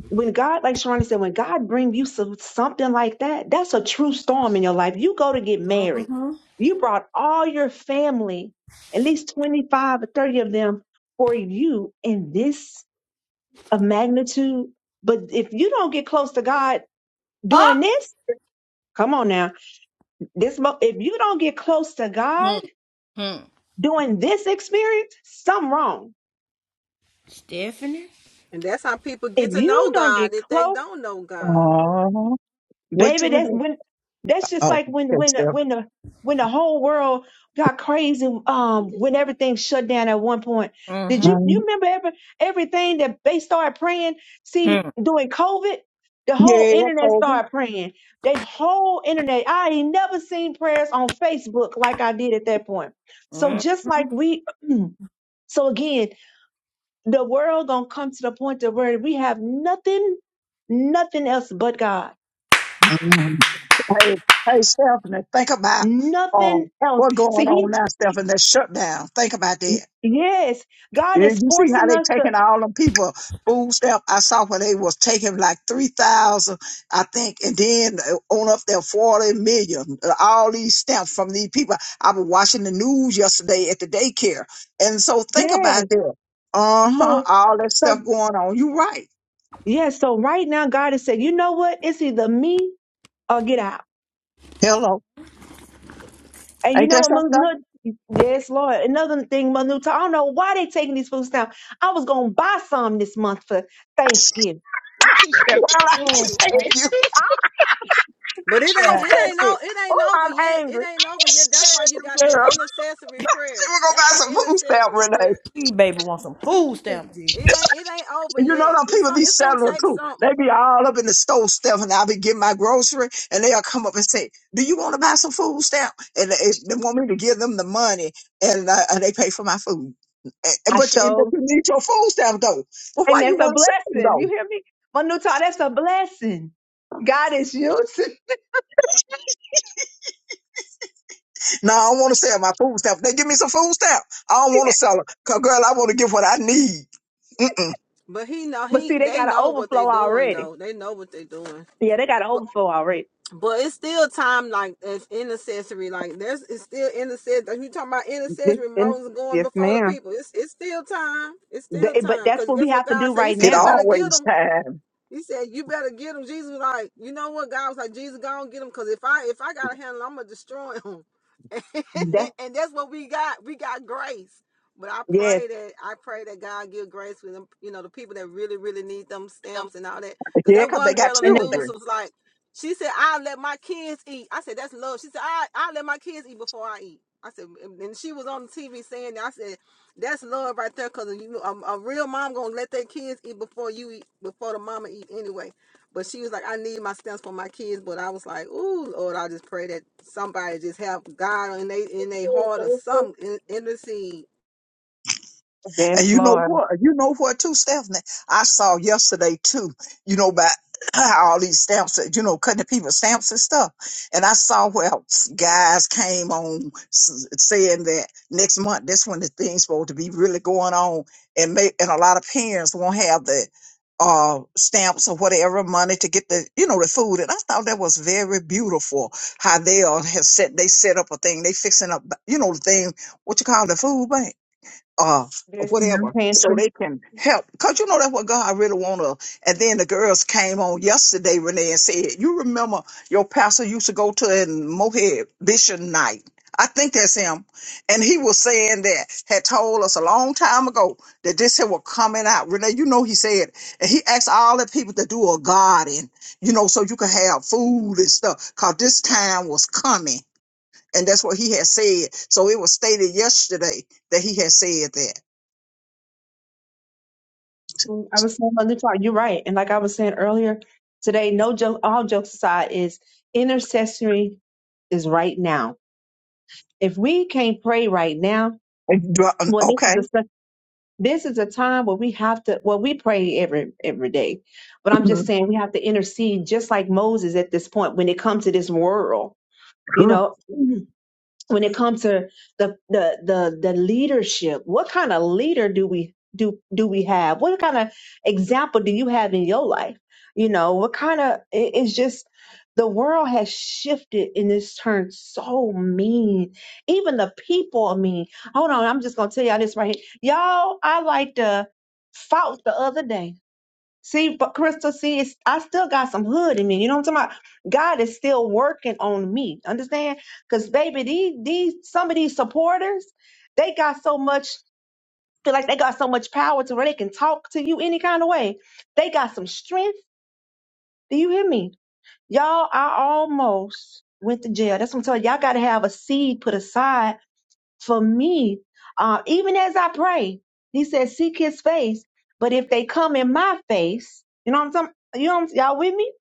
Speaker 4: when God, like Sharonda said, when God brings you some, something like that, that's a true storm in your life. You go to get married, you brought all your family, at least twenty five or thirty of them, for you in this of magnitude. But if you don't get close to God doing this, come on now. This mo- if you don't get close to God doing this experience, something wrong.
Speaker 7: and that's how people get
Speaker 4: If
Speaker 7: to know
Speaker 4: you don't
Speaker 7: God
Speaker 4: get
Speaker 7: if they
Speaker 4: close
Speaker 7: don't know God.
Speaker 2: Uh-huh. Wait till
Speaker 4: baby
Speaker 2: we
Speaker 4: that's
Speaker 2: know.
Speaker 4: when that's just
Speaker 2: Oh,
Speaker 4: like when
Speaker 2: okay,
Speaker 4: when the-
Speaker 2: Steph.
Speaker 4: when the when the whole world got crazy um when everything shut down at one point did you
Speaker 2: Mhm.
Speaker 4: you remember ever everything that they started praying see during covid the whole
Speaker 2: Yeah,
Speaker 4: internet
Speaker 2: Kobe.
Speaker 4: started praying the whole internet i ain't never seen prayers on facebook like i did at that point so just like we so again the world gonna come to the point to where we have nothing nothing else but god
Speaker 2: Mm. Hey, hey, Stephanie, think about uh,
Speaker 4: Nothing else.
Speaker 2: what's
Speaker 4: See,
Speaker 2: going
Speaker 4: he,
Speaker 2: on now, Stephanie, that shutdown. Think about that.
Speaker 4: yes, God
Speaker 2: Yeah,
Speaker 4: is
Speaker 2: You see how
Speaker 4: forcing
Speaker 2: they
Speaker 4: us to,
Speaker 2: taking all them people food stamp. I saw where they was taking like three thousand, I think, and then uh, on up there forty million. uh, All these stamps from these people. I was watching the news yesterday at the daycare, and so think
Speaker 4: yes.
Speaker 2: about that. Uh huh.
Speaker 4: So,
Speaker 2: All that
Speaker 4: so,
Speaker 2: stuff going on. You right.
Speaker 4: yeah. So right now, God is saying, you know what? It's either me or get out.
Speaker 2: Hello.
Speaker 4: And you
Speaker 2: Ain't
Speaker 4: know
Speaker 2: that
Speaker 4: what,
Speaker 2: something?
Speaker 4: Manu- Yes, Lord. Another thing, Manuta, I don't know why they taking these foods down. I was going to buy some this month for Thanksgiving.
Speaker 8: Me too,
Speaker 2: Well,
Speaker 8: Stephanie.
Speaker 2: I
Speaker 8: Me
Speaker 2: can't
Speaker 8: too.
Speaker 2: stand
Speaker 8: Me
Speaker 2: you. I
Speaker 8: too.
Speaker 2: can't
Speaker 4: I'm
Speaker 7: But it ain't it ain't no
Speaker 4: affected.
Speaker 7: it ain't
Speaker 4: Oh,
Speaker 7: over
Speaker 4: I'm
Speaker 7: yet. It
Speaker 4: angry.
Speaker 7: ain't over yet. That's why
Speaker 2: stand
Speaker 7: you got
Speaker 2: you,
Speaker 7: the
Speaker 2: girl.
Speaker 7: intercessory
Speaker 2: She
Speaker 7: prayer.
Speaker 2: was gonna
Speaker 7: That's the
Speaker 2: buy some food stamp,
Speaker 7: intercessory
Speaker 2: Renee.
Speaker 7: prayer. It ain't it ain't over
Speaker 2: And you know
Speaker 7: yet.
Speaker 2: them
Speaker 7: It's
Speaker 2: people
Speaker 7: so-
Speaker 2: be
Speaker 7: it's gonna
Speaker 2: selling
Speaker 7: take
Speaker 2: too. They
Speaker 7: something.
Speaker 2: be all up in the store stuff, and I'll be getting my grocery, and they'll come up and say, "Do you want to buy some food stamp?" And they, they want me to give them the money, and, uh, and they pay for my food. And- and-
Speaker 4: I
Speaker 2: But you, but
Speaker 4: show.
Speaker 2: you need your food stamp though. Well,
Speaker 4: And
Speaker 2: why you
Speaker 4: that's a
Speaker 2: want to sell them
Speaker 4: blessing. You
Speaker 2: though?
Speaker 4: hear me? Manuta, that's a blessing. God is using.
Speaker 2: No, I don't want to sell my food stamp. They give me some food stamp. I don't want to sell them. Cause girl, I want to get what I need. Mm-mm.
Speaker 7: But he know
Speaker 4: But
Speaker 7: he
Speaker 4: see, they
Speaker 7: they
Speaker 4: got an
Speaker 7: know what they
Speaker 4: overflow
Speaker 7: doing
Speaker 4: already.
Speaker 7: though. They know what they doing.
Speaker 4: Yeah, they got an overflow already.
Speaker 7: but it's still time like as intercessory. Like there's it's still intercessory. Like you talking about
Speaker 4: This,
Speaker 7: intercessory
Speaker 4: and-
Speaker 7: Moses going
Speaker 4: yes,
Speaker 7: before the
Speaker 4: ma'am.
Speaker 7: people. It's it's still time. It's still
Speaker 4: Th- but
Speaker 7: time.
Speaker 4: that's
Speaker 7: Cause
Speaker 4: what we
Speaker 7: guess what
Speaker 4: have to
Speaker 7: God
Speaker 4: do
Speaker 7: said? He
Speaker 4: right
Speaker 7: said
Speaker 2: It
Speaker 7: you
Speaker 4: now.
Speaker 7: better give
Speaker 2: always
Speaker 7: them
Speaker 2: time.
Speaker 7: he said, "You better get him." Jesus was like, "You know what?" God was like, "Jesus, go and get him, cause if I if I gotta handle, him, I'm gonna destroy him."
Speaker 4: That's
Speaker 7: and that's what we got. We got grace. But I
Speaker 4: yes,
Speaker 7: pray that I pray that God give grace with them. You know, the people that really really need them
Speaker 4: Them
Speaker 7: stamps and all that. Cause
Speaker 2: Yeah,
Speaker 7: that
Speaker 2: cause they
Speaker 7: one
Speaker 2: got
Speaker 7: girl on the
Speaker 4: and
Speaker 2: children.
Speaker 4: that-
Speaker 7: news was like, she said, "I let my kids eat." I said, "That's love." She said, "I I let my kids eat before I eat." I said, and and she was on the TV saying, that. "I said." That's love right there, cause you a, a real mom gonna let their kids eat before you eat before the mama eat anyway. But she was like, I need my stamps for my kids. But I was like, Ooh, Lord, I just pray that somebody just have God in they in their heart or some in, in the seed.
Speaker 2: And
Speaker 4: yes,
Speaker 2: you know
Speaker 4: Lord.
Speaker 2: what? You know what too, Stephanie? I saw yesterday too, you know, about all these stamps, that, you know, cutting the people's stamps and stuff. And I saw where s- guys came on s- saying that next month, that's when the thing's supposed to be really going on. And may, and a lot of parents won't have the uh stamps or whatever money to get the you know the food and i thought that was very beautiful how they all have set they set up a thing they fixing up you know the thing what you call the food bank uh, or
Speaker 4: This
Speaker 2: whatever, so
Speaker 4: pantry.
Speaker 2: they can help. Cause you know that's what God really wanna. And then the girls came on yesterday, Renee, and said, "You remember your pastor used to go to in Mohead Vision Night." I think that's him. And he was saying that, had told us a long time ago that this here was coming out. Renee, you know, he said, and he asked all the people to do a garden, you know, so you could have food and stuff. Cause this time was coming. And that's what he had said. So it was stated yesterday that he had said that.
Speaker 4: I was saying on the chart. You're right, and like I was saying earlier today, no joke. All jokes aside, is intercessory is right now. If we can't pray right now,
Speaker 2: And you Do
Speaker 4: well,
Speaker 2: I-
Speaker 4: this
Speaker 2: Okay.
Speaker 4: is a This is a time where we have to, well, we pray every every day, but I'm just
Speaker 2: Mhm.
Speaker 4: saying we have to intercede just like Moses at this point when it comes to this world, you know when it comes to the the the, the leadership what kind of leader do we do do we have what kind of example do you have in your life you know what kind of it- it's just the world has shifted and it's turned so mean even the people are mean hold on i'm just gonna tell y'all this right here y'all i like to fought the other day See, but Crystal, see, it's, I still got some hood in me. You know what I'm talking about? God is still working on me. Understand? Because baby, these these some of these supporters, they got so much. Feel like they got so much power to where they can talk to you any kind of way. They got some strength. Do you hear me, y'all? I almost went to jail. That's what I'm telling you. Y'all got to have a seed put aside for me, uh, even as I pray, he says, seek his face. But if they come in my face, you know what I'm saying? You know what I'm, y'all with me?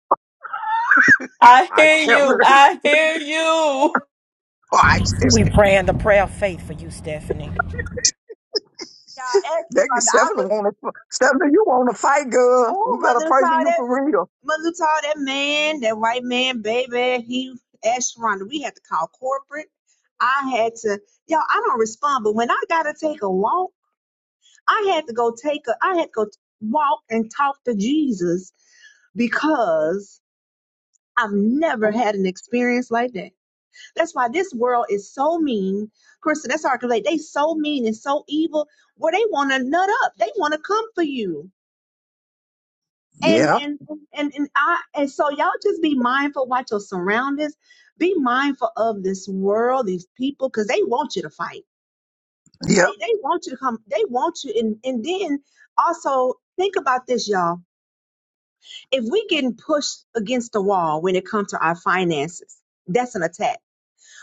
Speaker 3: I
Speaker 2: I
Speaker 3: hear you.
Speaker 2: never,
Speaker 3: I hear you.
Speaker 2: I still,
Speaker 1: We praying the prayer of faith for you, Stephanie.
Speaker 4: Y'all asking
Speaker 2: they can
Speaker 4: for the- I
Speaker 2: Stephanie
Speaker 4: was,
Speaker 2: want to, Stephanie, you want to fight, girl. We
Speaker 4: oh,
Speaker 2: better
Speaker 4: mother
Speaker 2: pray for
Speaker 4: taught
Speaker 2: you
Speaker 4: that,
Speaker 2: for real.
Speaker 4: mother taught that man, that white man, baby, he asked Rhonda. We had to call corporate. I had to, y'all, I don't respond, but when I got to take a walk, I had to go take a, I had to go t- walk and talk to Jesus because I've never had an experience like that. That's why this world is so mean. Krista, that's hard to relate. They so mean and so evil where they want to nut up. They want to come for you. And
Speaker 2: Yeah,
Speaker 4: and and and I and so y'all just be mindful, watch your surroundings, be mindful of this world, these people, because they want you to fight.
Speaker 2: yeah.
Speaker 4: They they want you to come, they want you and and then also think about this, y'all. If we getting pushed against the wall when it comes to our finances, that's an attack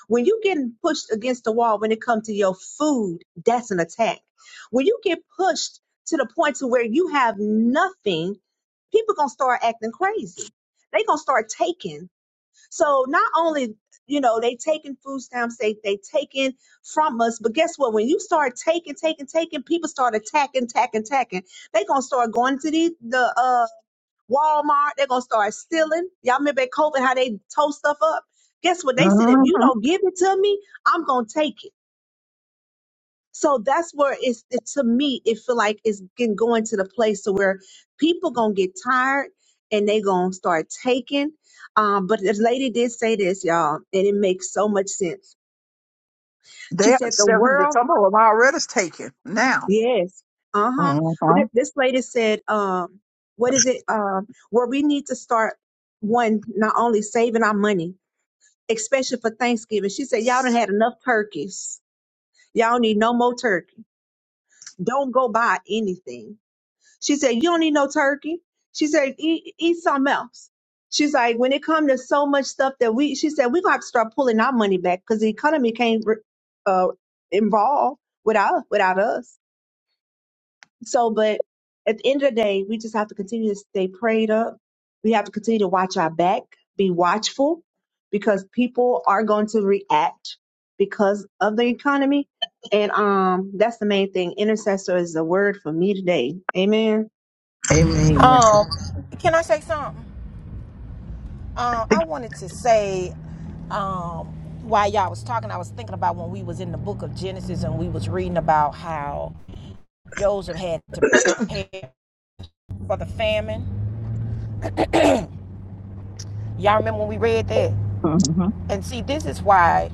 Speaker 4: When you getting pushed against the wall when it comes to your food, that's an attack. When you get pushed to the point to where you have nothing, people gonna start acting crazy. They gonna start taking. So not only you know they taking food stamps, they they taking from us, but guess what? When you start taking, taking, taking, people start attacking, attacking, attacking. They gonna start going to the the uh Walmart, they're gonna start stealing. Y'all remember at COVID how they tore stuff up? Guess what? They said if you
Speaker 2: Mm-hmm.
Speaker 4: don't give it to me, I'm gonna take it. So that's where it's it, to me, it feel like it's getting going to the place to where people gonna get tired and they gonna start taking. Um, but this lady did say this, y'all, and it makes so much sense.
Speaker 2: They,
Speaker 4: She said the
Speaker 2: Stephanie,
Speaker 4: world,
Speaker 2: some of them already is taken now.
Speaker 4: yes, uh huh. But
Speaker 2: Mm-hmm.
Speaker 4: th- this lady said, um, what is it? Um, where we need to start one, not only saving our money, especially for Thanksgiving. She said, Y'all done had enough turkeys. Y'all need no more turkey. Don't go buy anything. She said, You don't need no turkey. She said, Eat, eat something else. She's like, When it comes to so much stuff that we, she said, We're going to have to start pulling our money back because the economy can't re- uh, involve without, without us. So, but at the end of the day, we just have to continue to stay prayed up. We have to continue to watch our back, be watchful, because people are going to react because of the economy. And um, that's the main thing. Intercessor is the word for me today. Amen.
Speaker 2: Amen.
Speaker 1: Um, can I say something? Um, I wanted to say, um, while y'all was talking, I was thinking about when we was in the book of Genesis and we was reading about how Joseph had to prepare for the famine. Y'all remember when we read that?
Speaker 2: Mm-hmm.
Speaker 1: And see, this is why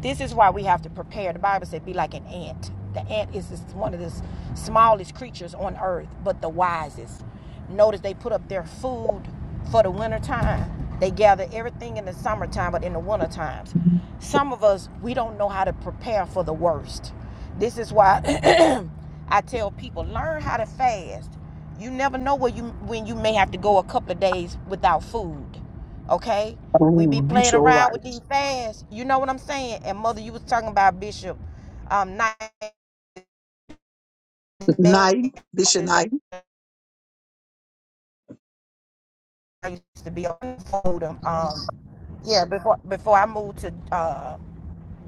Speaker 1: this is why we have to prepare. The Bible said, "Be like an ant." The ant is one of the smallest creatures on earth, but the wisest. Notice they put up their food for the winter time. They gather everything in the summertime, but in the winter times, some of us we don't know how to prepare for the worst. This is why I tell people learn how to fast. You never know where you when you may have to go a couple of days without food. Okay? We be
Speaker 2: Oh, you
Speaker 1: playing
Speaker 2: sure
Speaker 1: around
Speaker 2: right.
Speaker 1: with these fads. You know what I'm saying? And mother, you was talking about Bishop um Knight
Speaker 2: Night, Bishop Knight.
Speaker 1: I used to be on the fold Um yeah, before before I moved to uh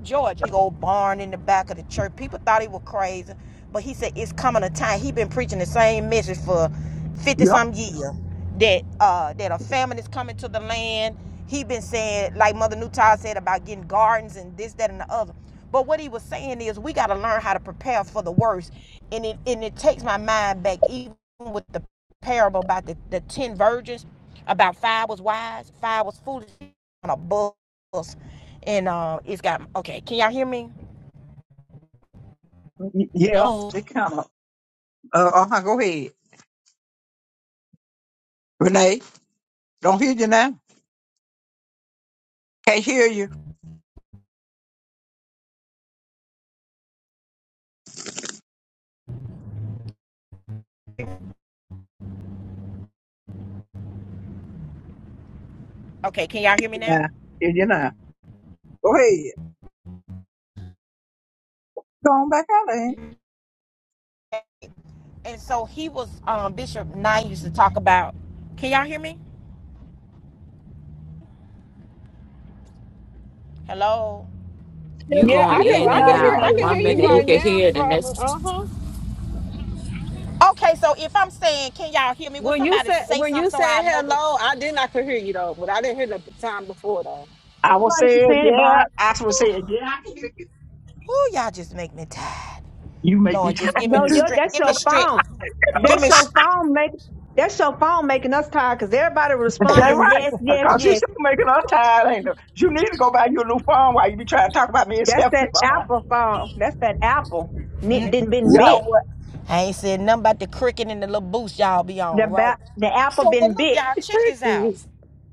Speaker 1: Georgia. Big old barn in the back of the church. People thought he was crazy, but he said it's coming a time. He been preaching the same message for fifty
Speaker 2: Yep.
Speaker 1: some years that uh, that a famine is coming to the land. He been saying like Mother Newtile said about getting gardens and this, that, and the other. But what he was saying is we got to learn how to prepare for the worst, and it and it takes my mind back even with the parable about the, the ten virgins, about five was wise, five was foolish on a bus and uh, it's got okay can y'all hear me
Speaker 2: y- Yeah.
Speaker 1: hello
Speaker 2: They kind of, uh, uh-huh, go ahead. Renee, don't hear you now. Can't hear you.
Speaker 1: okay can y'all hear me now
Speaker 2: Nah, hear you now. Go ahead. Go on back out there.
Speaker 1: and so he was um, bishop knight used to talk about can y'all hear me hello
Speaker 2: Yeah,
Speaker 3: You
Speaker 7: Yeah,
Speaker 2: we
Speaker 7: I
Speaker 3: going
Speaker 2: hear
Speaker 7: can
Speaker 2: you
Speaker 3: in
Speaker 7: I
Speaker 3: and
Speaker 2: now,
Speaker 7: can hear I
Speaker 3: out.
Speaker 2: Renee.
Speaker 7: can hear
Speaker 3: One
Speaker 2: We
Speaker 7: you
Speaker 3: minute you
Speaker 2: hear
Speaker 7: right
Speaker 3: can
Speaker 2: you.
Speaker 7: now,
Speaker 3: hear the
Speaker 7: Robert.
Speaker 3: next
Speaker 7: Uh-huh.
Speaker 1: okay so if i'm saying can y'all hear me would
Speaker 7: When you
Speaker 1: somebody
Speaker 7: said
Speaker 1: say
Speaker 7: when
Speaker 1: something
Speaker 7: you
Speaker 1: so i
Speaker 7: said
Speaker 1: know that
Speaker 7: hello, I did not could hear you though, but I didn't hear the time before though.
Speaker 2: I will
Speaker 4: Everybody be
Speaker 2: say it,
Speaker 4: saying it,
Speaker 2: yeah.
Speaker 4: Barb.
Speaker 2: I will say it, yeah. I can hear You
Speaker 1: who y'all just make me tired
Speaker 2: You make me
Speaker 1: lord just
Speaker 2: tired
Speaker 1: give me
Speaker 4: No,
Speaker 1: the
Speaker 4: yo,
Speaker 2: too.
Speaker 1: strength
Speaker 4: that's
Speaker 1: give me
Speaker 4: your
Speaker 1: strength
Speaker 4: phone.
Speaker 1: give
Speaker 4: That's
Speaker 1: me
Speaker 4: your
Speaker 1: sh-
Speaker 4: phone make. That's your phone making us tired because everybody
Speaker 2: That
Speaker 4: responding
Speaker 2: right.
Speaker 4: yes, yes,
Speaker 2: Because you
Speaker 4: yes.
Speaker 2: still making us tired, ain't it? You need to go buy you a new phone while you be trying to talk about me and
Speaker 4: That's
Speaker 2: Stephanie
Speaker 4: that
Speaker 2: phone.
Speaker 4: Apple phone. That's that Apple. Ni- Didn't been
Speaker 1: you know
Speaker 4: bit.
Speaker 1: what i ain't said nothing about the cricket and the little boost y'all be
Speaker 4: The
Speaker 1: on right
Speaker 4: ba- the apple
Speaker 1: so but
Speaker 4: been
Speaker 1: look
Speaker 4: big.
Speaker 1: y'all check this out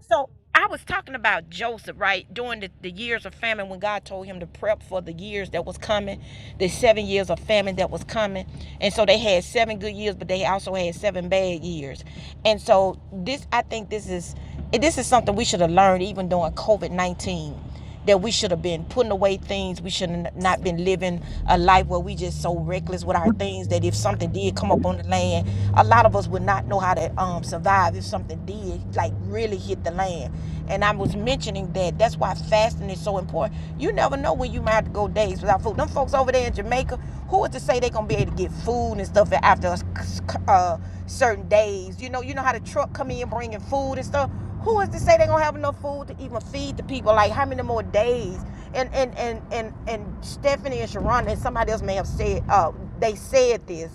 Speaker 1: So I was talking about Joseph, right? During the, the years of famine, when God told him to prep for the years that was coming, the seven years of famine that was coming. And so they had seven good years, but they also had seven bad years. And so this, I think this is, this is something we should have learned even during COVID-19 that we should have been putting away things. We should have not been living a life where we just so reckless with our things that if something did come up on the land, a lot of us would not know how to um, survive if something did like really hit the land. And I was mentioning that that's why fasting is so important. You never know when you might have to go days without food. Them folks over there in Jamaica, who is to say they gonna be able to get food and stuff after uh, certain days? You know, you know how the truck come in bringing food and stuff. Who is to say they gonna have enough food to even feed the people? Like how many more days? And and and and and Stephanie and Sharon and somebody else may have said uh they said this.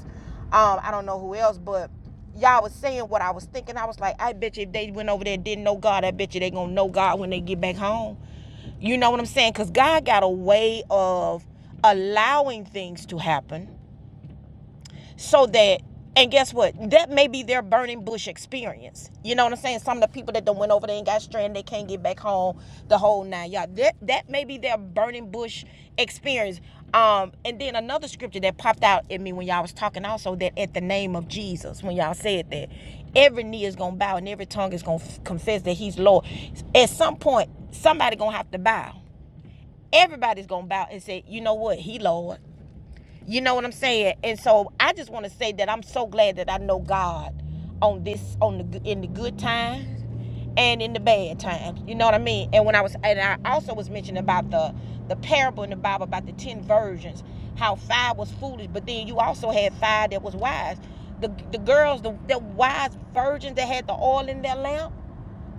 Speaker 1: Um, I don't know who else, but y'all was saying what I was thinking. I was like, I bet you if they went over there and didn't know God, I bet you they gonna know God when they get back home. You know what I'm saying? Because God got a way of allowing things to happen so that and guess what that may be their burning bush experience you know what i'm saying some of the people that done went over there and got stranded they can't get back home the whole nine yards that that may be their burning bush experience um and then another scripture that popped out at me when y'all was talking also that at the name of jesus when y'all said that every knee is gonna bow and every tongue is gonna f- confess that he's lord at some point somebody gonna have to bow everybody's gonna bow and say, you know what, he Lord. You know what I'm saying? And so I just want to say that I'm so glad that I know God on this on the in the good times and in the bad times. You know what I mean? And when I was and I also was mentioning about the the parable in the Bible about the 10 virgins, how five was foolish, but then you also had five that was wise. The the girls, the, the wise virgins that had the oil in their lamp,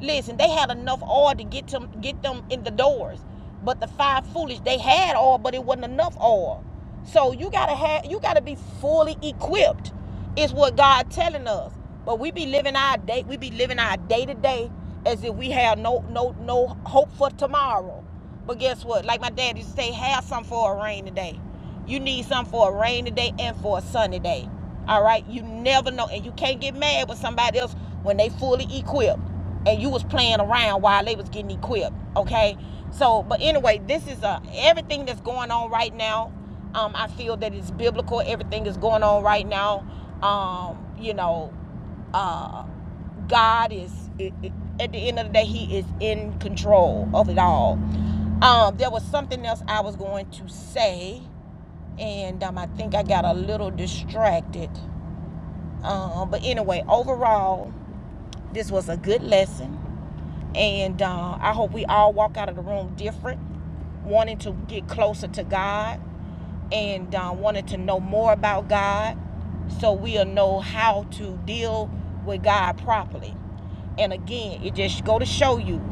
Speaker 1: Listen, they had enough oil to get them get them in the doors, but the five foolish they had oil, but it wasn't enough oil. So you gotta have you gotta be fully equipped. Is what God telling us. But we be living our day we be living our day to day as if we have no no no hope for tomorrow. But guess what? Like my dad used to say, have some for a rainy day. You need some for a rainy day and for a sunny day. All right? You never know. And you can't get mad with somebody else when they fully equipped and you was playing around while they was getting equipped. Okay? So, but anyway, this is a everything that's going on right now. Um, I feel that it's biblical. Everything is going on right now. Um, you know, uh. God is at the end of the day, He is in control of it all. Um, there was something else I was going to say, and um, I think I got a little distracted. Um, but anyway, overall, this was a good lesson, and uh, I hope we all walk out of the room different, wanting to get closer to God and uh, wanted to know more about God so we'll know how to deal with God properly. And again, it just go to show you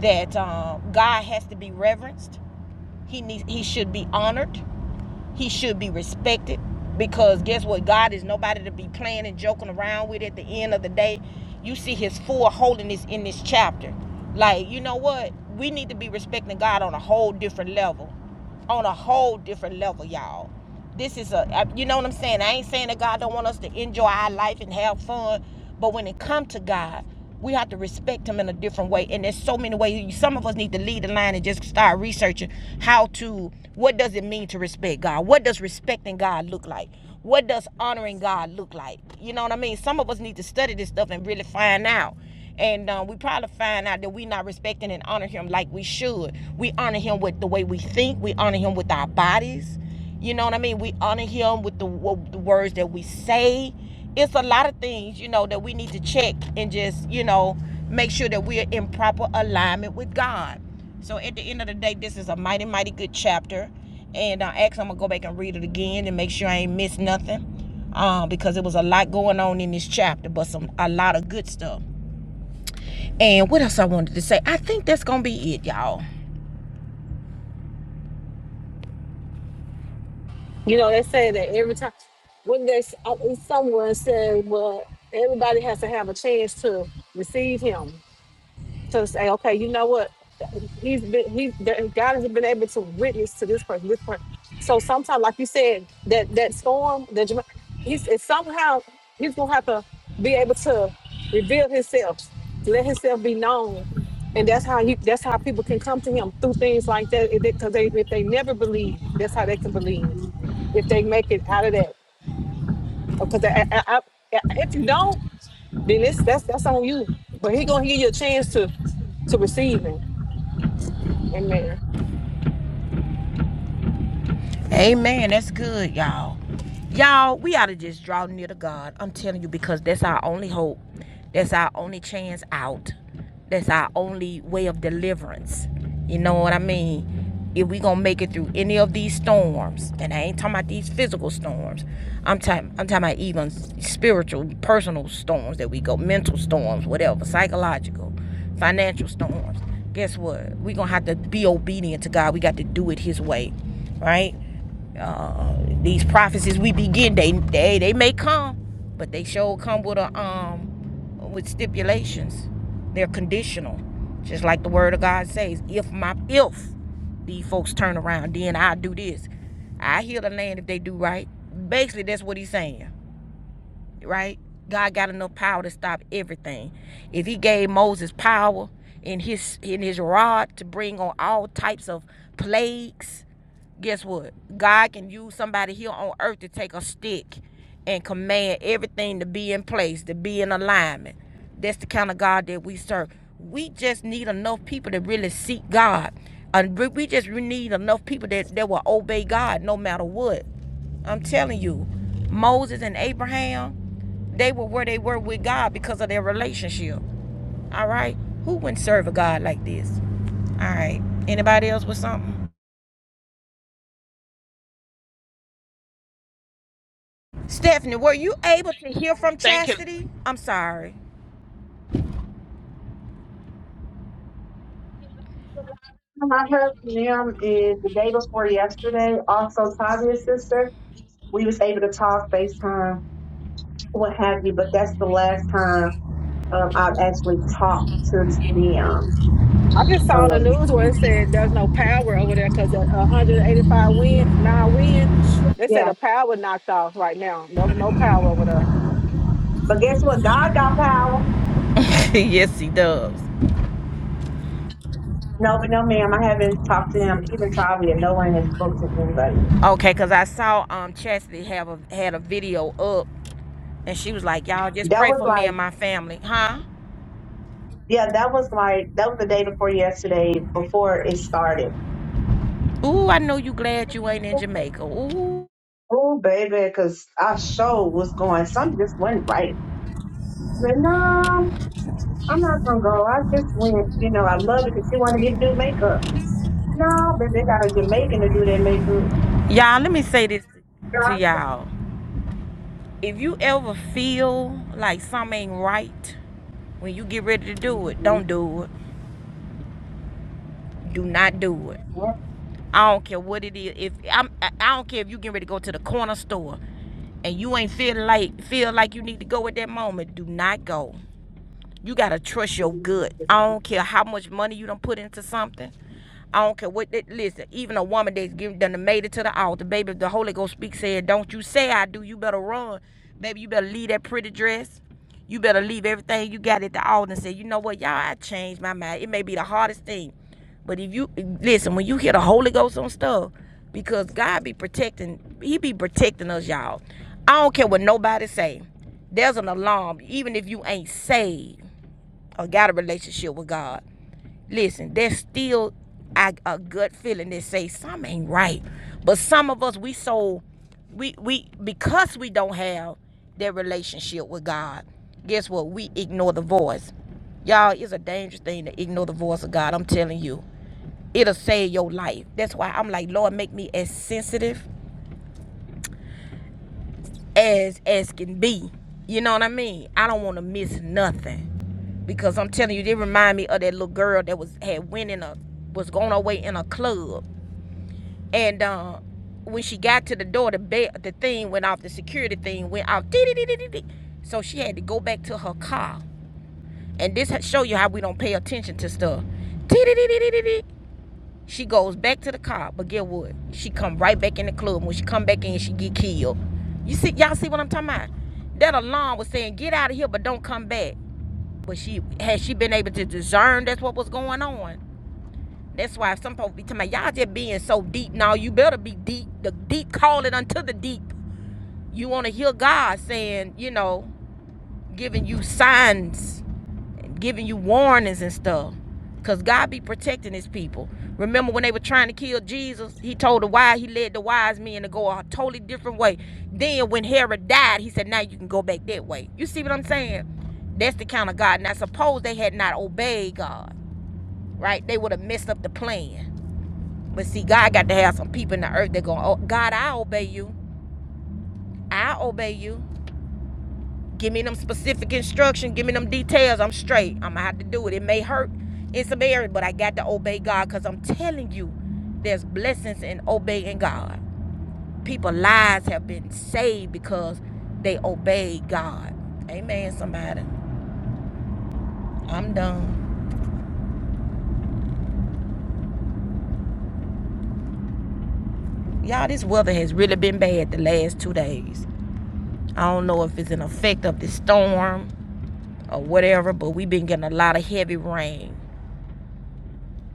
Speaker 1: that um, God has to be reverenced. He needs, he should be honored. He should be respected because guess what? God is nobody to be playing and joking around with. At the end of the day, you see His full holiness in this chapter. Like you know what? We need to be respecting God on a whole different level, on a whole different level, y'all. This is a, you know what I'm saying? I ain't saying that God don't want us to enjoy our life and have fun, but when it come to God, we have to respect Him in a different way. And there's so many ways. Some of us need to lead the line and just start researching how to. What does it mean to respect God? What does respecting God look like? What does honoring God look like? You know what I mean? Some of us need to study this stuff and really find out and um, we probably find out that we are not respecting and honor him like we should. We honor him with the way we think. We honor him with our bodies. You know what I mean? We honor him with the, with the words that we say. It's a lot of things, you know, that we need to check and just, you know, make sure that we're in proper alignment with God. So at the end of the day, this is a mighty, mighty good chapter. And uh, actually, I'm going to go back and read it again and make sure I ain't missed nothing um, because it was a lot going on in this chapter, but some a lot of good stuff. And what else I wanted to say? I think that's gonna be it, y'all.
Speaker 7: You know, they say that every time when there's uh, someone said, well, everybody has to have a chance to receive him to say, okay, you know what, he's been he that God has been able to witness to this person, this person. So sometimes, like you said, that that storm, that Jama- he's it's somehow he's gonna have to be able to reveal himself, let himself be known, and that's how you that's how people can come to him through things like that because they if they never believe, that's how they can believe if they make it out of that. Because I, I, I, I- if you don't, then it's that's that's on you. But he gonna give you a chance to to receive him. Amen.
Speaker 1: Amen. That's good, y'all. Y'all, we ought to just draw near to God. I'm telling you, because that's our only hope. That's our only chance out. That's our only way of deliverance. You know what I mean? If we gonna make it through any of these storms, and I ain't talking about these physical storms. I'm talking I'm talking about even spiritual, personal storms that we go, mental storms, whatever, psychological, financial storms. Guess what? we gonna have to be obedient to God. We got to do it his way right? Uh, these prophecies we begin, they they they may come, but they sure come with a um with stipulations. They're conditional, just like the word of God says. If my if these folks turn around, then I do this. I heal the land if they do right. Basically, that's what he's saying, right? God got enough power to stop everything. If he gave Moses power in his in his rod to bring on all types of plagues, guess what? God can use somebody here on earth to take a stick and command everything to be in place, to be in alignment. That's the kind of God that we serve. We just need enough people to really seek God. And we we just really need enough people that, that will obey God no matter what. I'm telling you, Moses and Abraham, they were where they were with God because of their relationship. All right? Who wouldn't serve a God like this? All right. Anybody else with something? Stephanie, were you able to hear from
Speaker 8: Thank you.
Speaker 1: Chastity? I'm sorry.
Speaker 4: I heard from them is the day before yesterday. Also, Tavia's sister. We was able to talk FaceTime, what have you. But that's the last time um, I've actually talked to them.
Speaker 7: I just saw on the
Speaker 4: Um,
Speaker 7: news where it said there's no power over there because a a 185 wind, mile wind. They said
Speaker 4: yeah.
Speaker 7: the power knocked off right now. No, no power over there.
Speaker 4: But guess what? God got power. No, but no, ma'am. I haven't talked to him. Even Tavia, no one has spoken to anybody.
Speaker 1: Okay, cause I saw um Chastity have a had a video up, and she was like, "Y'all just
Speaker 4: That
Speaker 1: pray
Speaker 4: was
Speaker 1: for me
Speaker 4: like,
Speaker 1: and my family, huh?"
Speaker 4: yeah, that was like that was the day before yesterday. Before it started.
Speaker 1: Ooh, I know you glad you ain't in Jamaica. Ooh,
Speaker 4: Oh, baby, because I showed what's going. Something just went right. But no, I'm not going to go. I just went, you know, I love it because she wanted me to do makeup. No, but they got a Jamaican to do their makeup.
Speaker 1: y'all, let me say this
Speaker 4: Girl,
Speaker 1: to
Speaker 4: I
Speaker 1: y'all: if you ever feel like something ain't right when you get ready to do it, don't do it. Do not do it. I don't care what it is. If I'm, I don't care if you getting ready to go to the corner store, and you ain't feel like feel like you need to go at that moment. Do not go. You gotta trust your gut. I don't care how much money you don't put into something. I don't care what. That, listen, even a woman that's given done made it to the altar, baby. If the Holy Ghost speak, said, "Don't you say I do. You better run, baby. You better leave that pretty dress. You better leave everything you got at the altar and say, you know what, y'all, I changed my mind. It may be the hardest thing, but if you listen, when you hear the Holy Ghost on stuff, because God be protecting, He be protecting us, y'all. I don't care what nobody say. There's an alarm, even if you ain't saved or got a relationship with God, listen, there's still a, a gut feeling that say something ain't right. But some of us, we so we we because we don't have that relationship with God. Guess what? We ignore the voice. Y'all, it's a dangerous thing to ignore the voice of God. I'm telling you, it'll save your life. That's why I'm like, Lord, make me as sensitive as as can be. You know what I mean? I don't want to miss nothing because I'm telling you, they remind me of that little girl that was had went in a was going away in a club, and uh, when she got to the door, the bell, the thing went off, the security thing went off, dee dee dee dee dee. So she had to go back to her car, and this show you how we don't pay attention to stuff. dee dee dee dee dee. dee. She goes back to the car, but get what? She come right back in the club. When she come back in, she get killed. You see, y'all see what I'm talking about? That alarm was saying, "Get out of here, but don't come back." But she had she been able to discern that's what was going on. That's why some folks be talking about y'all just being so deep. Now you better be deep. The deep call it unto the deep. You want to hear God saying, you know, you signs, warnings and stuff. Because God be protecting his people. Remember when they were trying to kill Jesus, he told the wise, he led the wise men to go a totally different way. Then when Herod died, he said, now you can go back that way. You see what I'm saying? That's the count of God. Now suppose they had not obeyed God. So the pl- See, God got to have some earth. They're going, oh, God, I obey you. Give me them specific instruction. Give me them details. I'm straight. I'm going to have to do it. It may hurt in some areas, but I got to obey God because I'm telling you, there's blessings in obeying God. People lives have been saved because they obeyed God. Amen, somebody. I'm done. Y'all, this weather has really been bad the last two days. I don't know if it's an effect of the storm or whatever, but we've been getting a lot of heavy rain.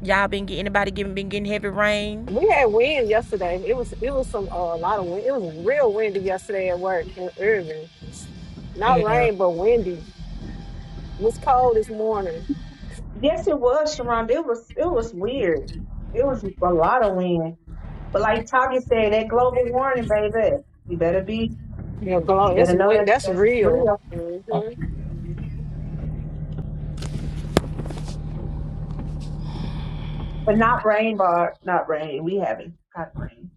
Speaker 1: Y'all been getting anybody getting been getting heavy rain?
Speaker 7: We had wind yesterday. It was it was some uh, a lot of wind. It was real windy yesterday at work in Irving. Not
Speaker 1: Yeah.
Speaker 7: rain, but windy. It was cold this morning.
Speaker 4: Yes, it was, Sharonda. It was, it was weird. It was a lot of wind. But like Tagi said, that global warning, baby, you better be,
Speaker 7: Yeah, glow.
Speaker 4: you
Speaker 7: It's
Speaker 4: better know
Speaker 7: wi-
Speaker 4: that's,
Speaker 7: that's
Speaker 4: that's
Speaker 7: real.
Speaker 4: real.
Speaker 7: He
Speaker 4: But not rain, Bar, not rain. We haven't had rain.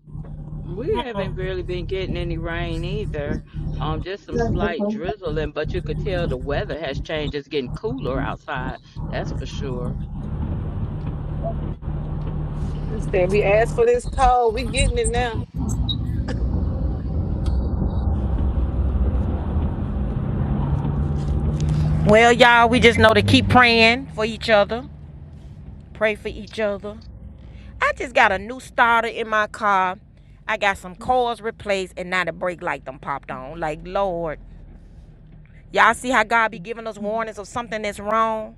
Speaker 3: We haven't really been getting any rain either. Um, just some slight drizzling, but you could tell the weather has changed. It's getting cooler outside. That's for sure.
Speaker 7: said, "We asked for this code. We getting it now.
Speaker 1: Well, y'all, we just know to keep praying for each other. Pray for each other. I just got a new starter in my car. I got some coils replaced and now the brake light done popped on. Like Lord. Y'all see how God be giving us warnings of something that's wrong?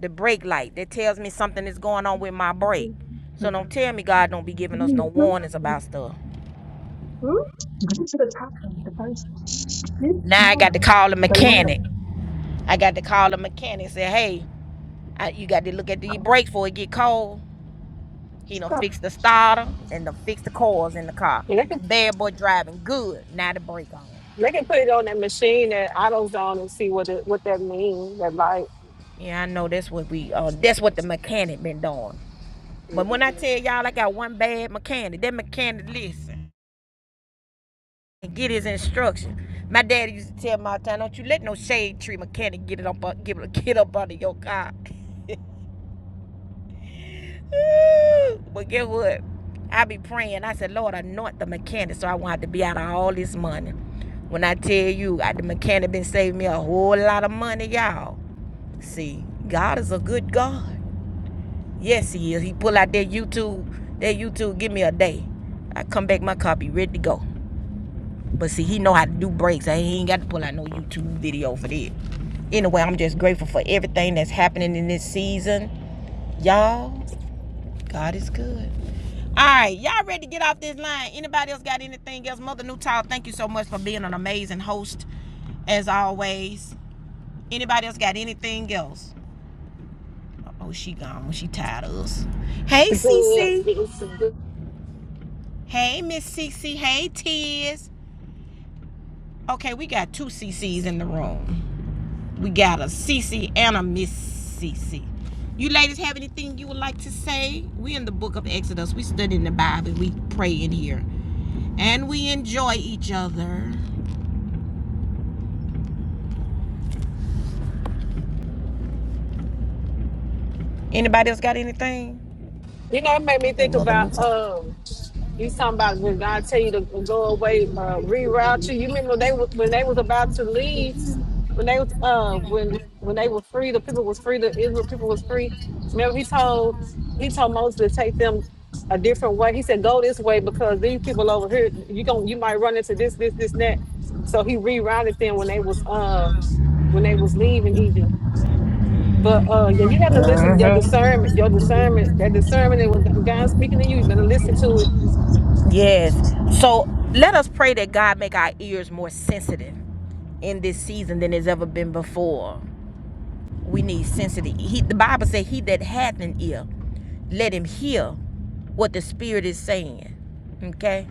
Speaker 1: The brake light that tells me something is going on with my brake. So don't tell me God don't be giving us no warnings about stuff. Now I got to call the mechanic. I got to call the mechanic and say, hey, I, you got to look at the brakes before it get cold. He done fix the starter and done fix the coils in the car.
Speaker 7: And they can
Speaker 1: Bad boy driving good. Now the brake on.
Speaker 7: they can put it on that machine at AutoZone and see what it, what that means. That like
Speaker 1: Yeah, I know that's what we uh that's what the mechanic been doing. But when I tell y'all I got one bad mechanic, that mechanic listen and get his instructions. My daddy used to tell me all the time, don't you let no shade tree mechanic get it up uh, get, get up under your car. but guess what? I be praying. I said, Lord, anoint the mechanic so I won't have to be out of all this money. When I tell you, I, the mechanic been saving me a whole lot of money, y'all. See, God is a good God. Yes, he is. He pull out that YouTube, that YouTube. Give me a day. I come back my copy ready to go. But see, he know how to do breaks. I he ain't got to pull out no YouTube video for that. Anyway, I'm just grateful for everything that's happening in this season, y'all. God is good. All right, y'all ready to get off this line? Anybody else got anything else? Mother Newtile, thank you so much for being an amazing host, as always. Anybody else got anything else? Oh, she gone when she tired of us. Hey,
Speaker 7: it's good.
Speaker 1: Cece.
Speaker 7: It's good.
Speaker 1: Hey, Miss CC. Hey, Tiz. Okay, we got two C C's in the room. We got a CC and a Miss CC. You ladies have anything you would like to say? We in the book of Exodus. We study in the Bible. We pray in here. And we enjoy each other. Anybody else got anything?
Speaker 7: You know, it made me think about um. You talking about when God tell you to go away, uh, reroute you. You remember they wa- when they was about to leave. when they was uh when when they were free, the people was free, the Israel people was free. Remember he told he told Moses to take them a different way. He said, Go this way because these people over here, you gon' you might run into this, this, this, and that. So he rerouted them when they was uh when they was leaving Egypt. But uh yeah, you have to listen to your discernment, your discernment, that discernment that when God's speaking to you, you better listen to it.
Speaker 1: Yes. So let us pray that God make our ears more sensitive in this season than it's ever been before. We need sensitive. He, the Bible said, "He that hath an ear, let him hear what the Spirit is saying." Okay.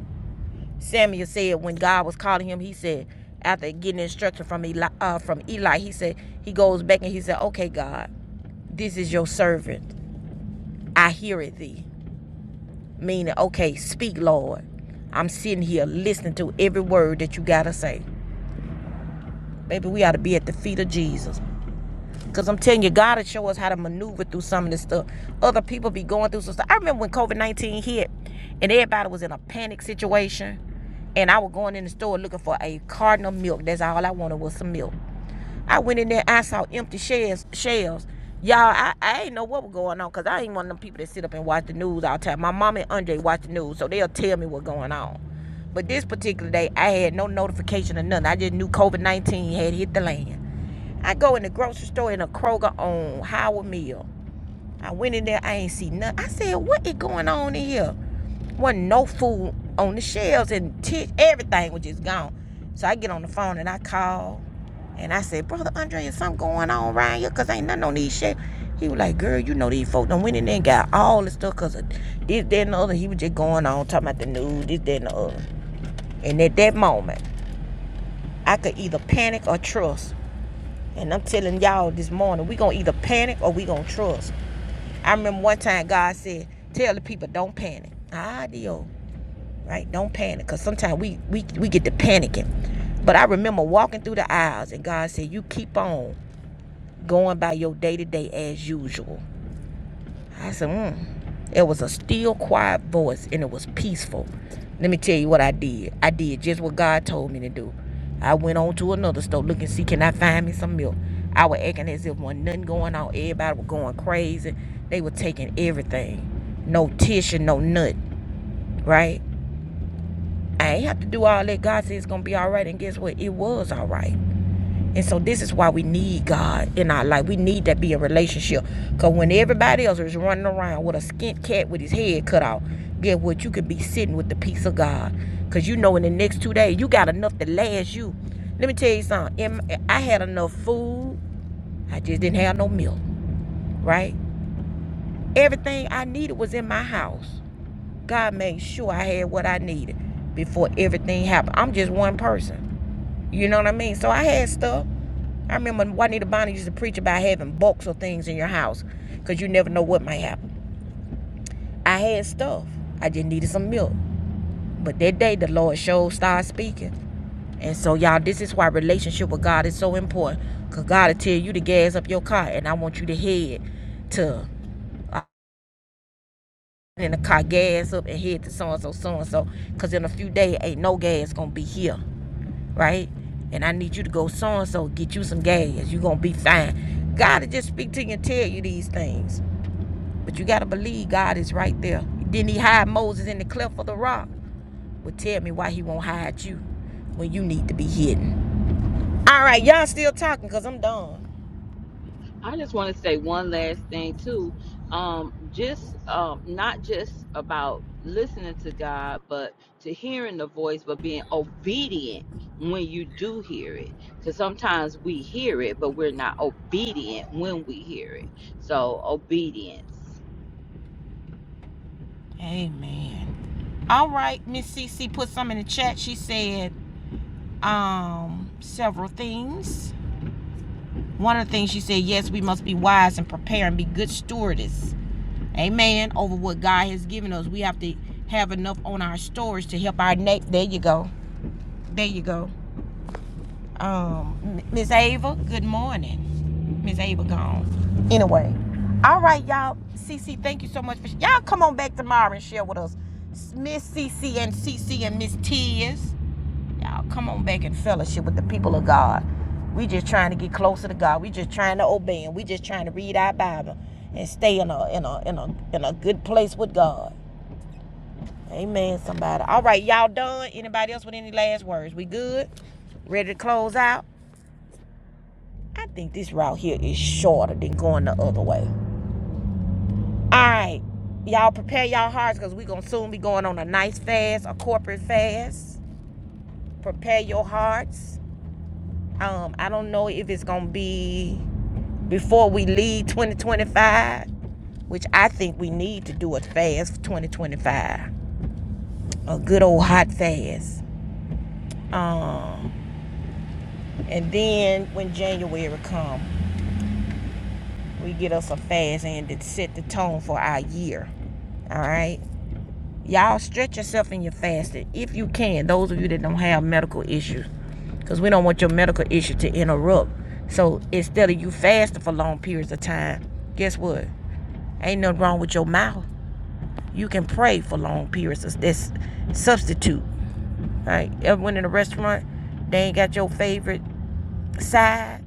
Speaker 1: Samuel said when God was calling him, he said after getting instruction from Eli, uh, from Eli, he said he goes back and he said, "Okay, God, this is your servant. I hear it thee." Meaning, okay, speak, Lord. I'm sitting here listening to every word that you gotta say. Baby, we ought to be at the feet of Jesus. Cause I'm telling you, God will show us how to maneuver through some of this stuff. Other people be going through some stuff. I remember when COVID nineteen hit, and everybody was in a panic situation, and I was going in the store looking for a carton of milk. That's all I wanted was some milk. I went in there, I saw empty shells. shelves. Y'all, I, I ain't know what was going on because I ain't one of them people that sit up and watch the news all the time. My mom and Andre watch the news, so they'll tell me what's going on. But this particular day, I had no notification or nothing. I just knew COVID 19 had hit the land. I go in the grocery store in a Kroger on Howard Mill. I went in there, I ain't see nothing. I said, what is going on in here? Wasn't no food on the shelves and t- everything was just gone. So I get on the phone and I call and I said, Brother Andre, is something going on around here? Cause ain't nothing on these shelves. He was like, girl, you know these folks done went in there and got all this stuff cause of this, that, and the other. He was just going on talking about the news, this, that, and the other. And at that moment, I could either panic or trust and I'm telling y'all this morning, we gonna either panic or we gonna trust. I remember one time God said, "Tell the people don't panic." Adio, right? Don't panic, cause sometimes we we we get to panicking. But I remember walking through the aisles, and God said, "You keep on going by your day to day as usual." I said, mm. It was a still quiet voice and it was peaceful. Let me tell you what I did. I did just what God told me to do. I went on to another store looking see can I find me some milk. I was acting as if wasn't nothing going on. Everybody was going crazy. They were taking everything. No tissue, no nut, right? I ain't have to do all that. God said it's gonna be alright, and guess what? It was alright. And so this is why we need God in our life. We need that be a relationship. Cause when everybody else is running around with a skint cat with his head cut off, get what you could be sitting with the peace of God. Cause you know in the next two days you got enough to last you. Let me tell you something. I had enough food. I just didn't have no milk, right? Everything I needed was in my house. God made sure I had what I needed before everything happened. I'm just one person. You know what I mean? So I had stuff. I remember Juanita Bonner used to preach about having books or things in your house because you never know what might happen. I had stuff. I just needed some milk. But that day, the Lord showed started speaking. And so, y'all, this is why relationship with God is so important because God will tell you to gas up your car, and I want you to head to in the car, gas up and head to so and so, so and so. Because in a few days, ain't no gas going to be here. right? And I need you to go so and so get you some gas. You're gonna be fine. God will just speak to you and tell you these things. But you gotta believe God is right there. Didn't he hide Moses in the cleft of the rock? Well tell me why he won't hide you when you need to be hidden. All right, y'all still talking because I'm done.
Speaker 3: I just want to say one last thing too. Um, just um, not just about listening to God, but to hearing the voice, but being obedient when you do hear it. Because sometimes we hear it, but we're not obedient when we hear it. So obedience.
Speaker 1: Amen. All right, Miss CC put some in the chat. She said um several things. One of the things she said, yes, we must be wise and prepare and be good stewardess Amen. Over what God has given us. We have to have enough on our stores to help our next. There you go. There you go. Um, Miss Ava, good morning. Miss Ava gone. Anyway. All right, y'all. CC, thank you so much for y'all come on back tomorrow and share with us. S- Miss CC and CC and Miss Tears. Y'all come on back and fellowship with the people of God. We just trying to get closer to God. We just trying to obey Him. We just trying to read our Bible and stay in a in a in a in a good place with God. Amen, somebody. All right, y'all done? Anybody else with any last words? We good? Ready to close out? I think this route here is shorter than going the other way. All right, y'all prepare y'all hearts because we going to soon be going on a nice fast, a corporate fast. Prepare your hearts. Um, I don't know if it's going to be before we leave 2025, which I think we need to do a fast for 2025. A good old hot fast. Um, And then when January come, we get us a fast and to set the tone for our year. All right. Y'all stretch yourself in your fasting if you can. Those of you that don't have medical issues, because we don't want your medical issue to interrupt. So instead of you fasting for long periods of time, guess what? Ain't nothing wrong with your mouth. You can pray for long periods. That's that's substitute. All Right? Ever went in a restaurant? They ain't got your favorite side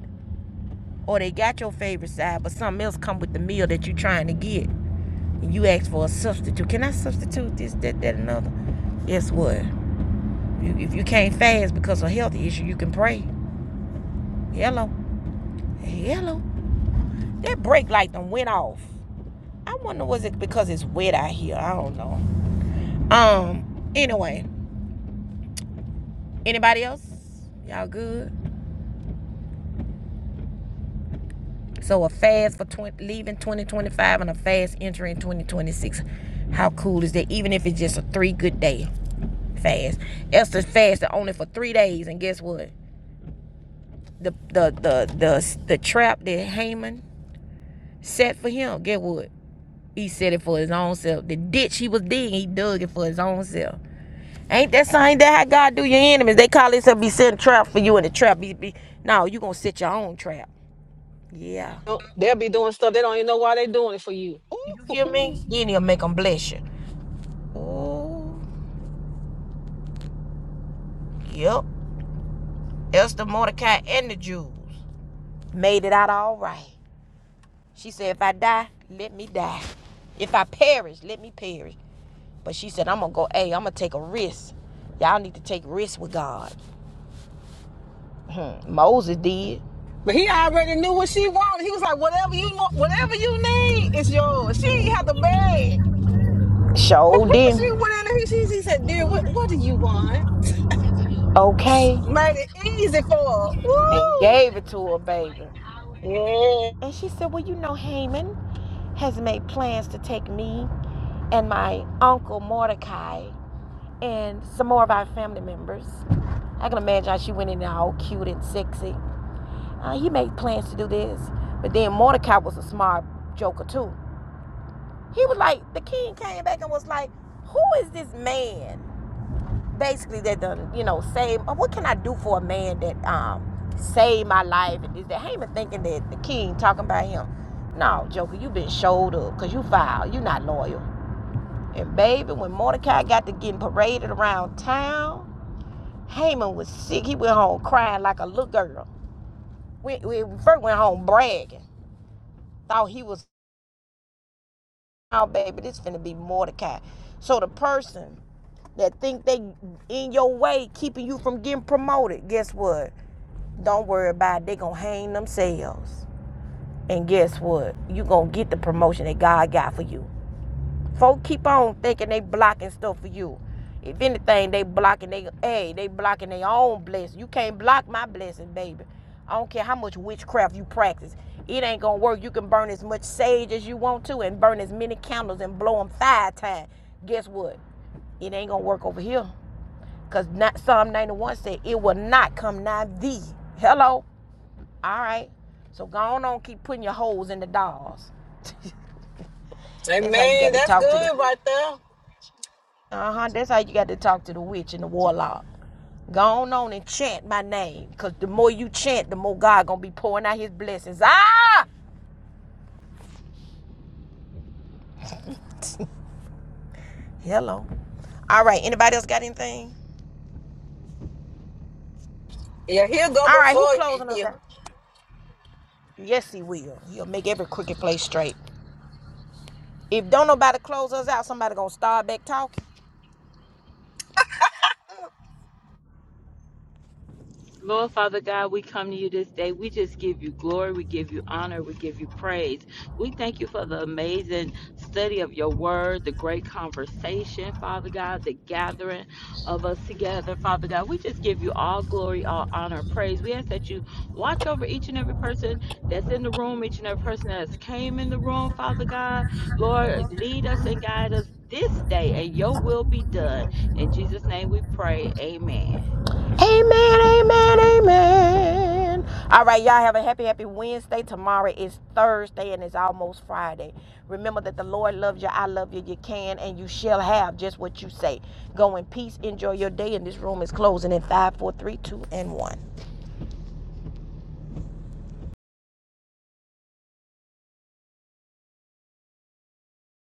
Speaker 1: or they got your favorite side, but something else come with the meal that you're trying to get, and you ask for a substitute. Can I substitute this, that, that, another? Guess what? You, if you can't fast because of a health issue, you can pray. Hello, hello. That brake light done went off. I wonder was it because it's wet out here? I don't know. Um. Anyway, anybody else? Y'all good? So a fast for 20, leaving 2025 and a fast entering 2026. How cool is that? Even if it's just a three good day fast. Esther fasted only for three days, and guess what? The the the the the trap that Haman set for him. Guess what? He set it for his own self. The ditch he was digging, he dug it for his own self. Ain't that same that how God do your enemies? They call themselves be setting trap for you, and the trap be, be no, you gonna set your own trap. Yeah,
Speaker 7: Don't- They'll be doing stuff they don't even know why they doing it for you.
Speaker 1: you hear me? Then he'll make them bless you. Oh, yep. Esther, Mordecai, and the Jews made it out all right. She said, if I die, let me die. If I perish, let me perish. But she said, I'm gonna go, hey, I'm gonna take a risk. Y'all need to take risks with God. Mm. Moses did.
Speaker 7: But he already knew what she wanted. He was like, whatever you want, whatever you need is yours. She ain't have to beg. Woo-hoo,
Speaker 1: Showed
Speaker 7: She
Speaker 1: him.
Speaker 7: went in there. He, she, she said, dear, what, what do you want?
Speaker 1: Okay.
Speaker 7: Made it easy for her.
Speaker 1: And gave it to her baby.
Speaker 7: Woo! Yeah.
Speaker 1: And she said, Well, you know, Haman has made plans to take me and my uncle Mordecai and some more of our family members. I can imagine how she went in there all cute and sexy. Uh, he made plans to do this. But then Mordecai was a smart joker too. He was like, the king came back and was like, who is this man? Basically, that done, you know, save. uh, What can I do for a man that um saved my life? And is that Haman thinking that the king talking about him? No, Joker, you been showed up because you foul. You not loyal. And baby, when Mordecai got to getting paraded around town, Haman was sick. He went home crying like a little girl. We, we first went home bragging, thought he was now, baby, this finna be Mordecai. So the person that think they in your way, keeping you from getting promoted, guess what? Don't worry about it. They gonna hang themselves. And guess what? You gonna get the promotion that God got for you. Folk keep on thinking they blocking stuff for you. If anything, they blocking they hey, they blocking their own blessing. You can't block my blessing, baby. I don't care how much witchcraft you practice. It ain't gonna work. You can burn as much sage as you want to and burn as many candles and blow them five times. Guess what? It ain't gonna work over here. Cause Psalm 91 said it will not come nigh thee. Hello? All right. So go on, on keep putting your holes in the dolls.
Speaker 7: Hey,
Speaker 1: That's how you
Speaker 7: man,
Speaker 1: gotta
Speaker 7: that's
Speaker 1: talk to the
Speaker 7: good
Speaker 1: witch.
Speaker 7: right there.
Speaker 1: Uh huh. That's how you got to talk to the witch and the warlock. Go on, on and chant my name, cause the more you chant, the more God gonna be pouring out His blessings. Ah, hello. All right. Anybody else got anything?
Speaker 7: Yeah, he'll go
Speaker 1: All right. Who
Speaker 7: before
Speaker 1: closing
Speaker 7: you.
Speaker 1: us out? Yes, He will. He'll make every crooked place straight. If don't nobody close us out, somebody gonna start back talking.
Speaker 3: Lord Father God, we come to you this day. We just give you glory. We give you honor. We give you praise. We thank you for the amazing study of your word, the great conversation, Father God, the gathering of us together, Father God. We just give you all glory, all honor, praise. We ask that you watch over each and every person that's in the room, each and every person that's came in the room, Father God. Lord, lead us and guide us this day, and your will be done. In Jesus' name we pray. Amen.
Speaker 1: Amen, amen, amen. All right, y'all have a happy, happy Wednesday. Tomorrow is Thursday and it's almost Friday. Remember that the Lord loves you. I love you. You can and you shall have just what you say. Go in peace. Enjoy your day. And this room is closing in five, four, three, two, and 1.